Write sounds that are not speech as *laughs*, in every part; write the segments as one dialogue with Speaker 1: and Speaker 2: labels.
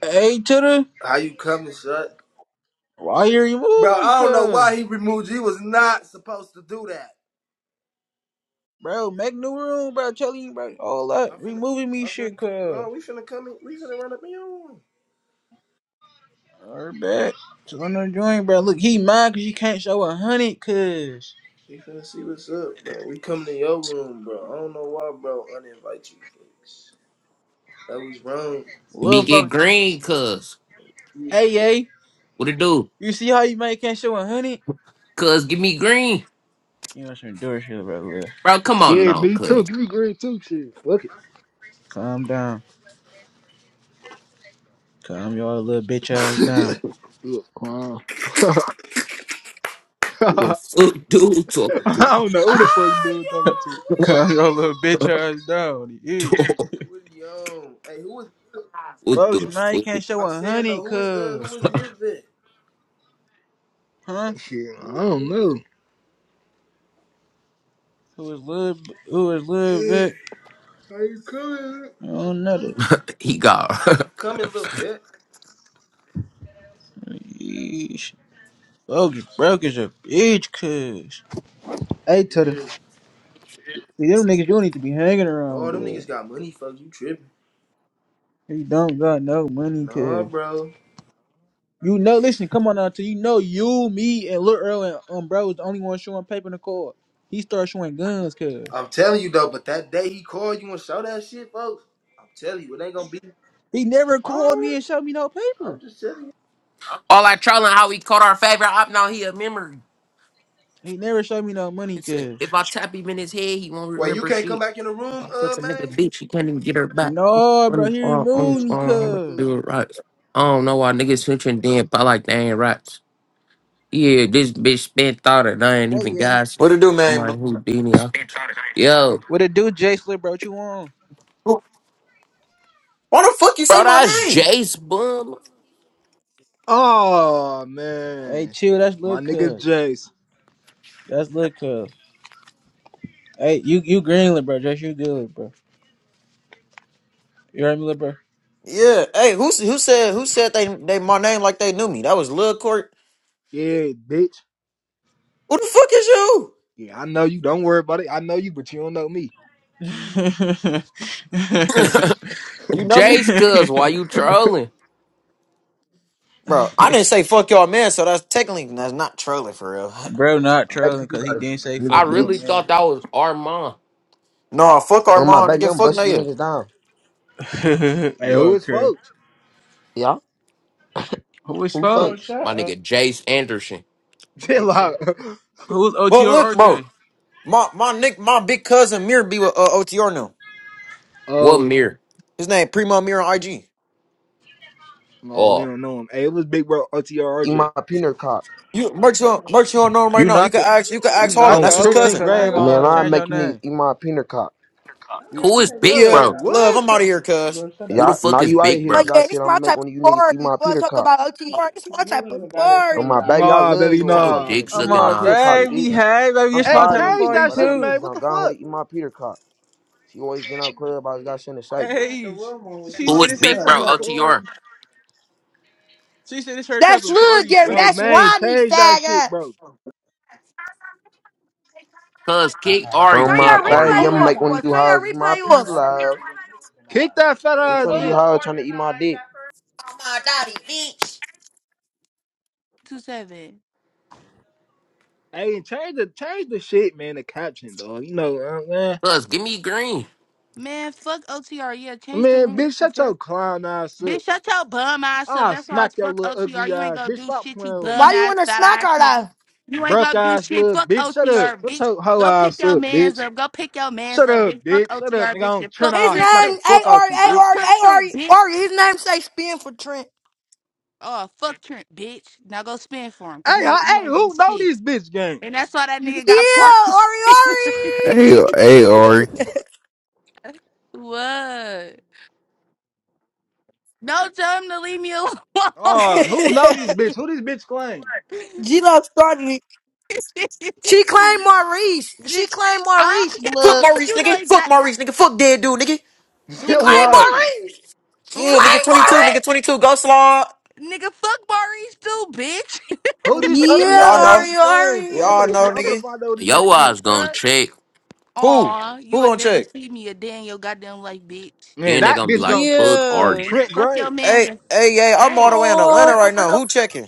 Speaker 1: Hey, to the why you remove me, cuz? Bro, make new room, bro. Telling you, bro, all that removing me, shit, cuz. Her back. So I'm not joining, bro. Look, he mad cause you can't show a hundred, cuz. Little
Speaker 2: Be get
Speaker 1: fuck.
Speaker 2: green, cuz.
Speaker 1: Hey, hey,
Speaker 2: What it do?
Speaker 1: you see how you might can't show a hundred?
Speaker 2: Cuz, give me green.
Speaker 1: You want some door shit, bro? Look.
Speaker 2: Bro, come on
Speaker 3: Yeah,
Speaker 2: now,
Speaker 3: me too.
Speaker 2: cuz.
Speaker 3: Give
Speaker 2: *laughs*
Speaker 3: me green too. Shit, fuck it.
Speaker 1: Calm down. Calm y'all little bitch ass down.
Speaker 3: Look, uh,
Speaker 2: What the
Speaker 3: *laughs*
Speaker 2: fuck do talking
Speaker 3: I
Speaker 2: to?
Speaker 3: don't know who the fuck dude talking to.
Speaker 1: *laughs* Calm y'all little bitch ass down. Yeah.
Speaker 2: Dog, What
Speaker 1: Folks,
Speaker 2: the
Speaker 1: man, you
Speaker 2: fuck?
Speaker 1: can't show a hundred, cuz. Huh?
Speaker 3: Shit, I don't know.
Speaker 1: Who is little? Who is little bit? I don't know that.
Speaker 2: He got *laughs*
Speaker 1: Yeesh. Focus, broke is a bitch, cuz. Hey, Tutter. See, them niggas, you don't need to be hanging around, blood. You don't got no money, cuz. You know, listen, come on now, till you know you, me, and Lil Earl and um, bro was the only one showing paper in the court. He started showing guns, cuz. He never called me and showed me no paper.
Speaker 2: all I trolling how he caught our favorite op. Now he a memory.
Speaker 1: He never showed me no money,
Speaker 2: He said,
Speaker 1: cuz.
Speaker 2: if I tap him in his head, he won't remember shit. If I fuck a nigga bitch, he can't even get her back.
Speaker 1: No, bro,
Speaker 2: Money,
Speaker 1: he
Speaker 2: uh, money,
Speaker 1: removed me,
Speaker 2: uh,
Speaker 1: cuz.
Speaker 2: do it right. I don't know why niggas switching Damn, I like they ain't right. Yeah, this bitch spent thought it. I ain't
Speaker 1: Oh,
Speaker 2: even
Speaker 1: yeah.
Speaker 2: got shit.
Speaker 4: What it do,
Speaker 2: I'm
Speaker 4: man? Bl-
Speaker 2: like, Houdini. I could...
Speaker 1: What,
Speaker 2: Yo,
Speaker 1: what it do, Jay Slip, bro? What you on?
Speaker 4: Who- Why the fuck you say
Speaker 2: bro, that's
Speaker 4: my name?
Speaker 2: Jace, bum.
Speaker 3: Oh
Speaker 1: Hey,
Speaker 3: man,
Speaker 1: chill, that's Lil'
Speaker 3: my nigga
Speaker 1: cuz.
Speaker 3: Jace.
Speaker 1: That's Lil' cuz. Hey, you you greenlit, bro. Just you good, bro. You heard me, little bro.
Speaker 4: Yeah. Hey, who s- who said who said they they my name like they knew me? That was Lil Court.
Speaker 3: Yeah, bitch.
Speaker 4: Who the fuck is you?
Speaker 3: Yeah, I know you. Don't worry about it. I know you, but you don't know me.
Speaker 4: You know me?
Speaker 2: Jace, cuz, why you trolling?
Speaker 4: Bro, I didn't say fuck y'all man, so that's technically that's not trolling for real.
Speaker 1: *laughs* bro, not
Speaker 5: Baby,
Speaker 1: trolling
Speaker 5: you
Speaker 1: because he
Speaker 5: got a
Speaker 1: didn't say
Speaker 5: this
Speaker 2: I
Speaker 1: fuck your
Speaker 2: really
Speaker 5: bitch.
Speaker 1: man.
Speaker 2: thought that was Armand.
Speaker 4: *laughs* no, fuck
Speaker 5: Oh my
Speaker 4: Armand,
Speaker 5: baby,
Speaker 4: nigga,
Speaker 5: I'm
Speaker 4: fuck no
Speaker 5: busting you
Speaker 4: yeah.
Speaker 5: niggas down.
Speaker 1: *laughs*
Speaker 3: Hey, who
Speaker 1: You're
Speaker 3: is
Speaker 1: crazy.
Speaker 3: folks?
Speaker 5: Yeah?
Speaker 1: Who is
Speaker 5: Who Bro,
Speaker 1: fuck?
Speaker 5: fucks? shut
Speaker 2: My
Speaker 5: up.
Speaker 2: nigga, Jace Anderson.
Speaker 3: *laughs* Chill
Speaker 5: Nathan.
Speaker 3: out.
Speaker 1: Who's OT
Speaker 4: But look,
Speaker 1: or
Speaker 4: bro,
Speaker 1: RJ?
Speaker 4: my my nick my big cousin Mir be with uh, OTR now.
Speaker 2: What
Speaker 3: Oh,
Speaker 2: mirror?
Speaker 4: His name Primo Mir on IG.
Speaker 3: no, we
Speaker 2: Oh,
Speaker 3: don't know him. Hey, it was Big Bro
Speaker 5: Eat
Speaker 3: OTRJ.
Speaker 5: my peanut cock.
Speaker 4: You merch you don't- merch you don't know him right
Speaker 1: You
Speaker 4: now. You
Speaker 1: not
Speaker 4: can
Speaker 1: the
Speaker 4: ask you can
Speaker 5: My
Speaker 1: you
Speaker 4: ask
Speaker 5: brother
Speaker 1: not
Speaker 4: Harlan,
Speaker 5: should.
Speaker 1: the
Speaker 3: On
Speaker 4: that's his
Speaker 1: Ola
Speaker 3: Trenton
Speaker 4: cousin.
Speaker 1: because I
Speaker 5: Oh,
Speaker 1: ain't
Speaker 3: Grave,
Speaker 5: what?
Speaker 1: gonna
Speaker 3: I don't
Speaker 5: Man,
Speaker 1: lie.
Speaker 3: know
Speaker 5: I
Speaker 3: him.
Speaker 1: Change your
Speaker 5: make you niggas
Speaker 1: name.
Speaker 5: eat my peanut cock. Don't
Speaker 1: You,
Speaker 5: ever
Speaker 2: who is
Speaker 5: take my
Speaker 2: Big
Speaker 3: Cuz,
Speaker 4: Yeah,
Speaker 5: brother
Speaker 2: Bro?
Speaker 5: out my
Speaker 4: love,
Speaker 3: what?
Speaker 4: I'm
Speaker 5: work.
Speaker 4: out of here, cuz.
Speaker 5: Bro, shut
Speaker 2: Who the
Speaker 5: up. Yeah,
Speaker 2: fuck
Speaker 5: now
Speaker 2: is
Speaker 5: you out of
Speaker 2: Big
Speaker 5: here
Speaker 6: Oh
Speaker 2: Bro?
Speaker 5: because I
Speaker 6: yeah,
Speaker 5: said
Speaker 6: this
Speaker 5: I'm gonna
Speaker 6: my
Speaker 5: make
Speaker 6: type
Speaker 5: one of you
Speaker 6: of
Speaker 5: niggas eat
Speaker 6: party.
Speaker 5: my
Speaker 6: Boy,
Speaker 5: peanut
Speaker 6: talk
Speaker 5: cock.
Speaker 6: about OT hard. This my
Speaker 5: You
Speaker 6: type
Speaker 5: ain't
Speaker 6: of
Speaker 5: even got it for Oh my
Speaker 6: party.
Speaker 5: baby, I
Speaker 3: Nah,
Speaker 5: love
Speaker 3: baby,
Speaker 5: you
Speaker 2: Shut
Speaker 5: all
Speaker 2: your
Speaker 5: fucks
Speaker 3: nah.
Speaker 5: on the
Speaker 2: dick
Speaker 1: come
Speaker 5: Eat
Speaker 2: sucking
Speaker 5: my
Speaker 1: on,
Speaker 5: peanut cock,
Speaker 2: nonsense.
Speaker 5: bitch.
Speaker 1: baby. Hey, baby,
Speaker 5: I'm
Speaker 1: it's my
Speaker 3: Hey,
Speaker 5: tired
Speaker 1: type
Speaker 5: of
Speaker 1: of
Speaker 5: you,
Speaker 3: change
Speaker 5: bitch,
Speaker 1: party
Speaker 3: that
Speaker 5: but that
Speaker 3: shit,
Speaker 5: bitch is
Speaker 1: too.
Speaker 3: man. What
Speaker 5: gonna
Speaker 3: the
Speaker 5: go
Speaker 3: fuck?
Speaker 5: ahead and eat my peanut cock. She always getting out club. I was got sent to sight,
Speaker 1: Hey, sh-
Speaker 5: on
Speaker 1: she
Speaker 2: Who
Speaker 1: said
Speaker 2: is
Speaker 1: it's
Speaker 2: Big
Speaker 1: her type
Speaker 2: Bro?
Speaker 1: of
Speaker 2: OTR.
Speaker 1: party. She said it's her type
Speaker 6: That's
Speaker 1: of
Speaker 6: Lil
Speaker 1: party.
Speaker 6: Gary.
Speaker 1: Shorty,
Speaker 3: Bro,
Speaker 6: That's
Speaker 1: yeah.
Speaker 3: man,
Speaker 6: Rodney
Speaker 3: change that shit,
Speaker 6: faggot.
Speaker 3: bro.
Speaker 2: Cuz, kick Ari,
Speaker 6: Turn
Speaker 2: kick
Speaker 5: my
Speaker 6: your
Speaker 5: baby,
Speaker 2: Ari.
Speaker 6: replay
Speaker 5: I'm
Speaker 6: off,
Speaker 5: make one of
Speaker 6: boy.
Speaker 5: you
Speaker 6: Turn your
Speaker 5: hoes eat my
Speaker 6: replay
Speaker 5: pee
Speaker 6: off.
Speaker 5: love.
Speaker 3: Kick that fat
Speaker 5: Which
Speaker 3: ass
Speaker 5: one of you
Speaker 3: bitch.
Speaker 5: hoes trying to eat my dick?
Speaker 7: Two seven.
Speaker 3: Hey, and change the change the shit, man. The caption, dog. You know, uh, man.
Speaker 2: Cuz, give me green.
Speaker 7: Man, fuck OTR. Yeah, change the
Speaker 3: Man,
Speaker 7: room. This
Speaker 3: bitch,
Speaker 7: is
Speaker 3: shut
Speaker 7: good.
Speaker 3: your clown ass up.
Speaker 7: Bitch, shut your bum ass up.
Speaker 3: I'll
Speaker 7: That's why it's
Speaker 3: smack your
Speaker 7: fuck
Speaker 3: little
Speaker 7: OTR.
Speaker 3: ugly
Speaker 7: You ain't
Speaker 3: ass.
Speaker 7: gonna
Speaker 3: Bitch,
Speaker 7: do
Speaker 3: stop
Speaker 7: shit, you
Speaker 3: playing with me.
Speaker 6: Why
Speaker 7: bum
Speaker 6: you
Speaker 7: ass
Speaker 6: wanna
Speaker 7: fat
Speaker 6: smack
Speaker 7: ass
Speaker 6: her
Speaker 7: nigga.
Speaker 6: though?
Speaker 7: You ain't
Speaker 3: Broke
Speaker 7: gonna do
Speaker 3: ass
Speaker 7: shit.
Speaker 3: little
Speaker 7: Fuck
Speaker 3: bitch. Shut up.
Speaker 7: OTR,
Speaker 3: Shut
Speaker 7: bitch.
Speaker 3: your hoe
Speaker 7: Go pick
Speaker 3: ass
Speaker 7: your
Speaker 3: up,
Speaker 7: mans
Speaker 3: bitch.
Speaker 7: up. Go pick your mans
Speaker 3: Shut
Speaker 7: up,
Speaker 3: up,
Speaker 7: bitch. Fuck
Speaker 3: bitch. Shut up,
Speaker 7: OTR,
Speaker 3: nigga. I
Speaker 7: bitch.
Speaker 3: don't
Speaker 7: And
Speaker 3: turn
Speaker 7: fuck
Speaker 6: His name
Speaker 3: off.
Speaker 7: Trent
Speaker 3: Smack the
Speaker 7: too.
Speaker 6: A
Speaker 3: fuck out
Speaker 6: Ari
Speaker 3: you,
Speaker 6: A
Speaker 7: Fuck
Speaker 3: bitch.
Speaker 6: Ari
Speaker 7: Trent
Speaker 6: A
Speaker 7: too,
Speaker 6: Ari
Speaker 7: bitch.
Speaker 6: Ari. His name say spin for Trent.
Speaker 7: Oh, fuck Trent, bitch. Now go spin for him, cause
Speaker 3: Hey,
Speaker 7: you ain't you
Speaker 3: huh, hey,
Speaker 7: ain't do
Speaker 3: who know
Speaker 7: shit.
Speaker 3: this bitch game?
Speaker 7: And that's why that nigga got
Speaker 6: Yeah,
Speaker 7: parked.
Speaker 8: Hey,
Speaker 6: Ari
Speaker 8: hey, Ori.
Speaker 7: *laughs* what? No, tell him to leave me alone. *laughs*
Speaker 3: Oh, who know
Speaker 6: Ari.
Speaker 3: this bitch? Who this bitch claim?
Speaker 6: *laughs* G Love started it. She claimed Maurice. She
Speaker 7: Bitch,
Speaker 6: claimed
Speaker 7: I
Speaker 6: Maurice,
Speaker 7: don't get no
Speaker 4: Fuck
Speaker 6: blood.
Speaker 7: fuck.
Speaker 4: Maurice,
Speaker 7: You know
Speaker 4: nigga. Fuck
Speaker 7: exactly
Speaker 4: Maurice, nigga. Fuck dead dude, nigga.
Speaker 3: *laughs*
Speaker 6: She
Speaker 7: who is
Speaker 6: claimed
Speaker 3: What?
Speaker 7: Maurice.
Speaker 6: Maurice. She
Speaker 7: Who
Speaker 4: Yeah,
Speaker 7: is
Speaker 4: nigga
Speaker 6: claimed
Speaker 7: *laughs*
Speaker 4: 22, nigga 22, Ghost Lord.
Speaker 7: nigga? Fuck Maurice too, bitch.
Speaker 3: Who
Speaker 6: Maurice.
Speaker 4: Oh,
Speaker 3: this ugly
Speaker 6: Yeah,
Speaker 4: Y'all
Speaker 3: ass
Speaker 4: know.
Speaker 3: bitch
Speaker 6: Ari
Speaker 3: claim for? I'm
Speaker 6: Ari.
Speaker 4: Y'all
Speaker 3: gonna try,
Speaker 4: know,
Speaker 3: I'm
Speaker 7: *laughs*
Speaker 3: gonna
Speaker 4: nigga.
Speaker 3: find out who this bitch
Speaker 2: Yo,
Speaker 7: what the
Speaker 3: is.
Speaker 2: eyes gonna
Speaker 7: fuck?
Speaker 2: check.
Speaker 4: Who?
Speaker 7: Aw, you
Speaker 4: Who
Speaker 7: will
Speaker 4: gonna
Speaker 7: never
Speaker 4: check?
Speaker 7: see me a day in your goddamn life, bitch.
Speaker 3: Man,
Speaker 2: Then they
Speaker 3: that
Speaker 2: gonna be
Speaker 3: bitch
Speaker 2: like,
Speaker 3: gonna check
Speaker 2: fuck
Speaker 9: Yeah.
Speaker 3: on
Speaker 2: Ari.
Speaker 3: Trent
Speaker 7: Fuck your
Speaker 3: Gray.
Speaker 7: man's
Speaker 4: Hey,
Speaker 7: and
Speaker 4: hey, hey, I'm all the
Speaker 7: hey,
Speaker 4: way in Atlanta
Speaker 6: Oh,
Speaker 4: right now. Who checking?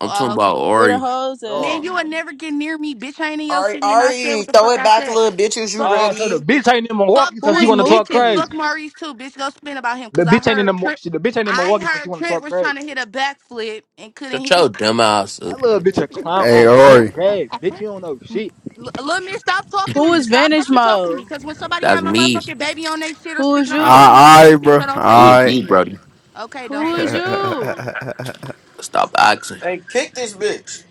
Speaker 2: I'm talking
Speaker 7: uh,
Speaker 2: about
Speaker 9: Where the
Speaker 2: Ari.
Speaker 9: hoes at?
Speaker 7: man,
Speaker 4: Oh.
Speaker 7: you will never get near me, bitch. I ain't in your
Speaker 4: Alright,
Speaker 7: city, and I said what
Speaker 4: alright,
Speaker 7: the
Speaker 4: throw
Speaker 7: fuck
Speaker 4: it
Speaker 7: I
Speaker 4: back,
Speaker 7: said.
Speaker 4: little bitches, you
Speaker 7: Fuck.
Speaker 3: Oh, so the
Speaker 4: ready?
Speaker 3: bitch ain't in
Speaker 7: Fuck
Speaker 3: Milwaukee, so
Speaker 9: Who
Speaker 3: she
Speaker 9: is
Speaker 7: Trent,
Speaker 3: wanna talk
Speaker 7: bitch, and
Speaker 9: Mookie?
Speaker 7: fuck
Speaker 3: crazy.
Speaker 7: Maurice too, bitch. Go spin about him,
Speaker 3: The
Speaker 7: cause I
Speaker 3: bitch ain't in the,
Speaker 7: heard Trent.
Speaker 3: she, the bitch ain't in
Speaker 7: I
Speaker 3: Milwaukee, so she
Speaker 7: heard
Speaker 3: wanna
Speaker 7: Trent
Speaker 3: talk
Speaker 7: was
Speaker 3: crazy.
Speaker 7: trying to hit a backflip and couldn't
Speaker 2: Shut
Speaker 7: hit.
Speaker 2: your dumb ass up.
Speaker 3: That little bitch
Speaker 2: bitch.
Speaker 3: a
Speaker 7: *laughs*
Speaker 3: clown
Speaker 8: Hey,
Speaker 3: on Trent
Speaker 8: Ori.
Speaker 3: Gray. Bitch, you don't know shit.
Speaker 7: L- Lil Miss, stop talking to
Speaker 9: Who
Speaker 7: me.
Speaker 9: is
Speaker 7: Stop
Speaker 9: Vantage
Speaker 7: fucking talking to me.
Speaker 9: Mode?
Speaker 7: Cause when somebody
Speaker 2: That's
Speaker 7: have my
Speaker 2: me.
Speaker 7: motherfucking baby on their shit or
Speaker 9: Who is
Speaker 7: speaking on my
Speaker 9: you?
Speaker 7: baby, you ain't say
Speaker 8: Alright,
Speaker 7: shit,
Speaker 8: bro.
Speaker 7: so don't say
Speaker 2: Who is
Speaker 7: shit to
Speaker 8: Alright.
Speaker 2: you,
Speaker 7: me.
Speaker 2: Brody?
Speaker 7: Okay, don't
Speaker 9: Who
Speaker 7: say
Speaker 9: is
Speaker 7: shit to me.
Speaker 9: you?
Speaker 2: Stop acting.
Speaker 4: Hey, kick this bitch.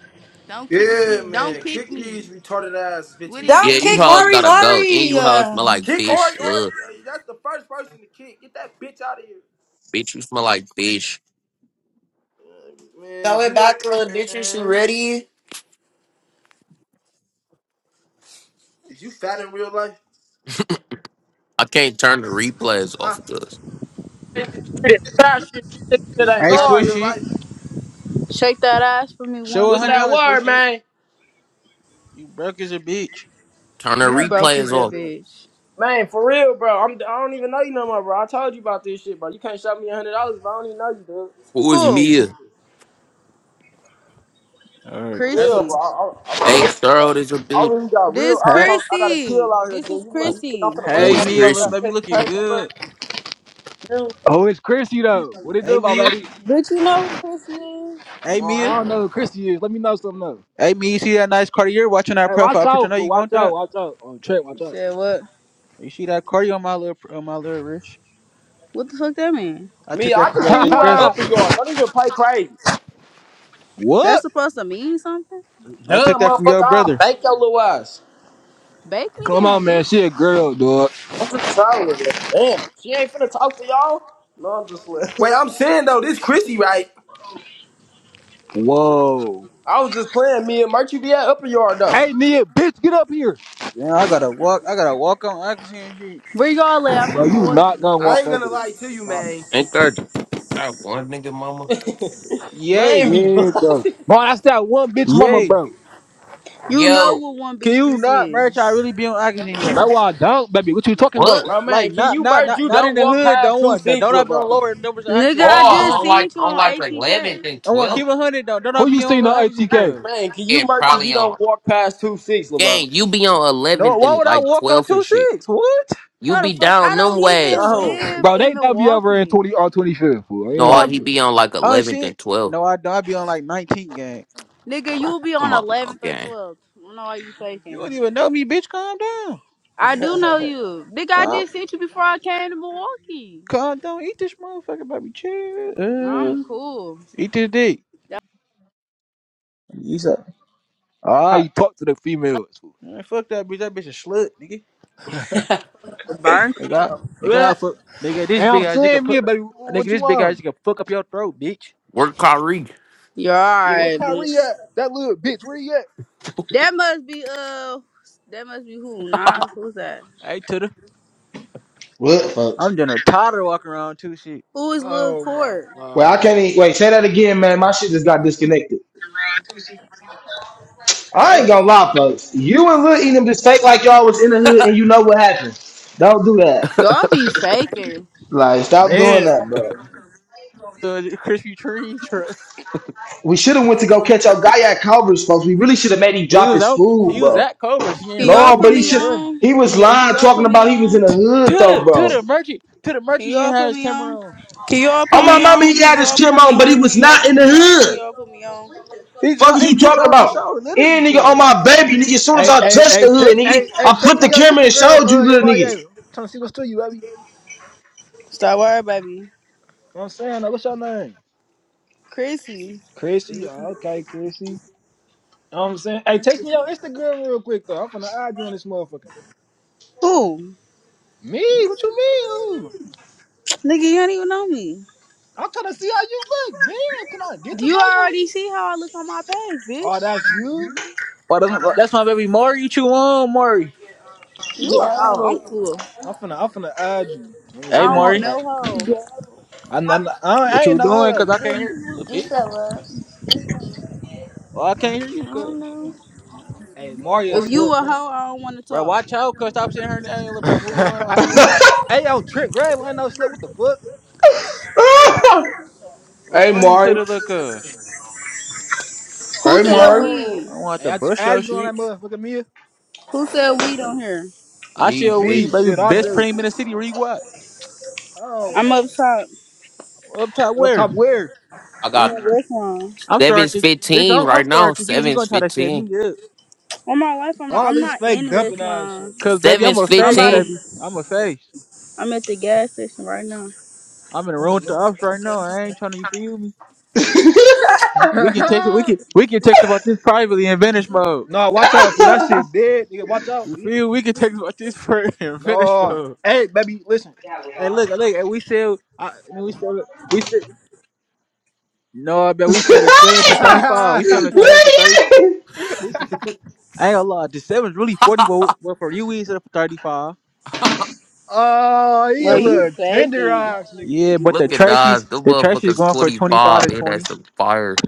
Speaker 7: Don't kick shit. Don't kick me. What it
Speaker 2: Yeah,
Speaker 6: don't
Speaker 7: do,
Speaker 2: you
Speaker 6: kick
Speaker 7: bitch?
Speaker 2: hoes
Speaker 6: Ori
Speaker 2: gotta go. And you hoes
Speaker 6: Ori.
Speaker 2: smell like fish. Look, bitch, you smell like fish.
Speaker 4: Throw it back, little bitches, you ready?
Speaker 2: I can't turn the replays off, cuz.
Speaker 10: Straight to shit. She thinking it ain't
Speaker 1: Hey, swish
Speaker 10: ours.
Speaker 1: it.
Speaker 9: Shake that ass for me
Speaker 1: Show
Speaker 9: one
Speaker 1: a
Speaker 10: What's
Speaker 1: hundred
Speaker 10: that
Speaker 9: song.
Speaker 1: dollars,
Speaker 10: word,
Speaker 1: swish it.
Speaker 10: man?
Speaker 1: You broke as a bitch.
Speaker 2: Turn the
Speaker 9: You broke as
Speaker 2: replays
Speaker 9: a
Speaker 2: off.
Speaker 9: bitch.
Speaker 10: Man, for real, bro. I'm, I don't even know you no more, bro. I told you about this shit, bro. You can't shot me a hundred dollars if I don't even know you, dude.
Speaker 2: Who is
Speaker 9: Who?
Speaker 2: Mia?
Speaker 1: All right,
Speaker 10: For
Speaker 1: okay.
Speaker 10: real, bro.
Speaker 9: Chrissy.
Speaker 10: I, I, I for
Speaker 2: Fake
Speaker 10: real, bro.
Speaker 2: Thorold is your
Speaker 10: I
Speaker 2: bitch.
Speaker 10: really got real.
Speaker 9: This
Speaker 10: I'm
Speaker 1: Hey,
Speaker 10: talking. I got a kill
Speaker 9: Chrissy.
Speaker 10: out here,
Speaker 9: This
Speaker 10: G.
Speaker 9: is
Speaker 10: You, want-
Speaker 2: Who,
Speaker 10: you think I'm
Speaker 9: Chrissy.
Speaker 10: finna worry
Speaker 2: who
Speaker 1: hey,
Speaker 2: is
Speaker 10: about you
Speaker 9: Chrissy.
Speaker 1: Mia,
Speaker 10: about
Speaker 1: little
Speaker 10: that
Speaker 2: Christian?
Speaker 1: baby,
Speaker 10: petty
Speaker 1: looking
Speaker 10: paper, bro?
Speaker 1: good.
Speaker 10: You,
Speaker 3: Oh, it's Chrissy though. What it
Speaker 1: Hey,
Speaker 3: do, my
Speaker 1: Mia.
Speaker 3: baby?
Speaker 9: Bitch, you know who Chrissy is?
Speaker 1: Hey,
Speaker 3: Well,
Speaker 1: Mia.
Speaker 3: I don't know who Chrissy is. Let me know something though.
Speaker 1: Hey, Mia. You see that nice cardio? You're watching our
Speaker 3: Hey, watch
Speaker 1: profile picture. I
Speaker 3: out,
Speaker 1: know
Speaker 3: fool.
Speaker 1: you want
Speaker 3: Watch out,
Speaker 1: that.
Speaker 3: watch out. Oh, Trent,
Speaker 9: You
Speaker 3: watch
Speaker 9: said what?
Speaker 1: You see that cardio on my little, on my little wrist?
Speaker 9: What the fuck that mean?
Speaker 1: I
Speaker 10: me.
Speaker 1: took
Speaker 10: I
Speaker 1: that from
Speaker 10: just
Speaker 1: your
Speaker 10: seen
Speaker 1: big
Speaker 10: you at
Speaker 1: brother.
Speaker 3: out.
Speaker 10: Upper
Speaker 3: *laughs*
Speaker 10: Yard. Don't even play crazy,
Speaker 3: what?
Speaker 9: That's supposed to mean something?
Speaker 1: I took
Speaker 10: duh,
Speaker 1: that from
Speaker 10: motherfucker.
Speaker 1: your
Speaker 10: I'll
Speaker 1: brother.
Speaker 10: bake your little ass.
Speaker 9: Bake me
Speaker 3: Come on,
Speaker 9: then,
Speaker 3: man. She
Speaker 9: bitch.
Speaker 3: a girl, dog.
Speaker 10: I'm just trolling, man. Damn, she ain't finna talk to y'all. No, I'm just *laughs*
Speaker 3: Whoa.
Speaker 10: I was just playing. Me and Merch, you be at Upper Yard though.
Speaker 3: Hey, Nia, bitch, get up here.
Speaker 1: Man, I gotta walk. I gotta walk on oxygen. and shit.
Speaker 9: Where y'all at? I'm
Speaker 3: Bro,
Speaker 9: in
Speaker 3: you not
Speaker 9: Milwaukee.
Speaker 3: gonna walk over there, bro. Stop.
Speaker 2: Ain't there that one nigga, mama?
Speaker 10: *laughs* man,
Speaker 1: Yay,
Speaker 10: be
Speaker 3: Yeah, bro.
Speaker 10: bluffing.
Speaker 3: Bro, that's that one bitch mama,
Speaker 1: yay.
Speaker 3: bro.
Speaker 9: You know
Speaker 2: Yo,
Speaker 9: what one
Speaker 1: Can
Speaker 9: bitch
Speaker 1: you
Speaker 9: this
Speaker 1: not, bro?
Speaker 9: is.
Speaker 1: I really be on oxygen
Speaker 3: That's
Speaker 1: yet?
Speaker 3: why I don't, baby. What you talking about?
Speaker 2: what?
Speaker 10: Bro,
Speaker 1: Like
Speaker 10: man, can
Speaker 1: not,
Speaker 10: you
Speaker 1: not,
Speaker 10: merch?
Speaker 1: not,
Speaker 10: You
Speaker 1: not in
Speaker 10: don't
Speaker 1: the
Speaker 10: walk
Speaker 1: hood.
Speaker 10: past
Speaker 1: Don't
Speaker 10: two
Speaker 1: want. Don't
Speaker 10: six,
Speaker 1: I be on the
Speaker 10: LeBron.
Speaker 1: lower numbers of
Speaker 9: Nigga,
Speaker 1: oxygen though.
Speaker 9: I
Speaker 1: Keep it
Speaker 2: Oh,
Speaker 9: just
Speaker 2: on
Speaker 1: hundred.
Speaker 9: seen
Speaker 2: like
Speaker 9: you
Speaker 2: on
Speaker 9: on
Speaker 2: like the 11th
Speaker 9: ATK.
Speaker 2: and
Speaker 1: I want
Speaker 2: 12th.
Speaker 1: keep it hundred though. Don't I
Speaker 3: Who
Speaker 1: be
Speaker 3: you
Speaker 1: on
Speaker 3: seen
Speaker 1: the
Speaker 3: on
Speaker 1: oxygen,
Speaker 3: ATK?
Speaker 1: cuz.
Speaker 10: Man, can you
Speaker 2: It
Speaker 10: merch? You
Speaker 2: probably on.
Speaker 10: don't walk past two six, LeBron.
Speaker 2: Gang, you be on
Speaker 1: No,
Speaker 2: 11th
Speaker 1: why
Speaker 2: and
Speaker 1: would I
Speaker 2: like
Speaker 1: walk on
Speaker 2: 12th and
Speaker 1: two
Speaker 2: shit.
Speaker 1: six? What?
Speaker 2: You
Speaker 9: How the
Speaker 2: be
Speaker 9: fuck? I
Speaker 2: down
Speaker 9: don't
Speaker 2: them
Speaker 9: even
Speaker 2: ways.
Speaker 10: Don't.
Speaker 9: live
Speaker 3: Bro,
Speaker 9: in
Speaker 3: they W over in
Speaker 9: Milwaukee.
Speaker 3: 20 or twenty fifth. fool. I ain't
Speaker 2: No,
Speaker 1: Why?
Speaker 2: he
Speaker 3: even
Speaker 2: be on like
Speaker 1: Oh
Speaker 2: 11th
Speaker 1: shit!
Speaker 2: and 12th,
Speaker 1: No, I don't. I be on like nineteen gang.
Speaker 9: Nigga,
Speaker 2: bro.
Speaker 9: you'll be on
Speaker 2: Come on now,
Speaker 9: 11th or
Speaker 2: gang.
Speaker 9: 12th. I don't know why you
Speaker 1: You
Speaker 9: faking.
Speaker 1: don't even know me, bitch. Calm down.
Speaker 9: I do know
Speaker 10: *laughs*
Speaker 9: you. Nigga, I
Speaker 1: Calm,
Speaker 9: just seen you before I came to Milwaukee.
Speaker 1: calm down. Eat this motherfucker, baby. Chill.
Speaker 9: No, I'm
Speaker 1: Uh,
Speaker 9: cool.
Speaker 1: eat this dick.
Speaker 9: That
Speaker 1: You said, all
Speaker 3: how
Speaker 1: right.
Speaker 3: you talk to the females, fool.
Speaker 1: Man, fuck that bitch. That bitch a slut, nigga.
Speaker 9: was burn.
Speaker 1: Nigga, I- nigga,
Speaker 10: Man,
Speaker 1: I fuck. Nigga, this
Speaker 3: And
Speaker 1: big
Speaker 3: I'm
Speaker 1: ass nigga
Speaker 3: saying,
Speaker 1: put.
Speaker 3: Mia, baby,
Speaker 1: Nigga,
Speaker 3: what
Speaker 1: this
Speaker 3: you
Speaker 1: big ass
Speaker 3: on?
Speaker 1: nigga fuck up your throat, bitch.
Speaker 2: Work Kyrie.
Speaker 9: You're
Speaker 3: Yeah, where
Speaker 9: alright, bitch.
Speaker 3: Kyrie at? That little bitch, where he at?
Speaker 9: That must be, uh, that must be who? Nas? Who's that?
Speaker 1: Hey, to the. I'm getting a toddler walking around too, shit.
Speaker 9: Who is Lil
Speaker 3: Oh my
Speaker 9: Court?
Speaker 3: god.
Speaker 9: What? Y'all be faking.
Speaker 3: Man.
Speaker 1: Uh, Krispy Kreme, He was on. He was at Cobras. He ain't
Speaker 9: Can y'all
Speaker 1: run. He
Speaker 9: put
Speaker 1: ain't
Speaker 9: me
Speaker 1: do nothing.
Speaker 9: on?
Speaker 1: He, he
Speaker 9: Can y'all put me on?
Speaker 1: to the to the merchant to the
Speaker 9: Can
Speaker 1: merchant. He
Speaker 9: y'all
Speaker 1: had
Speaker 9: put
Speaker 1: his
Speaker 9: me on?
Speaker 1: camera on.
Speaker 9: Can y'all put me on? Can y'all put me on? Can y'all put me on? Can y'all put me on?
Speaker 1: He just got he just got out the shower. Literally, girl.
Speaker 3: Hey, hey, hey, take hey, hey, text me your Instagram, uh, MIA. am trying to see what's to you, baby. You know
Speaker 9: Stop worrying baby.
Speaker 3: what I'm saying? Now, what's your name?
Speaker 9: Chrissy.
Speaker 3: Chrissy, oh, okay, Chrissy. You know what I'm saying? Hey, text me your Instagram real quick though. I'm finna add you on this motherfucker.
Speaker 9: Who?
Speaker 3: Me? What you mean? Ooh.
Speaker 9: Nigga, you don't even know me.
Speaker 3: I'm trying to see how you look. Damn, can I get to
Speaker 9: You
Speaker 3: know you?
Speaker 9: already see how I look on my page,
Speaker 3: Oh,
Speaker 9: bitch.
Speaker 3: that's you?
Speaker 1: Why that's, my, that's my baby Maury. What you on, Maury?
Speaker 9: You a hoe. I'm
Speaker 11: Yo,
Speaker 9: cool.
Speaker 3: I'm finna I'm finna add you on this
Speaker 9: I
Speaker 1: Hey,
Speaker 9: don't want
Speaker 1: Maury,
Speaker 3: motherfucker.
Speaker 9: no hoe.
Speaker 11: yo,
Speaker 3: I, I, I,
Speaker 1: what
Speaker 3: I
Speaker 1: you
Speaker 3: ain't no hold
Speaker 1: doing?
Speaker 3: up,
Speaker 1: Cause
Speaker 3: you
Speaker 1: I
Speaker 3: feel
Speaker 1: can't
Speaker 3: me?
Speaker 1: hear you, little
Speaker 11: you
Speaker 1: bit.
Speaker 11: said what?
Speaker 1: Oh, I can't hear
Speaker 11: I
Speaker 1: you, cuz.
Speaker 11: don't know.
Speaker 3: Hey, Mario
Speaker 9: If you
Speaker 3: slipped.
Speaker 9: a hoe, I don't want to
Speaker 1: Bro,
Speaker 9: talk.
Speaker 1: watch out, cuz. Stop saying her name, little
Speaker 3: *laughs*
Speaker 1: bro. Move
Speaker 3: hey
Speaker 1: around.
Speaker 3: yo, Trent Gray, I ain't no slip. What the fuck?
Speaker 12: *laughs*
Speaker 1: What's
Speaker 12: hey,
Speaker 1: funny to
Speaker 12: Mari.
Speaker 1: the little cuz?
Speaker 9: Who
Speaker 12: Hey,
Speaker 9: said
Speaker 12: Mari.
Speaker 11: Yo,
Speaker 1: I
Speaker 9: weed?
Speaker 1: don't want
Speaker 3: Hey,
Speaker 1: to
Speaker 3: I just
Speaker 1: brush your
Speaker 3: added you on
Speaker 1: shit.
Speaker 3: that motherfucker Mia.
Speaker 9: Who said weed on here?
Speaker 1: I
Speaker 2: Me,
Speaker 1: shall we,
Speaker 2: bitch.
Speaker 3: Me,
Speaker 1: baby,
Speaker 3: shit, I
Speaker 1: best
Speaker 3: do.
Speaker 1: premium in the city. Where you at?
Speaker 3: Oh
Speaker 9: I'm
Speaker 3: my
Speaker 9: up top.
Speaker 1: Up top
Speaker 3: up
Speaker 1: where?
Speaker 3: top where?
Speaker 2: I
Speaker 9: I'm
Speaker 2: got
Speaker 9: in West Lawn.
Speaker 1: I'm
Speaker 2: 7's
Speaker 1: starting to think. This,
Speaker 2: 15
Speaker 1: I'm, I'm
Speaker 2: right
Speaker 1: starting
Speaker 2: now.
Speaker 1: to think you you gonna
Speaker 2: 7's
Speaker 1: try to set
Speaker 2: 15.
Speaker 1: me up,
Speaker 9: On my life, I'm not,
Speaker 3: All
Speaker 9: I'm
Speaker 3: this
Speaker 9: not
Speaker 3: fake
Speaker 9: in West
Speaker 3: dumping ass shit,
Speaker 9: Lawn.
Speaker 1: cause baby, I'm
Speaker 2: 7's
Speaker 1: a
Speaker 9: I'm
Speaker 1: face,
Speaker 9: about to.
Speaker 2: 15.
Speaker 1: baby. I'm a face.
Speaker 9: I'm at the gas station right now.
Speaker 1: I'm in a room with the ups right now. I ain't trying to you feel me.
Speaker 12: *laughs* the
Speaker 1: We can text.
Speaker 3: man.
Speaker 1: it.
Speaker 3: *laughs*
Speaker 1: We can we can text about this privately in vanish mode.
Speaker 3: No, watch out for that shit dead, nigga. Watch out,
Speaker 1: You
Speaker 3: dude.
Speaker 1: feel? We can text about this pri- *laughs* in vanish
Speaker 3: No.
Speaker 1: mode.
Speaker 3: Hey, baby, listen.
Speaker 1: And look, hey, look. And we said. I, I mean, we said. We said no, but we said the
Speaker 3: *laughs*
Speaker 1: sevens for thirty five. We
Speaker 3: oh,
Speaker 1: selling the sevens for thirty. Listen, I ain't gonna lie. The sevens really forty, but, but for you, we said for thirty five.
Speaker 3: he
Speaker 9: Bro,
Speaker 3: a
Speaker 1: But the
Speaker 9: you
Speaker 3: little
Speaker 9: faking.
Speaker 3: tenderized, nigga.
Speaker 1: yeah, but the
Speaker 2: Look at
Speaker 1: Tracy's
Speaker 2: Nas. The
Speaker 1: the Tracy's
Speaker 2: motherfucker's
Speaker 1: going for twenty five to
Speaker 2: 25. Ain't
Speaker 1: twenty.
Speaker 2: that some fire?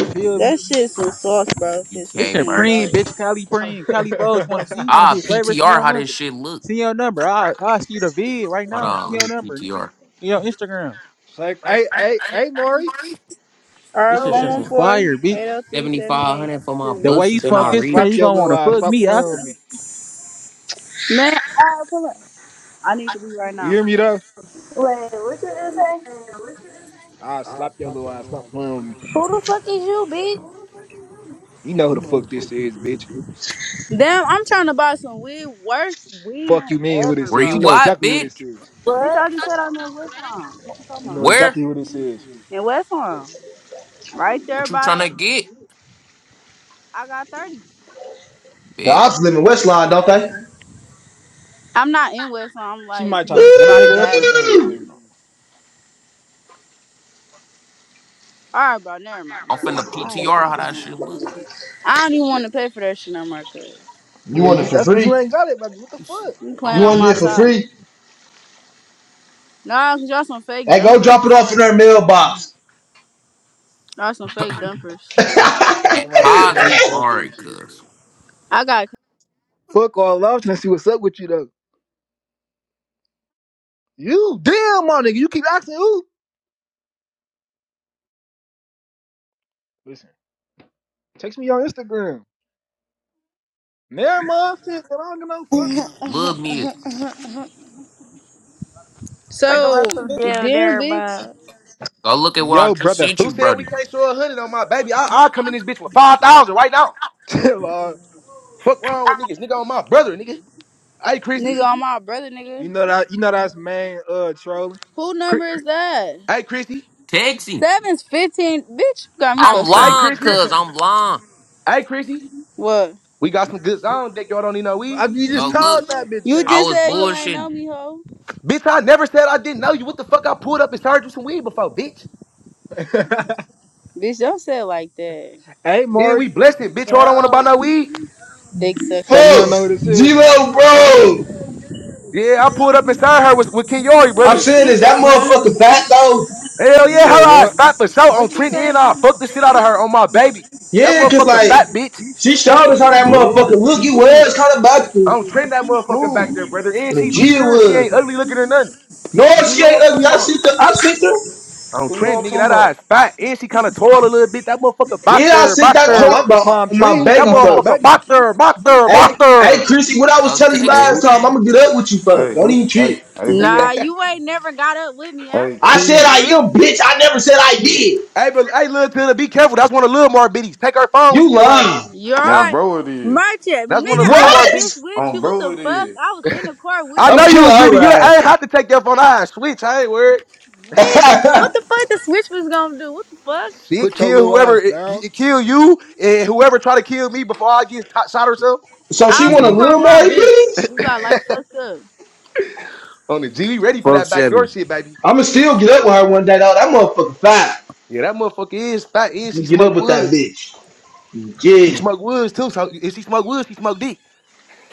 Speaker 1: You feel me?
Speaker 9: That shit some sauce, bro, if
Speaker 2: You
Speaker 9: it's
Speaker 1: This
Speaker 2: can't
Speaker 1: shit
Speaker 9: fifteen
Speaker 2: merge
Speaker 1: preen,
Speaker 2: it.
Speaker 1: bitch.
Speaker 9: dollars.
Speaker 1: Cali preen. Cali Bows wanna see?
Speaker 3: *laughs*
Speaker 1: Wanna see
Speaker 2: Ah,
Speaker 1: the flavor? See
Speaker 2: PTR,
Speaker 1: your
Speaker 2: how this
Speaker 1: number.
Speaker 2: shit look.
Speaker 1: See your number. I I see the vid right
Speaker 2: Hold
Speaker 1: now.
Speaker 2: on,
Speaker 1: See
Speaker 2: let
Speaker 1: your
Speaker 2: me
Speaker 1: number, nigga.
Speaker 2: PTR.
Speaker 1: See your Instagram.
Speaker 3: it's like, hey, hey, hey, Maury.
Speaker 1: This
Speaker 9: Alright,
Speaker 1: shit
Speaker 9: phone
Speaker 11: Oh,
Speaker 1: shit
Speaker 9: one
Speaker 1: some
Speaker 9: four
Speaker 1: fire, bitch.
Speaker 9: eight oh three seventy eight
Speaker 2: 7,500 for
Speaker 9: sixty
Speaker 2: my
Speaker 1: The
Speaker 9: two.
Speaker 1: way
Speaker 2: bus,
Speaker 1: you
Speaker 2: then
Speaker 1: smoke
Speaker 2: I
Speaker 3: Ah,
Speaker 1: this
Speaker 3: slap
Speaker 1: preen, you
Speaker 2: reach.
Speaker 3: your
Speaker 1: gonna
Speaker 3: little
Speaker 1: wanna
Speaker 3: ass.
Speaker 1: fuck
Speaker 3: Stop
Speaker 1: me
Speaker 3: playing with
Speaker 1: after.
Speaker 3: me.
Speaker 9: Man, alright, pull up. I need to be right
Speaker 3: You
Speaker 9: now.
Speaker 3: hear me though?
Speaker 11: wait, what you just say?
Speaker 3: Ah, slap your little ass. Stop playing with me.
Speaker 11: who the fuck is you, bitch?
Speaker 3: You know who the fuck this is, bitch.
Speaker 9: Damn, I'm trying to buy some weed. Worst weed
Speaker 3: Fuck
Speaker 9: than
Speaker 3: you, mean who
Speaker 9: ever,
Speaker 3: this
Speaker 2: Where
Speaker 3: is. You
Speaker 9: bro.
Speaker 2: you
Speaker 3: know
Speaker 2: at,
Speaker 3: exactly who this
Speaker 2: bitch?
Speaker 3: is.
Speaker 9: Bitch,
Speaker 11: What?
Speaker 9: I just said I'm in West Palm. What you talking
Speaker 3: You know
Speaker 9: about?
Speaker 2: Where?
Speaker 3: exactly who this is.
Speaker 9: In West Palm. Right there
Speaker 2: What you
Speaker 9: by
Speaker 2: trying to
Speaker 9: the
Speaker 2: get?
Speaker 9: I got thirty.
Speaker 2: Bet.
Speaker 12: ops live in West Line, don't they?
Speaker 9: I'm not in West Palm, I'm
Speaker 3: She
Speaker 9: like
Speaker 3: might try to set a
Speaker 9: by the
Speaker 3: nigga up
Speaker 9: gas
Speaker 3: or some
Speaker 9: station.
Speaker 3: shit.
Speaker 9: Alright, bro, never mind,
Speaker 2: I'm
Speaker 9: bro.
Speaker 2: finna
Speaker 9: I
Speaker 2: PTR how that shit
Speaker 9: don't,
Speaker 2: look.
Speaker 9: I don't even want to pay for that shit no more. cause.
Speaker 12: You
Speaker 3: Yeah,
Speaker 12: want it
Speaker 3: you.
Speaker 12: for
Speaker 3: That's cause you
Speaker 12: free?
Speaker 3: ain't got it, baby. What the
Speaker 2: You s-
Speaker 3: fuck?
Speaker 9: You
Speaker 12: You
Speaker 2: Oh,
Speaker 9: playing on
Speaker 2: what
Speaker 12: want it
Speaker 9: my
Speaker 12: for
Speaker 9: top.
Speaker 12: free?
Speaker 9: Nah, cause y'all some fake
Speaker 12: Hey, go drop it
Speaker 9: dumpers.
Speaker 12: off in their mailbox.
Speaker 9: Y'all some
Speaker 2: the?
Speaker 9: fake
Speaker 2: *laughs*
Speaker 9: dumpers.
Speaker 12: *laughs*
Speaker 2: Yeah,
Speaker 3: Somebody said
Speaker 2: Hodge,
Speaker 3: fake
Speaker 2: we alright,
Speaker 3: dumpers.
Speaker 2: cuz.
Speaker 9: I got
Speaker 3: Fuck all off and see what's up with you though. You damn my nigga, you keep asking who? Listen, text me on Instagram. Never mind, sis, I don't give no
Speaker 11: *laughs*
Speaker 3: fuck.
Speaker 2: Love me.
Speaker 11: yo, Talk
Speaker 9: so
Speaker 11: about some damn
Speaker 9: damn
Speaker 11: there,
Speaker 9: bitch.
Speaker 11: bro.
Speaker 2: Go look at what I
Speaker 3: Yo,
Speaker 2: just
Speaker 3: brother.
Speaker 2: sent
Speaker 13: Who
Speaker 2: you,
Speaker 13: said we
Speaker 2: Brody.
Speaker 13: can't show a hundred on my baby? I, I'll come in this bitch with 5,000 right now.
Speaker 3: *laughs* Chill out.
Speaker 13: Fuck wrong with niggas. Nigga on my brother, nigga. Hey, Chrissy.
Speaker 9: Nigga on my brother
Speaker 3: You
Speaker 9: nigga.
Speaker 3: know that you know that's man uh trolling.
Speaker 9: Who
Speaker 13: Chri-
Speaker 9: number is that?
Speaker 13: Hey, Chrissy.
Speaker 2: Text him.
Speaker 9: Seven's fifteen. Bitch, you got me
Speaker 2: I'm
Speaker 9: fucked
Speaker 13: Hey,
Speaker 9: up.
Speaker 3: *laughs*
Speaker 2: lying,
Speaker 13: Chrissy.
Speaker 2: cuz.
Speaker 3: I
Speaker 2: I'm lying.
Speaker 13: Hey, Chrissy.
Speaker 9: What?
Speaker 13: We got some good zone, dick. Y'all don't need no weed.
Speaker 3: you
Speaker 2: Go
Speaker 3: just
Speaker 2: look.
Speaker 3: told that bitch
Speaker 9: You
Speaker 3: game
Speaker 2: I
Speaker 9: just
Speaker 2: was
Speaker 9: said you
Speaker 3: like
Speaker 9: ain't know
Speaker 2: bullshitting.
Speaker 9: me, hoe.
Speaker 13: Bitch, I never said I didn't know you. What the fuck? I pulled up and served you some weed before, bitch.
Speaker 3: fuck.
Speaker 9: Bitch, don't say it like that.
Speaker 3: *laughs* hey
Speaker 13: And we
Speaker 3: Maury.
Speaker 13: blessed it, bitch. Y'all don't want to buy
Speaker 11: Yo,
Speaker 13: no weed.
Speaker 9: Dick
Speaker 3: So you don't
Speaker 9: suckers.
Speaker 3: know what
Speaker 12: Folks,
Speaker 3: this is?
Speaker 12: G-Lo, bro.
Speaker 13: Yeah, I pulled up and served her with, with Ken Yori,
Speaker 12: I'm
Speaker 13: brother.
Speaker 12: saying,
Speaker 11: you
Speaker 12: is that
Speaker 11: said what?
Speaker 12: motherfucker fat, though?
Speaker 13: Hell
Speaker 3: You
Speaker 13: yeah,
Speaker 3: said
Speaker 13: her eyes
Speaker 3: what?
Speaker 13: fat for sure. On
Speaker 11: What you
Speaker 13: Trent and
Speaker 11: say?
Speaker 13: I fucked the shit out of her on my baby. That
Speaker 12: Yeah, because,
Speaker 13: motherfucking
Speaker 12: like,
Speaker 13: fat bitch.
Speaker 12: she showed us how that motherfucker
Speaker 14: Who?
Speaker 12: look. He was
Speaker 14: Who?
Speaker 12: kind of back
Speaker 13: I
Speaker 12: to
Speaker 13: don't trend that motherfucker back
Speaker 14: Who?
Speaker 13: there, brother. And
Speaker 12: when the
Speaker 13: she look
Speaker 12: G
Speaker 13: good. She ain't
Speaker 12: was.
Speaker 13: ugly looking or nothing.
Speaker 12: No,
Speaker 14: Who
Speaker 12: she
Speaker 14: y'all
Speaker 12: ain't ugly.
Speaker 14: talking
Speaker 12: I seen her.
Speaker 14: about?
Speaker 12: I seen her.
Speaker 13: I don't
Speaker 14: Who y'all
Speaker 13: trend, nigga.
Speaker 14: talking
Speaker 13: That eye's
Speaker 14: about?
Speaker 13: fat. And she kind of tall a little bit. That motherfucker back
Speaker 12: Yeah, I
Speaker 13: there,
Speaker 12: sent
Speaker 13: back
Speaker 3: Oh,
Speaker 12: that
Speaker 3: I
Speaker 12: talk
Speaker 3: like
Speaker 13: there.
Speaker 3: to
Speaker 12: about
Speaker 3: climb
Speaker 12: my
Speaker 3: trees. Think
Speaker 13: That
Speaker 12: baby
Speaker 3: I'm my
Speaker 12: first.
Speaker 13: motherfucker
Speaker 3: buddy.
Speaker 13: back there, back there, back
Speaker 12: Hey, hey,
Speaker 13: there.
Speaker 12: Chrissy, what I was
Speaker 2: Go
Speaker 12: telling you
Speaker 2: text
Speaker 14: Hey,
Speaker 2: him,
Speaker 12: last
Speaker 14: who?
Speaker 12: time, I'm
Speaker 2: gang.
Speaker 12: gonna get up with you first.
Speaker 14: Hey,
Speaker 12: Don't
Speaker 14: who?
Speaker 12: even
Speaker 14: Hey,
Speaker 12: trip.
Speaker 14: hey, who
Speaker 9: Nah,
Speaker 14: y'all?
Speaker 9: you ain't never got up with me
Speaker 14: Hey,
Speaker 9: after.
Speaker 12: I
Speaker 9: What
Speaker 12: said
Speaker 9: the
Speaker 14: Key.
Speaker 12: I
Speaker 9: fuck?
Speaker 12: am, bitch. I never said I did.
Speaker 13: Hey, but, hey, little Tilda, be careful. That's one of Lil Mar biddies. Take her phone when you
Speaker 12: You
Speaker 13: get around her.
Speaker 12: lying.
Speaker 9: You're
Speaker 13: Yeah,
Speaker 14: On
Speaker 9: right.
Speaker 14: bro it is.
Speaker 9: Merchant,
Speaker 13: that's one
Speaker 9: nigga,
Speaker 13: of Lil
Speaker 9: I
Speaker 13: Mar
Speaker 9: was
Speaker 13: biddies.
Speaker 9: just
Speaker 12: What?
Speaker 9: with
Speaker 14: On
Speaker 9: you. What
Speaker 14: bro
Speaker 9: the
Speaker 14: it
Speaker 9: fuck?
Speaker 14: is.
Speaker 9: I was in the car
Speaker 13: I
Speaker 9: with you.
Speaker 13: know
Speaker 12: I'm
Speaker 13: you
Speaker 12: killing
Speaker 13: was with me.
Speaker 12: her
Speaker 13: You I ain't
Speaker 12: ass.
Speaker 13: have to take that phone. I switch. I ain't worried.
Speaker 9: Bitch, what
Speaker 12: *laughs*
Speaker 9: the fuck the switch was gonna do? What the fuck?
Speaker 13: Shit,
Speaker 3: Put your
Speaker 13: kill
Speaker 3: little
Speaker 13: whoever
Speaker 3: ass
Speaker 13: it,
Speaker 3: down.
Speaker 13: it kill you and whoever try to kill me before I get t- shot or something.
Speaker 12: so
Speaker 9: I
Speaker 12: she
Speaker 9: was in
Speaker 12: want a
Speaker 9: the car
Speaker 12: little
Speaker 9: with
Speaker 12: more
Speaker 9: my bitch.
Speaker 12: bitch?
Speaker 9: You got like fucked up.
Speaker 13: On the G, we ready for
Speaker 4: Fuck
Speaker 13: that backdoor
Speaker 4: Chevy.
Speaker 13: shit, baby.
Speaker 12: I'ma still get up with her one day though. That motherfucker fine.
Speaker 13: Yeah, that motherfucker is fat. Is she
Speaker 12: I'ma Get
Speaker 13: smoke
Speaker 12: up with that
Speaker 13: woods?
Speaker 12: bitch.
Speaker 13: She
Speaker 12: Yeah.
Speaker 13: smoke woods too. So if she smoke woods, she smoke dick.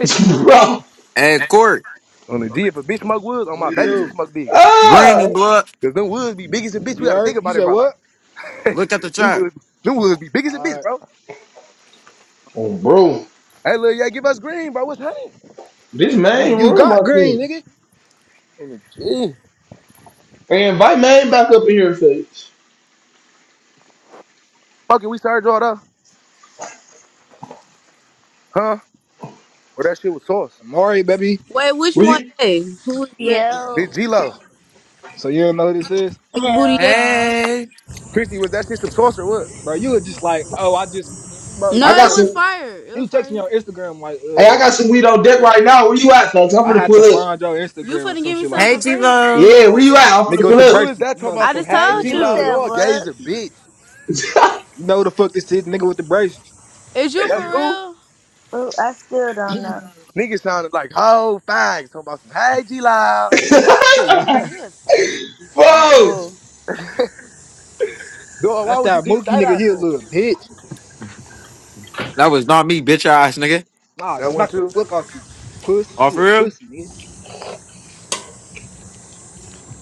Speaker 12: *laughs* bro.
Speaker 4: Hey, Court,
Speaker 13: On the G, if a bitch smoke woods, on
Speaker 3: What
Speaker 13: my
Speaker 3: he
Speaker 13: baby she
Speaker 3: do?
Speaker 13: smoke dick.
Speaker 4: bring
Speaker 12: Ah.
Speaker 4: me blood.
Speaker 13: Cause them woods be big as a bitch. We
Speaker 3: You
Speaker 13: gotta
Speaker 3: heard?
Speaker 13: think
Speaker 3: You
Speaker 13: about it,
Speaker 3: said
Speaker 13: bro. Like
Speaker 3: what?
Speaker 13: *laughs*
Speaker 4: Look at the
Speaker 13: them
Speaker 4: chart.
Speaker 13: woods, them woods be big as a
Speaker 3: All right.
Speaker 13: bitch, bro.
Speaker 12: Oh, bro.
Speaker 13: Hey, lil, yeah, give us green, bro. What's happening?
Speaker 12: This
Speaker 3: You
Speaker 12: main
Speaker 3: you
Speaker 12: room,
Speaker 3: got
Speaker 12: I
Speaker 3: green,
Speaker 12: think.
Speaker 3: nigga.
Speaker 13: On the G,
Speaker 12: Hey, invite man back up in here, face.
Speaker 13: fucking, we started all that, huh? Or that shit was sauce.
Speaker 3: Amari, baby.
Speaker 9: Wait, which one yay? Who was yay?
Speaker 11: Yo,
Speaker 13: This G Lo,
Speaker 3: So you don't know who this is?
Speaker 9: Big booty
Speaker 11: Hell
Speaker 9: yay?
Speaker 11: no.
Speaker 4: Hey.
Speaker 13: Christy, was that shit some sauce or what?
Speaker 3: Bro, you were just like, oh, I just bro,
Speaker 12: I
Speaker 3: you
Speaker 9: No,
Speaker 12: got
Speaker 9: it
Speaker 3: said
Speaker 12: some.
Speaker 9: was
Speaker 3: some
Speaker 9: fire. It was
Speaker 3: you text me
Speaker 9: fire.
Speaker 3: on Instagram like,
Speaker 12: Hey, I
Speaker 3: uh,
Speaker 12: got some weed on deck right now. Where you at, folks? I'm
Speaker 3: I
Speaker 12: finna
Speaker 3: had
Speaker 12: pull
Speaker 3: to
Speaker 12: up.
Speaker 3: find your
Speaker 9: You
Speaker 3: Instagram or
Speaker 9: finna
Speaker 3: some
Speaker 9: give me
Speaker 3: shit like
Speaker 4: Hey,
Speaker 9: something
Speaker 3: that.
Speaker 9: for free?
Speaker 4: G-Lo.
Speaker 12: Yeah, where you at? I'm
Speaker 3: Nigga
Speaker 12: finna
Speaker 3: with
Speaker 12: pull
Speaker 3: the
Speaker 13: Who is
Speaker 3: braces.
Speaker 13: that
Speaker 3: You
Speaker 13: talking
Speaker 3: know the
Speaker 13: about
Speaker 9: I
Speaker 13: some
Speaker 3: fuck
Speaker 9: just
Speaker 3: this
Speaker 13: hey
Speaker 3: is.
Speaker 9: told
Speaker 13: G
Speaker 11: You
Speaker 13: Lo?
Speaker 11: said
Speaker 9: you.
Speaker 13: Y'all gay as
Speaker 11: what?
Speaker 13: a bitch.
Speaker 12: up.
Speaker 3: You know who the fuck this is, nigga with the braces.
Speaker 9: Is you for
Speaker 13: That's who.
Speaker 9: real?
Speaker 11: Oh, I still don't know.
Speaker 13: Niggas sounded like whole fags talking about some hey G Lo.
Speaker 3: Chill out.
Speaker 12: *laughs*
Speaker 9: You a fake. I'm cool.
Speaker 12: folks,
Speaker 3: *laughs*
Speaker 13: Dog, why
Speaker 3: That's
Speaker 13: would you
Speaker 3: that
Speaker 13: get
Speaker 3: mookie
Speaker 13: side
Speaker 3: nigga,
Speaker 13: eye
Speaker 3: he a
Speaker 13: for?
Speaker 3: little bitch.
Speaker 4: That was not me, bitch ass, nigga.
Speaker 3: Nah,
Speaker 13: That one
Speaker 3: smack the
Speaker 13: too.
Speaker 3: fuck out you, puss.
Speaker 4: All
Speaker 3: You
Speaker 4: for
Speaker 3: a
Speaker 4: real?
Speaker 3: pussy, nigga.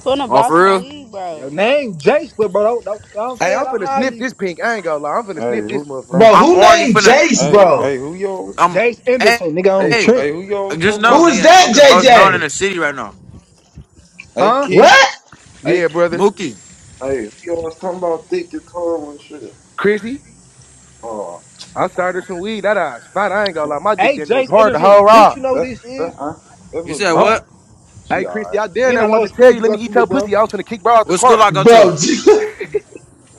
Speaker 9: Finna
Speaker 4: All
Speaker 9: buy
Speaker 4: for
Speaker 9: some
Speaker 4: real?
Speaker 9: weed,
Speaker 3: Your
Speaker 9: bro.
Speaker 3: name Jace, but bro, don't, don't, know what I'm
Speaker 13: Hey,
Speaker 3: saying?
Speaker 13: I'm
Speaker 3: Don't
Speaker 13: finna
Speaker 3: hide
Speaker 13: sniff
Speaker 3: me.
Speaker 13: this pink. I ain't gonna lie. I'm finna
Speaker 14: Hey,
Speaker 13: sniff this
Speaker 14: who? Hey,
Speaker 13: motherfucker.
Speaker 12: bro,
Speaker 4: I'm
Speaker 12: who
Speaker 4: already
Speaker 12: named
Speaker 4: finna.
Speaker 12: Jace,
Speaker 14: hey,
Speaker 12: bro?
Speaker 14: hey, who y'all? was-
Speaker 4: I'm
Speaker 3: Jace
Speaker 4: hey,
Speaker 3: Anderson, nigga on
Speaker 14: Hey, who,
Speaker 4: hey,
Speaker 3: Trent.
Speaker 14: hey, who y'all was
Speaker 4: just
Speaker 14: talking
Speaker 4: know,
Speaker 12: Who
Speaker 14: about?
Speaker 12: is
Speaker 4: nigga, I'm
Speaker 12: that,
Speaker 4: the most known in
Speaker 12: JJ?
Speaker 4: the city right now.
Speaker 14: Hey,
Speaker 3: Huh?
Speaker 14: Key.
Speaker 12: What?
Speaker 14: Hey,
Speaker 13: Yeah,
Speaker 14: Key.
Speaker 13: brother.
Speaker 4: Mookie.
Speaker 14: Hey, who y'all was talking about? Thick guitar and shit.
Speaker 13: Chrissy,
Speaker 14: Oh,
Speaker 13: I started some weed. That eyes fine. I ain't gonna
Speaker 14: that
Speaker 13: lie. My dick
Speaker 3: Hey,
Speaker 13: down there was
Speaker 3: Jace
Speaker 13: hard to
Speaker 3: Anderson,
Speaker 13: hold
Speaker 3: bitch, you
Speaker 13: off.
Speaker 3: know who this is?
Speaker 14: that uh, that
Speaker 4: You
Speaker 14: little
Speaker 4: said
Speaker 14: bitch.
Speaker 12: I'm,
Speaker 4: what?
Speaker 13: Hey,
Speaker 14: She
Speaker 13: Chrissy,
Speaker 14: alright.
Speaker 13: I damn
Speaker 3: And
Speaker 13: there
Speaker 3: I know what
Speaker 13: wanted to
Speaker 3: school
Speaker 13: tell you,
Speaker 3: you
Speaker 13: let
Speaker 3: go
Speaker 13: me
Speaker 3: to,
Speaker 13: eat
Speaker 3: little
Speaker 13: your
Speaker 3: bro.
Speaker 13: pussy. I was finna kick bro out the
Speaker 4: What school
Speaker 13: car.
Speaker 4: I go
Speaker 12: bro,
Speaker 4: to?
Speaker 12: *laughs*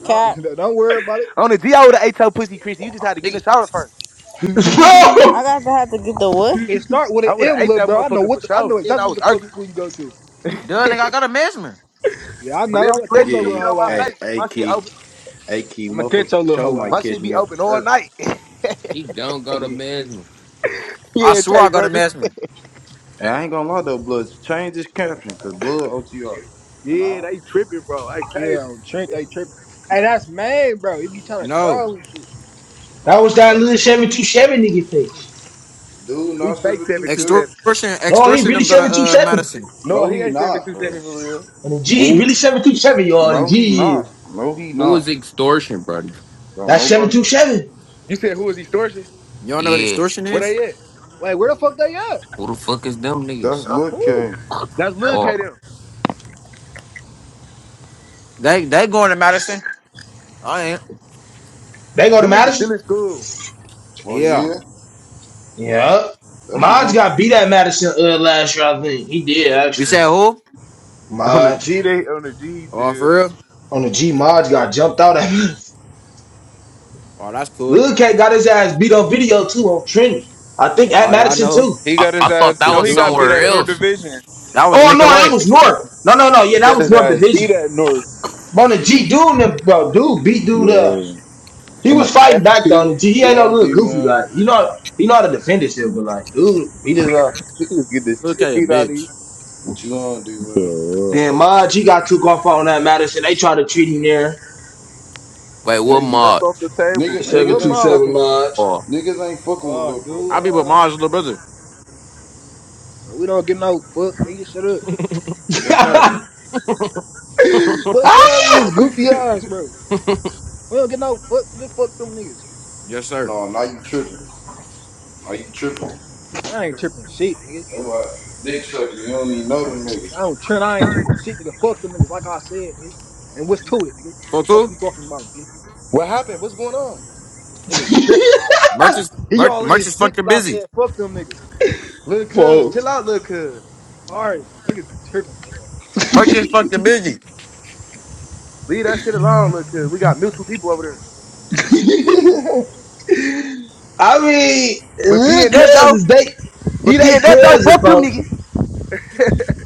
Speaker 9: Cap.
Speaker 3: Don't, *laughs* don't worry about it.
Speaker 13: On the G, I would've ate your pussy, Chrissy. You just had to get in the
Speaker 4: Nigga,
Speaker 13: shower first.
Speaker 9: I
Speaker 12: bro,
Speaker 9: got to have to get the what?
Speaker 3: It start with an
Speaker 13: I would've
Speaker 3: M,
Speaker 13: ate
Speaker 3: little
Speaker 13: that
Speaker 3: bro. I know
Speaker 13: motherfucker for
Speaker 3: what the, I
Speaker 13: sure.
Speaker 3: know
Speaker 13: And I
Speaker 3: exactly what
Speaker 13: was
Speaker 3: the fuck
Speaker 13: arguing.
Speaker 3: school you go to.
Speaker 13: *laughs*
Speaker 4: duh, nigga, I go to Mesmer.
Speaker 3: Yeah, I know. I'm
Speaker 13: Whenever you
Speaker 3: gonna
Speaker 13: ready,
Speaker 3: catch
Speaker 13: you
Speaker 3: your
Speaker 13: come
Speaker 3: little
Speaker 14: Yeah.
Speaker 13: sit on
Speaker 3: hoe
Speaker 13: my
Speaker 3: eyes.
Speaker 14: Hey,
Speaker 13: face. Like,
Speaker 14: hey,
Speaker 13: my shit
Speaker 14: Key.
Speaker 13: open.
Speaker 14: Hey, Key.
Speaker 3: I'm gonna catch
Speaker 14: Motherfuckers
Speaker 3: your
Speaker 14: for
Speaker 3: little
Speaker 14: sure
Speaker 3: hoe
Speaker 14: might
Speaker 13: My
Speaker 3: eyes.
Speaker 14: catch
Speaker 13: shit be
Speaker 14: me off
Speaker 13: open
Speaker 14: the
Speaker 13: all
Speaker 14: earth.
Speaker 13: night. *laughs*
Speaker 2: He don't go to Mesmer.
Speaker 4: I
Speaker 13: yeah,
Speaker 4: swear
Speaker 13: Tay,
Speaker 4: I go to
Speaker 13: brother.
Speaker 4: Mesmer.
Speaker 14: And I ain't gonna lie though, Blood. Change his caption, cause Blood OTR. And
Speaker 13: Yeah,
Speaker 14: I
Speaker 13: they tripping, bro. I tell you
Speaker 3: Yeah,
Speaker 13: this
Speaker 3: Trent,
Speaker 13: shit,
Speaker 3: they tripping. Hey, that's man, bro. He be trying to
Speaker 4: No.
Speaker 3: troll and shit.
Speaker 12: that was
Speaker 13: man.
Speaker 12: that little seven-two-seven nigga thing.
Speaker 14: dude
Speaker 13: He
Speaker 14: not
Speaker 13: fake
Speaker 14: seven
Speaker 13: seven
Speaker 14: two
Speaker 13: two
Speaker 14: seven.
Speaker 13: seven.
Speaker 4: Extortion,
Speaker 12: No, he
Speaker 4: extortion
Speaker 12: really
Speaker 4: them go to uh
Speaker 12: seven-two-seven. two
Speaker 4: Madison.
Speaker 13: No,
Speaker 14: No,
Speaker 13: he
Speaker 14: he
Speaker 13: ain't seven
Speaker 14: not,
Speaker 13: two
Speaker 14: bro.
Speaker 13: seven for real.
Speaker 12: And the G, he
Speaker 2: Who?
Speaker 12: really 727 y'all. The
Speaker 14: No, he
Speaker 12: G is
Speaker 14: not. No, he
Speaker 2: Who is
Speaker 14: not.
Speaker 2: extortion, Brody?
Speaker 14: Bro,
Speaker 12: that's
Speaker 14: nobody.
Speaker 12: seven-two-seven.
Speaker 13: You said who is extortion?
Speaker 4: You don't know what
Speaker 2: Yeah.
Speaker 4: extortion
Speaker 13: Where
Speaker 4: is?
Speaker 13: they at?
Speaker 3: Like, where the fuck they at?
Speaker 2: Who the fuck is them
Speaker 14: That's
Speaker 2: niggas?
Speaker 14: Look
Speaker 3: Who?
Speaker 14: K.
Speaker 13: That's Lil
Speaker 2: Oh,
Speaker 13: K them.
Speaker 4: They they going to Madison. I ain't.
Speaker 12: They go to
Speaker 13: Them niggas still
Speaker 12: Madison.
Speaker 13: in school.
Speaker 14: Well,
Speaker 4: Yeah.
Speaker 14: yeah,
Speaker 12: Yeah,
Speaker 14: that's
Speaker 12: Maj
Speaker 14: my
Speaker 12: got beat at Madison uh, last year, I think. He did
Speaker 4: You
Speaker 12: actually.
Speaker 4: said who?
Speaker 15: *laughs* On the
Speaker 12: Modge
Speaker 15: G they on the G
Speaker 4: Oh,
Speaker 15: dude.
Speaker 4: for real?
Speaker 12: on the G Modge got jumped out at me.
Speaker 4: Oh, that's
Speaker 12: *laughs*
Speaker 4: cool.
Speaker 12: Lil Cat got his ass beat on video too on Trinity. I think at
Speaker 4: All right, I
Speaker 12: Madison
Speaker 4: know.
Speaker 12: too.
Speaker 15: He
Speaker 2: I,
Speaker 15: got
Speaker 2: I
Speaker 15: his ass
Speaker 2: thought that
Speaker 15: no,
Speaker 16: It
Speaker 2: was
Speaker 15: he
Speaker 16: do
Speaker 15: got beat
Speaker 2: somewhere
Speaker 16: look
Speaker 15: at
Speaker 16: like
Speaker 15: North
Speaker 2: else.
Speaker 15: Division.
Speaker 4: That was
Speaker 15: He
Speaker 12: Oh
Speaker 15: got
Speaker 12: no,
Speaker 15: beat at
Speaker 12: that
Speaker 4: Nicolay.
Speaker 12: was
Speaker 15: North Division.
Speaker 12: North. No, no, no.
Speaker 15: He
Speaker 12: Yeah, that
Speaker 15: got
Speaker 12: was
Speaker 15: his
Speaker 12: North
Speaker 15: ass
Speaker 12: Division.
Speaker 15: beat at North.
Speaker 12: But on the G,
Speaker 14: nigga.
Speaker 12: dude, and them- bro, dude beat dude. up.
Speaker 16: Yo,
Speaker 12: he
Speaker 15: And
Speaker 12: was
Speaker 15: I,
Speaker 12: fighting
Speaker 15: After
Speaker 12: back though on the G. He ain't no
Speaker 14: Yo,
Speaker 12: little
Speaker 14: D
Speaker 12: goofy
Speaker 14: man,
Speaker 12: like. You know, he know how to defend himself, but like, dude, beat his up.
Speaker 15: he was getting the
Speaker 4: Look
Speaker 15: shit
Speaker 4: at you,
Speaker 15: beat out of him.
Speaker 4: bitch.
Speaker 14: what you on, D
Speaker 16: so,
Speaker 14: man?
Speaker 16: uh,
Speaker 12: Then Modge, he got took off on that Madison. They tried to treat him there.
Speaker 2: Wait,
Speaker 15: They
Speaker 2: what
Speaker 14: Niggas,
Speaker 15: jumped
Speaker 2: mod?
Speaker 15: off the table.
Speaker 14: niggas,
Speaker 3: Like,
Speaker 12: Seven
Speaker 3: what
Speaker 14: niggas
Speaker 12: two
Speaker 14: ain't
Speaker 12: seven
Speaker 14: fucking.
Speaker 3: March?
Speaker 12: Modge.
Speaker 2: Oh,
Speaker 14: Niggas ain't fucking with
Speaker 3: Oh,
Speaker 14: Lil Bro
Speaker 3: dude,
Speaker 4: I
Speaker 14: though.
Speaker 4: be with
Speaker 3: hoe eyes.
Speaker 4: Mars' little brother.
Speaker 3: Bro, we don't get no fuck, nigga. Shut up.
Speaker 12: *laughs*
Speaker 4: Yes, sir.
Speaker 3: Fuck, bro, with
Speaker 12: ah,
Speaker 3: his goofy eyes, bro. We don't get no fuck, nigga. Fuck them niggas.
Speaker 4: Yes, sir.
Speaker 14: No, now you tripping. Now you tripping.
Speaker 3: I ain't tripping shit, nigga.
Speaker 14: That's why dick sucking. You don't even know them
Speaker 3: I
Speaker 14: niggas.
Speaker 3: don't trend. I ain't tripping. Shit, nigga. Fuck them niggas. Like I said, nigga. And what's to it, nigga?
Speaker 4: For cool?
Speaker 3: Fuck you talking about, nigga.
Speaker 13: What happened? What's going on?
Speaker 3: Niggas tripping.
Speaker 4: Merch Merchants,
Speaker 3: He
Speaker 4: merch
Speaker 3: all in
Speaker 4: merch
Speaker 3: his
Speaker 4: is
Speaker 3: dick
Speaker 4: fucking
Speaker 3: 'cause I
Speaker 4: busy.
Speaker 3: said fuck them niggas.
Speaker 13: Lil
Speaker 12: *laughs*
Speaker 13: Cuz,
Speaker 12: folks.
Speaker 13: chill out, Lil Cuz.
Speaker 3: All right, niggas be tripping, dog.
Speaker 4: Merch is fucking busy.
Speaker 13: Leave that shit alone, Lil Cuz. We got mutual people over there.
Speaker 12: *laughs* I mean,
Speaker 13: But
Speaker 12: hood
Speaker 13: PNF though,
Speaker 12: cousins, they he
Speaker 13: but
Speaker 12: they
Speaker 13: PNF though,
Speaker 12: cousin,
Speaker 13: fuck them
Speaker 12: folks.
Speaker 13: niggas.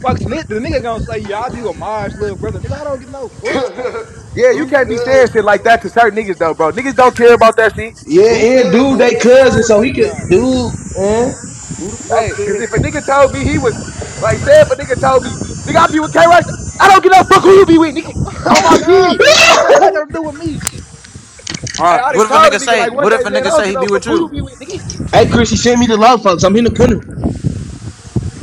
Speaker 3: Fuck Smith. The nigga gonna say, yeah, I be with Mars, little brother. Nigga, I don't get no fuck.
Speaker 14: *laughs*
Speaker 13: Yeah, you
Speaker 14: who
Speaker 13: can't be
Speaker 14: said?
Speaker 13: saying shit like that to certain niggas though, bro. Niggas don't care about that shit.
Speaker 12: Yeah,
Speaker 14: Who
Speaker 3: *laughs*
Speaker 12: and
Speaker 3: I
Speaker 14: said
Speaker 3: don't
Speaker 12: dude,
Speaker 3: know
Speaker 12: they
Speaker 14: that?
Speaker 3: what's
Speaker 12: cousin,
Speaker 3: wrong with
Speaker 12: so he
Speaker 3: buddy
Speaker 12: could
Speaker 3: eyes.
Speaker 12: dude, man.
Speaker 14: Who the fuck
Speaker 13: Hey, cause
Speaker 14: said
Speaker 13: if a nigga told me he was like, say if a nigga told me, nigga I be with K Rex, I don't give a fuck who you be with, nigga.
Speaker 3: *laughs*
Speaker 13: On
Speaker 3: Oh
Speaker 13: my
Speaker 3: God,
Speaker 13: kid.
Speaker 3: what the fuck that got to do with me?
Speaker 4: All
Speaker 13: Hey, I
Speaker 4: right.
Speaker 13: already
Speaker 4: What if a
Speaker 13: told the
Speaker 4: nigga
Speaker 13: nigga like
Speaker 4: say?
Speaker 13: one
Speaker 4: What if
Speaker 13: day,
Speaker 4: a
Speaker 13: man, I
Speaker 4: nigga
Speaker 13: don't
Speaker 4: say
Speaker 13: get
Speaker 4: he
Speaker 13: no
Speaker 4: be
Speaker 13: fuck
Speaker 4: with
Speaker 13: who you
Speaker 4: you,
Speaker 13: be with, nigga.
Speaker 12: Hey, Chris, he sent me the love, folks. I'm in the corner.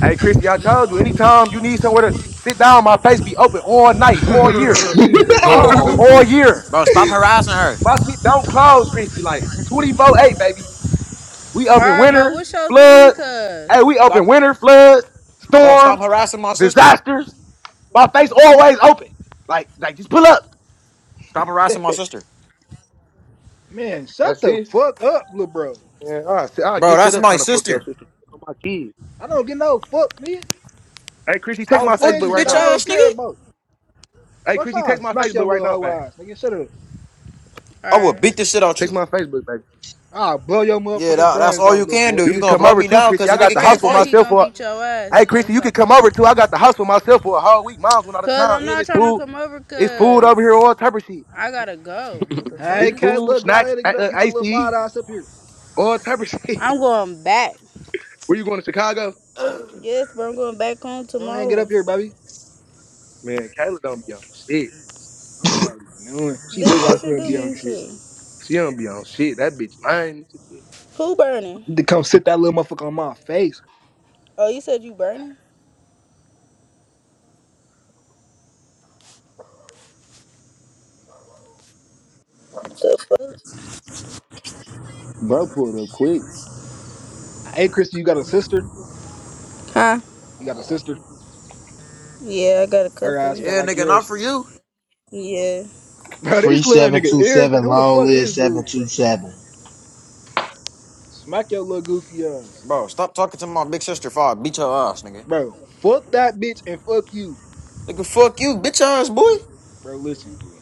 Speaker 13: Hey, Christy, I told you, anytime you need somewhere to sit down, my face be open all night, all year,
Speaker 14: that?
Speaker 3: Shit, mine
Speaker 12: *laughs*
Speaker 14: *laughs*
Speaker 3: do
Speaker 2: dog.
Speaker 13: all
Speaker 3: too.
Speaker 13: year.
Speaker 4: bro? Stop harassing her.
Speaker 13: My shit don't close, Christy, like 24-8, baby. We open
Speaker 9: Alright, but
Speaker 13: winter,
Speaker 9: what's your thing,
Speaker 13: floods. Hey,
Speaker 9: cuz?
Speaker 13: we open
Speaker 4: Stop,
Speaker 13: winter, floods,
Speaker 4: bro. Stop
Speaker 13: storms,
Speaker 4: harassing my sister.
Speaker 13: disasters. My face always open. Like, like just pull up.
Speaker 4: Stop harassing my sister,
Speaker 3: Man, shut
Speaker 13: That's
Speaker 3: the
Speaker 13: it.
Speaker 3: fuck up, little bro.
Speaker 13: Yeah, I'll, sit- I'll
Speaker 4: bro.
Speaker 13: get set
Speaker 4: That's
Speaker 13: up
Speaker 4: my
Speaker 13: trying to fuck your
Speaker 4: sister.
Speaker 13: sister. nigga, My kids.
Speaker 3: I don't get no fuck, nigga.
Speaker 13: Hey, Christy, text
Speaker 3: Stop
Speaker 4: Oh
Speaker 13: my
Speaker 4: fuck
Speaker 3: saying
Speaker 13: Facebook
Speaker 4: you,
Speaker 3: shit
Speaker 13: right
Speaker 3: that
Speaker 4: bitch
Speaker 13: now,
Speaker 3: I
Speaker 13: man.
Speaker 3: don't
Speaker 4: ass
Speaker 3: care
Speaker 4: nigga.
Speaker 3: about.
Speaker 13: Hey,
Speaker 3: Fuck, so
Speaker 13: Christy,
Speaker 3: I
Speaker 13: text my
Speaker 3: smack your
Speaker 13: Facebook right
Speaker 3: little
Speaker 13: now,
Speaker 3: hoe
Speaker 13: man.
Speaker 3: eyes, nigga. Shut up.
Speaker 4: I will
Speaker 9: Alright.
Speaker 4: beat the shit out
Speaker 13: Text
Speaker 4: you.
Speaker 13: my Facebook, baby.
Speaker 3: I'll blow your
Speaker 4: Yeah,
Speaker 3: motherfucking
Speaker 4: that, that's
Speaker 3: brains
Speaker 4: all
Speaker 3: out,
Speaker 4: you
Speaker 3: little
Speaker 4: can
Speaker 3: boy.
Speaker 4: do.
Speaker 13: You
Speaker 4: You
Speaker 13: can
Speaker 4: gonna
Speaker 13: come
Speaker 4: blow
Speaker 13: over
Speaker 4: me
Speaker 13: too,
Speaker 4: down
Speaker 13: Chrissy.
Speaker 4: because
Speaker 13: I
Speaker 4: the
Speaker 9: My
Speaker 13: got
Speaker 4: nigga
Speaker 13: the
Speaker 9: brother
Speaker 13: house
Speaker 4: can't
Speaker 13: for
Speaker 9: said
Speaker 4: fight.
Speaker 9: he
Speaker 13: myself
Speaker 9: gonna
Speaker 13: for.
Speaker 9: beat your ass.
Speaker 13: Hey,
Speaker 9: You better
Speaker 13: Chrissy, you can
Speaker 9: stop
Speaker 13: come
Speaker 9: playing.
Speaker 13: over too. I got the house for myself for a whole week. Mom's went out of
Speaker 9: Cause
Speaker 13: town,
Speaker 9: I'm
Speaker 13: and
Speaker 9: not
Speaker 13: it's
Speaker 9: trying to
Speaker 13: food.
Speaker 9: come over
Speaker 13: It's food over
Speaker 9: cause
Speaker 13: here, all type of shit.
Speaker 9: I gotta go. What the fuck?
Speaker 3: Hey,
Speaker 13: It's
Speaker 3: K,
Speaker 13: food,
Speaker 3: look, go
Speaker 13: snacks,
Speaker 3: ahead and
Speaker 13: a-
Speaker 3: get up,
Speaker 13: uh,
Speaker 3: get your little
Speaker 13: ICE,
Speaker 3: five ass up here.
Speaker 13: all type of shit.
Speaker 9: I'm going back.
Speaker 13: *laughs* Where you going to Chicago?
Speaker 9: Yes, bro, I'm going back home
Speaker 3: Go ahead and get up
Speaker 9: tomorrow.
Speaker 3: here, baby.
Speaker 13: Man, Kayla don't be on shit.
Speaker 3: I'm already knowing. She
Speaker 9: Bitch,
Speaker 3: look
Speaker 9: that
Speaker 3: like she
Speaker 9: should
Speaker 3: gonna
Speaker 9: do
Speaker 3: be on
Speaker 9: me
Speaker 3: shit.
Speaker 9: shit.
Speaker 13: She don't be on shit. That bitch lying.
Speaker 9: Who burning?
Speaker 3: To come sit that little motherfucker on my face.
Speaker 9: Oh, you said you burning? The fuck?
Speaker 13: Bro pulled up quick.
Speaker 3: Hey, Christy, you got a sister?
Speaker 9: Huh?
Speaker 3: You got a sister?
Speaker 9: Yeah, I got a
Speaker 3: Her ass
Speaker 9: couple.
Speaker 3: fat
Speaker 4: Yeah,
Speaker 3: like
Speaker 4: nigga, not
Speaker 3: yours.
Speaker 4: for you,
Speaker 9: Yeah.
Speaker 3: *laughs* Bro,
Speaker 12: Free
Speaker 3: this little nigga irritating.
Speaker 12: 727,
Speaker 3: Who the
Speaker 12: long
Speaker 3: fuck
Speaker 12: live
Speaker 3: is dude, bro?
Speaker 12: 727.
Speaker 3: Smack your little goofy ass.
Speaker 4: bro. Stop talking to my big sister. For I beat your ass, nigga.
Speaker 3: Bro, fuck that bitch and fuck you.
Speaker 4: Nigga, fuck you, bitch ass boy.
Speaker 3: Bro, listen, fool.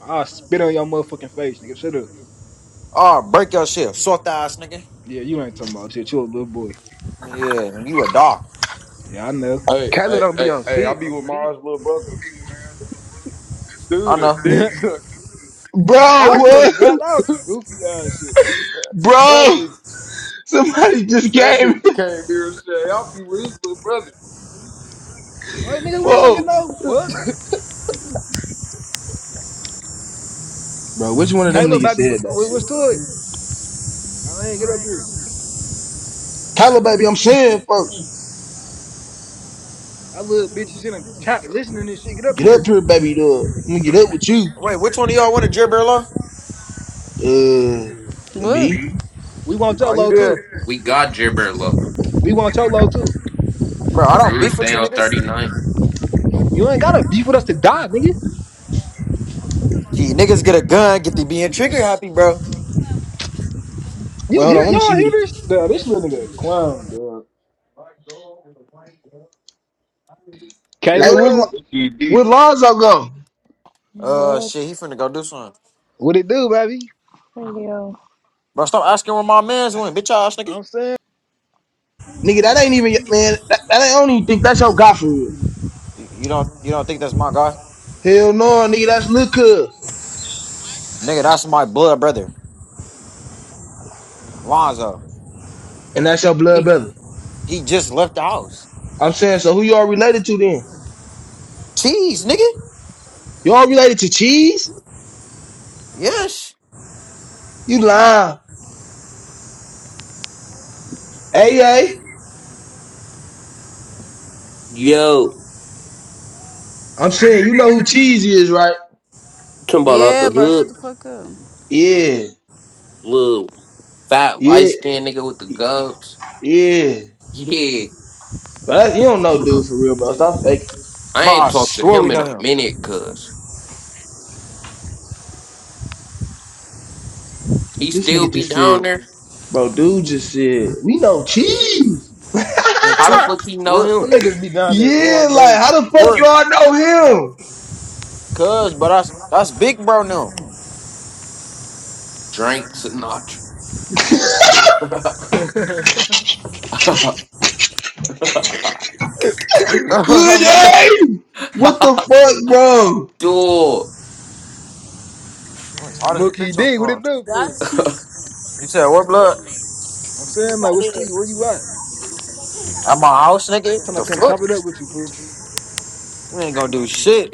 Speaker 3: I'll spit on your motherfucking face, nigga. Shut up.
Speaker 4: Ah, break your shit, sort ass nigga.
Speaker 3: Yeah, you ain't talking about shit. You a little boy.
Speaker 4: Yeah, you a dog.
Speaker 3: Yeah, I know.
Speaker 14: Hey,
Speaker 13: Kayla
Speaker 14: hey,
Speaker 13: don't be
Speaker 14: hey,
Speaker 13: on
Speaker 14: hey, I
Speaker 13: shit
Speaker 14: be
Speaker 13: on the
Speaker 14: with
Speaker 13: G.
Speaker 14: Mars' little brother.
Speaker 4: I
Speaker 14: Dude, a
Speaker 4: know.
Speaker 3: *laughs*
Speaker 14: dick *laughs* suck.
Speaker 12: Bro,
Speaker 3: I swear to God,
Speaker 12: what?
Speaker 3: that was some goofy ass shit.
Speaker 12: *laughs*
Speaker 14: That
Speaker 12: Bro,
Speaker 14: nigga,
Speaker 12: somebody just
Speaker 14: that
Speaker 12: came,
Speaker 14: nigga came here and said, I'll be with his little brother."
Speaker 3: I'm like,
Speaker 12: *laughs*
Speaker 3: nigga, we don't get
Speaker 12: folks.
Speaker 3: no fuck.
Speaker 12: Bro, which one of them
Speaker 3: Caleb,
Speaker 12: niggas
Speaker 3: baby, what's,
Speaker 12: said that
Speaker 3: what's
Speaker 12: shit,
Speaker 3: to
Speaker 12: bro?
Speaker 3: it? No, I ain't get up here.
Speaker 12: Tyler, baby, I'm saying, folks,
Speaker 3: That little bitch is in a chat listening to this shit. Get up
Speaker 12: get up
Speaker 3: here.
Speaker 12: here, baby. Dog. I'm gonna get up with you.
Speaker 4: Wait, which one of y'all wanted Jer Burlow?
Speaker 12: Uh,
Speaker 9: What?
Speaker 12: me.
Speaker 3: We want your
Speaker 4: Oh, you
Speaker 3: low too.
Speaker 4: did?
Speaker 2: We got Gibber
Speaker 3: We want your low too.
Speaker 4: Bro, I don't
Speaker 2: Dude,
Speaker 4: beef with
Speaker 2: stay
Speaker 4: you
Speaker 2: on
Speaker 4: niggas.
Speaker 2: 39.
Speaker 3: You ain't gotta beef with us to die, nigga.
Speaker 4: Gee, niggas get a gun, get the being trigger happy, bro.
Speaker 12: Wait,
Speaker 3: You
Speaker 12: hold on.
Speaker 3: hear
Speaker 12: Let me see
Speaker 3: y'all
Speaker 12: who.
Speaker 3: hear
Speaker 12: The,
Speaker 3: this? Nah, this little nigga a clown, dog.
Speaker 12: hey, where's?
Speaker 15: *laughs*
Speaker 3: Caleb,
Speaker 15: GD.
Speaker 12: Where Lonzo go?
Speaker 4: Uh,
Speaker 17: What
Speaker 4: shit, he finna go do something.
Speaker 3: what it do, baby?
Speaker 17: radio?
Speaker 4: Bro, stop asking where my man's went, bitch ass nigga.
Speaker 3: I'm saying,
Speaker 12: Nigga, that ain't even man. That, that ain't, I don't even think that's your guy for real.
Speaker 4: You, you don't, you don't think that's my guy,
Speaker 12: Hell no, nigga, that's Lil Cub,
Speaker 4: nigga? That's my blood brother, Lonzo.
Speaker 12: and that's your blood
Speaker 4: He,
Speaker 12: brother.
Speaker 4: he just left the house.
Speaker 12: I'm saying, so who you all related to then?
Speaker 4: Cheese, nigga.
Speaker 12: You all related to Cheese?
Speaker 4: Yes,
Speaker 12: You lying? AA?
Speaker 2: Yo,
Speaker 12: I'm saying, you know who Cheese is, right?
Speaker 2: talking about out
Speaker 9: Yeah,
Speaker 2: the
Speaker 9: bro, shut the
Speaker 2: hood,
Speaker 9: fuck up.
Speaker 12: Yeah,
Speaker 2: little fat
Speaker 12: yeah,
Speaker 2: light skinned nigga with the gubs.
Speaker 12: yeah.
Speaker 2: Yeah,
Speaker 12: But that, you don't know dude for real, bro. Stop faking.
Speaker 2: I
Speaker 4: bro.
Speaker 2: ain't
Speaker 4: I
Speaker 2: talked to
Speaker 4: swear we
Speaker 2: him in a
Speaker 4: know him.
Speaker 2: minute, cuz he
Speaker 12: This
Speaker 2: still
Speaker 12: nigga
Speaker 2: be
Speaker 12: just
Speaker 2: down
Speaker 12: said,
Speaker 2: there.
Speaker 12: bro. Dude just said, we know Cheese.
Speaker 4: And
Speaker 2: How the
Speaker 4: two,
Speaker 2: fuck he know
Speaker 4: we're,
Speaker 2: him?
Speaker 3: them niggas be down there all
Speaker 12: Yeah, like
Speaker 3: day,
Speaker 12: how
Speaker 3: bro.
Speaker 12: the fuck
Speaker 4: we're
Speaker 12: you all know him?
Speaker 4: cuz, but that's that's big bro now.
Speaker 2: Drink Sinatra.
Speaker 3: *laughs*
Speaker 2: *laughs*
Speaker 4: *laughs*
Speaker 12: Hey! What the fuck, bro?
Speaker 2: Dude.
Speaker 4: I'm tired as a
Speaker 3: Mookie
Speaker 4: bitch on the
Speaker 3: D, what it
Speaker 4: floor.
Speaker 3: do, fool?
Speaker 9: That's
Speaker 4: You said what blood?
Speaker 3: I'm saying,
Speaker 9: what
Speaker 3: like,
Speaker 9: I
Speaker 3: what's
Speaker 9: did.
Speaker 3: to you? Where you at?
Speaker 4: At my house, nigga?
Speaker 3: Trying to
Speaker 4: The
Speaker 3: come
Speaker 4: fuck?
Speaker 3: chop it up with you, fool.
Speaker 4: We ain't gonna do shit.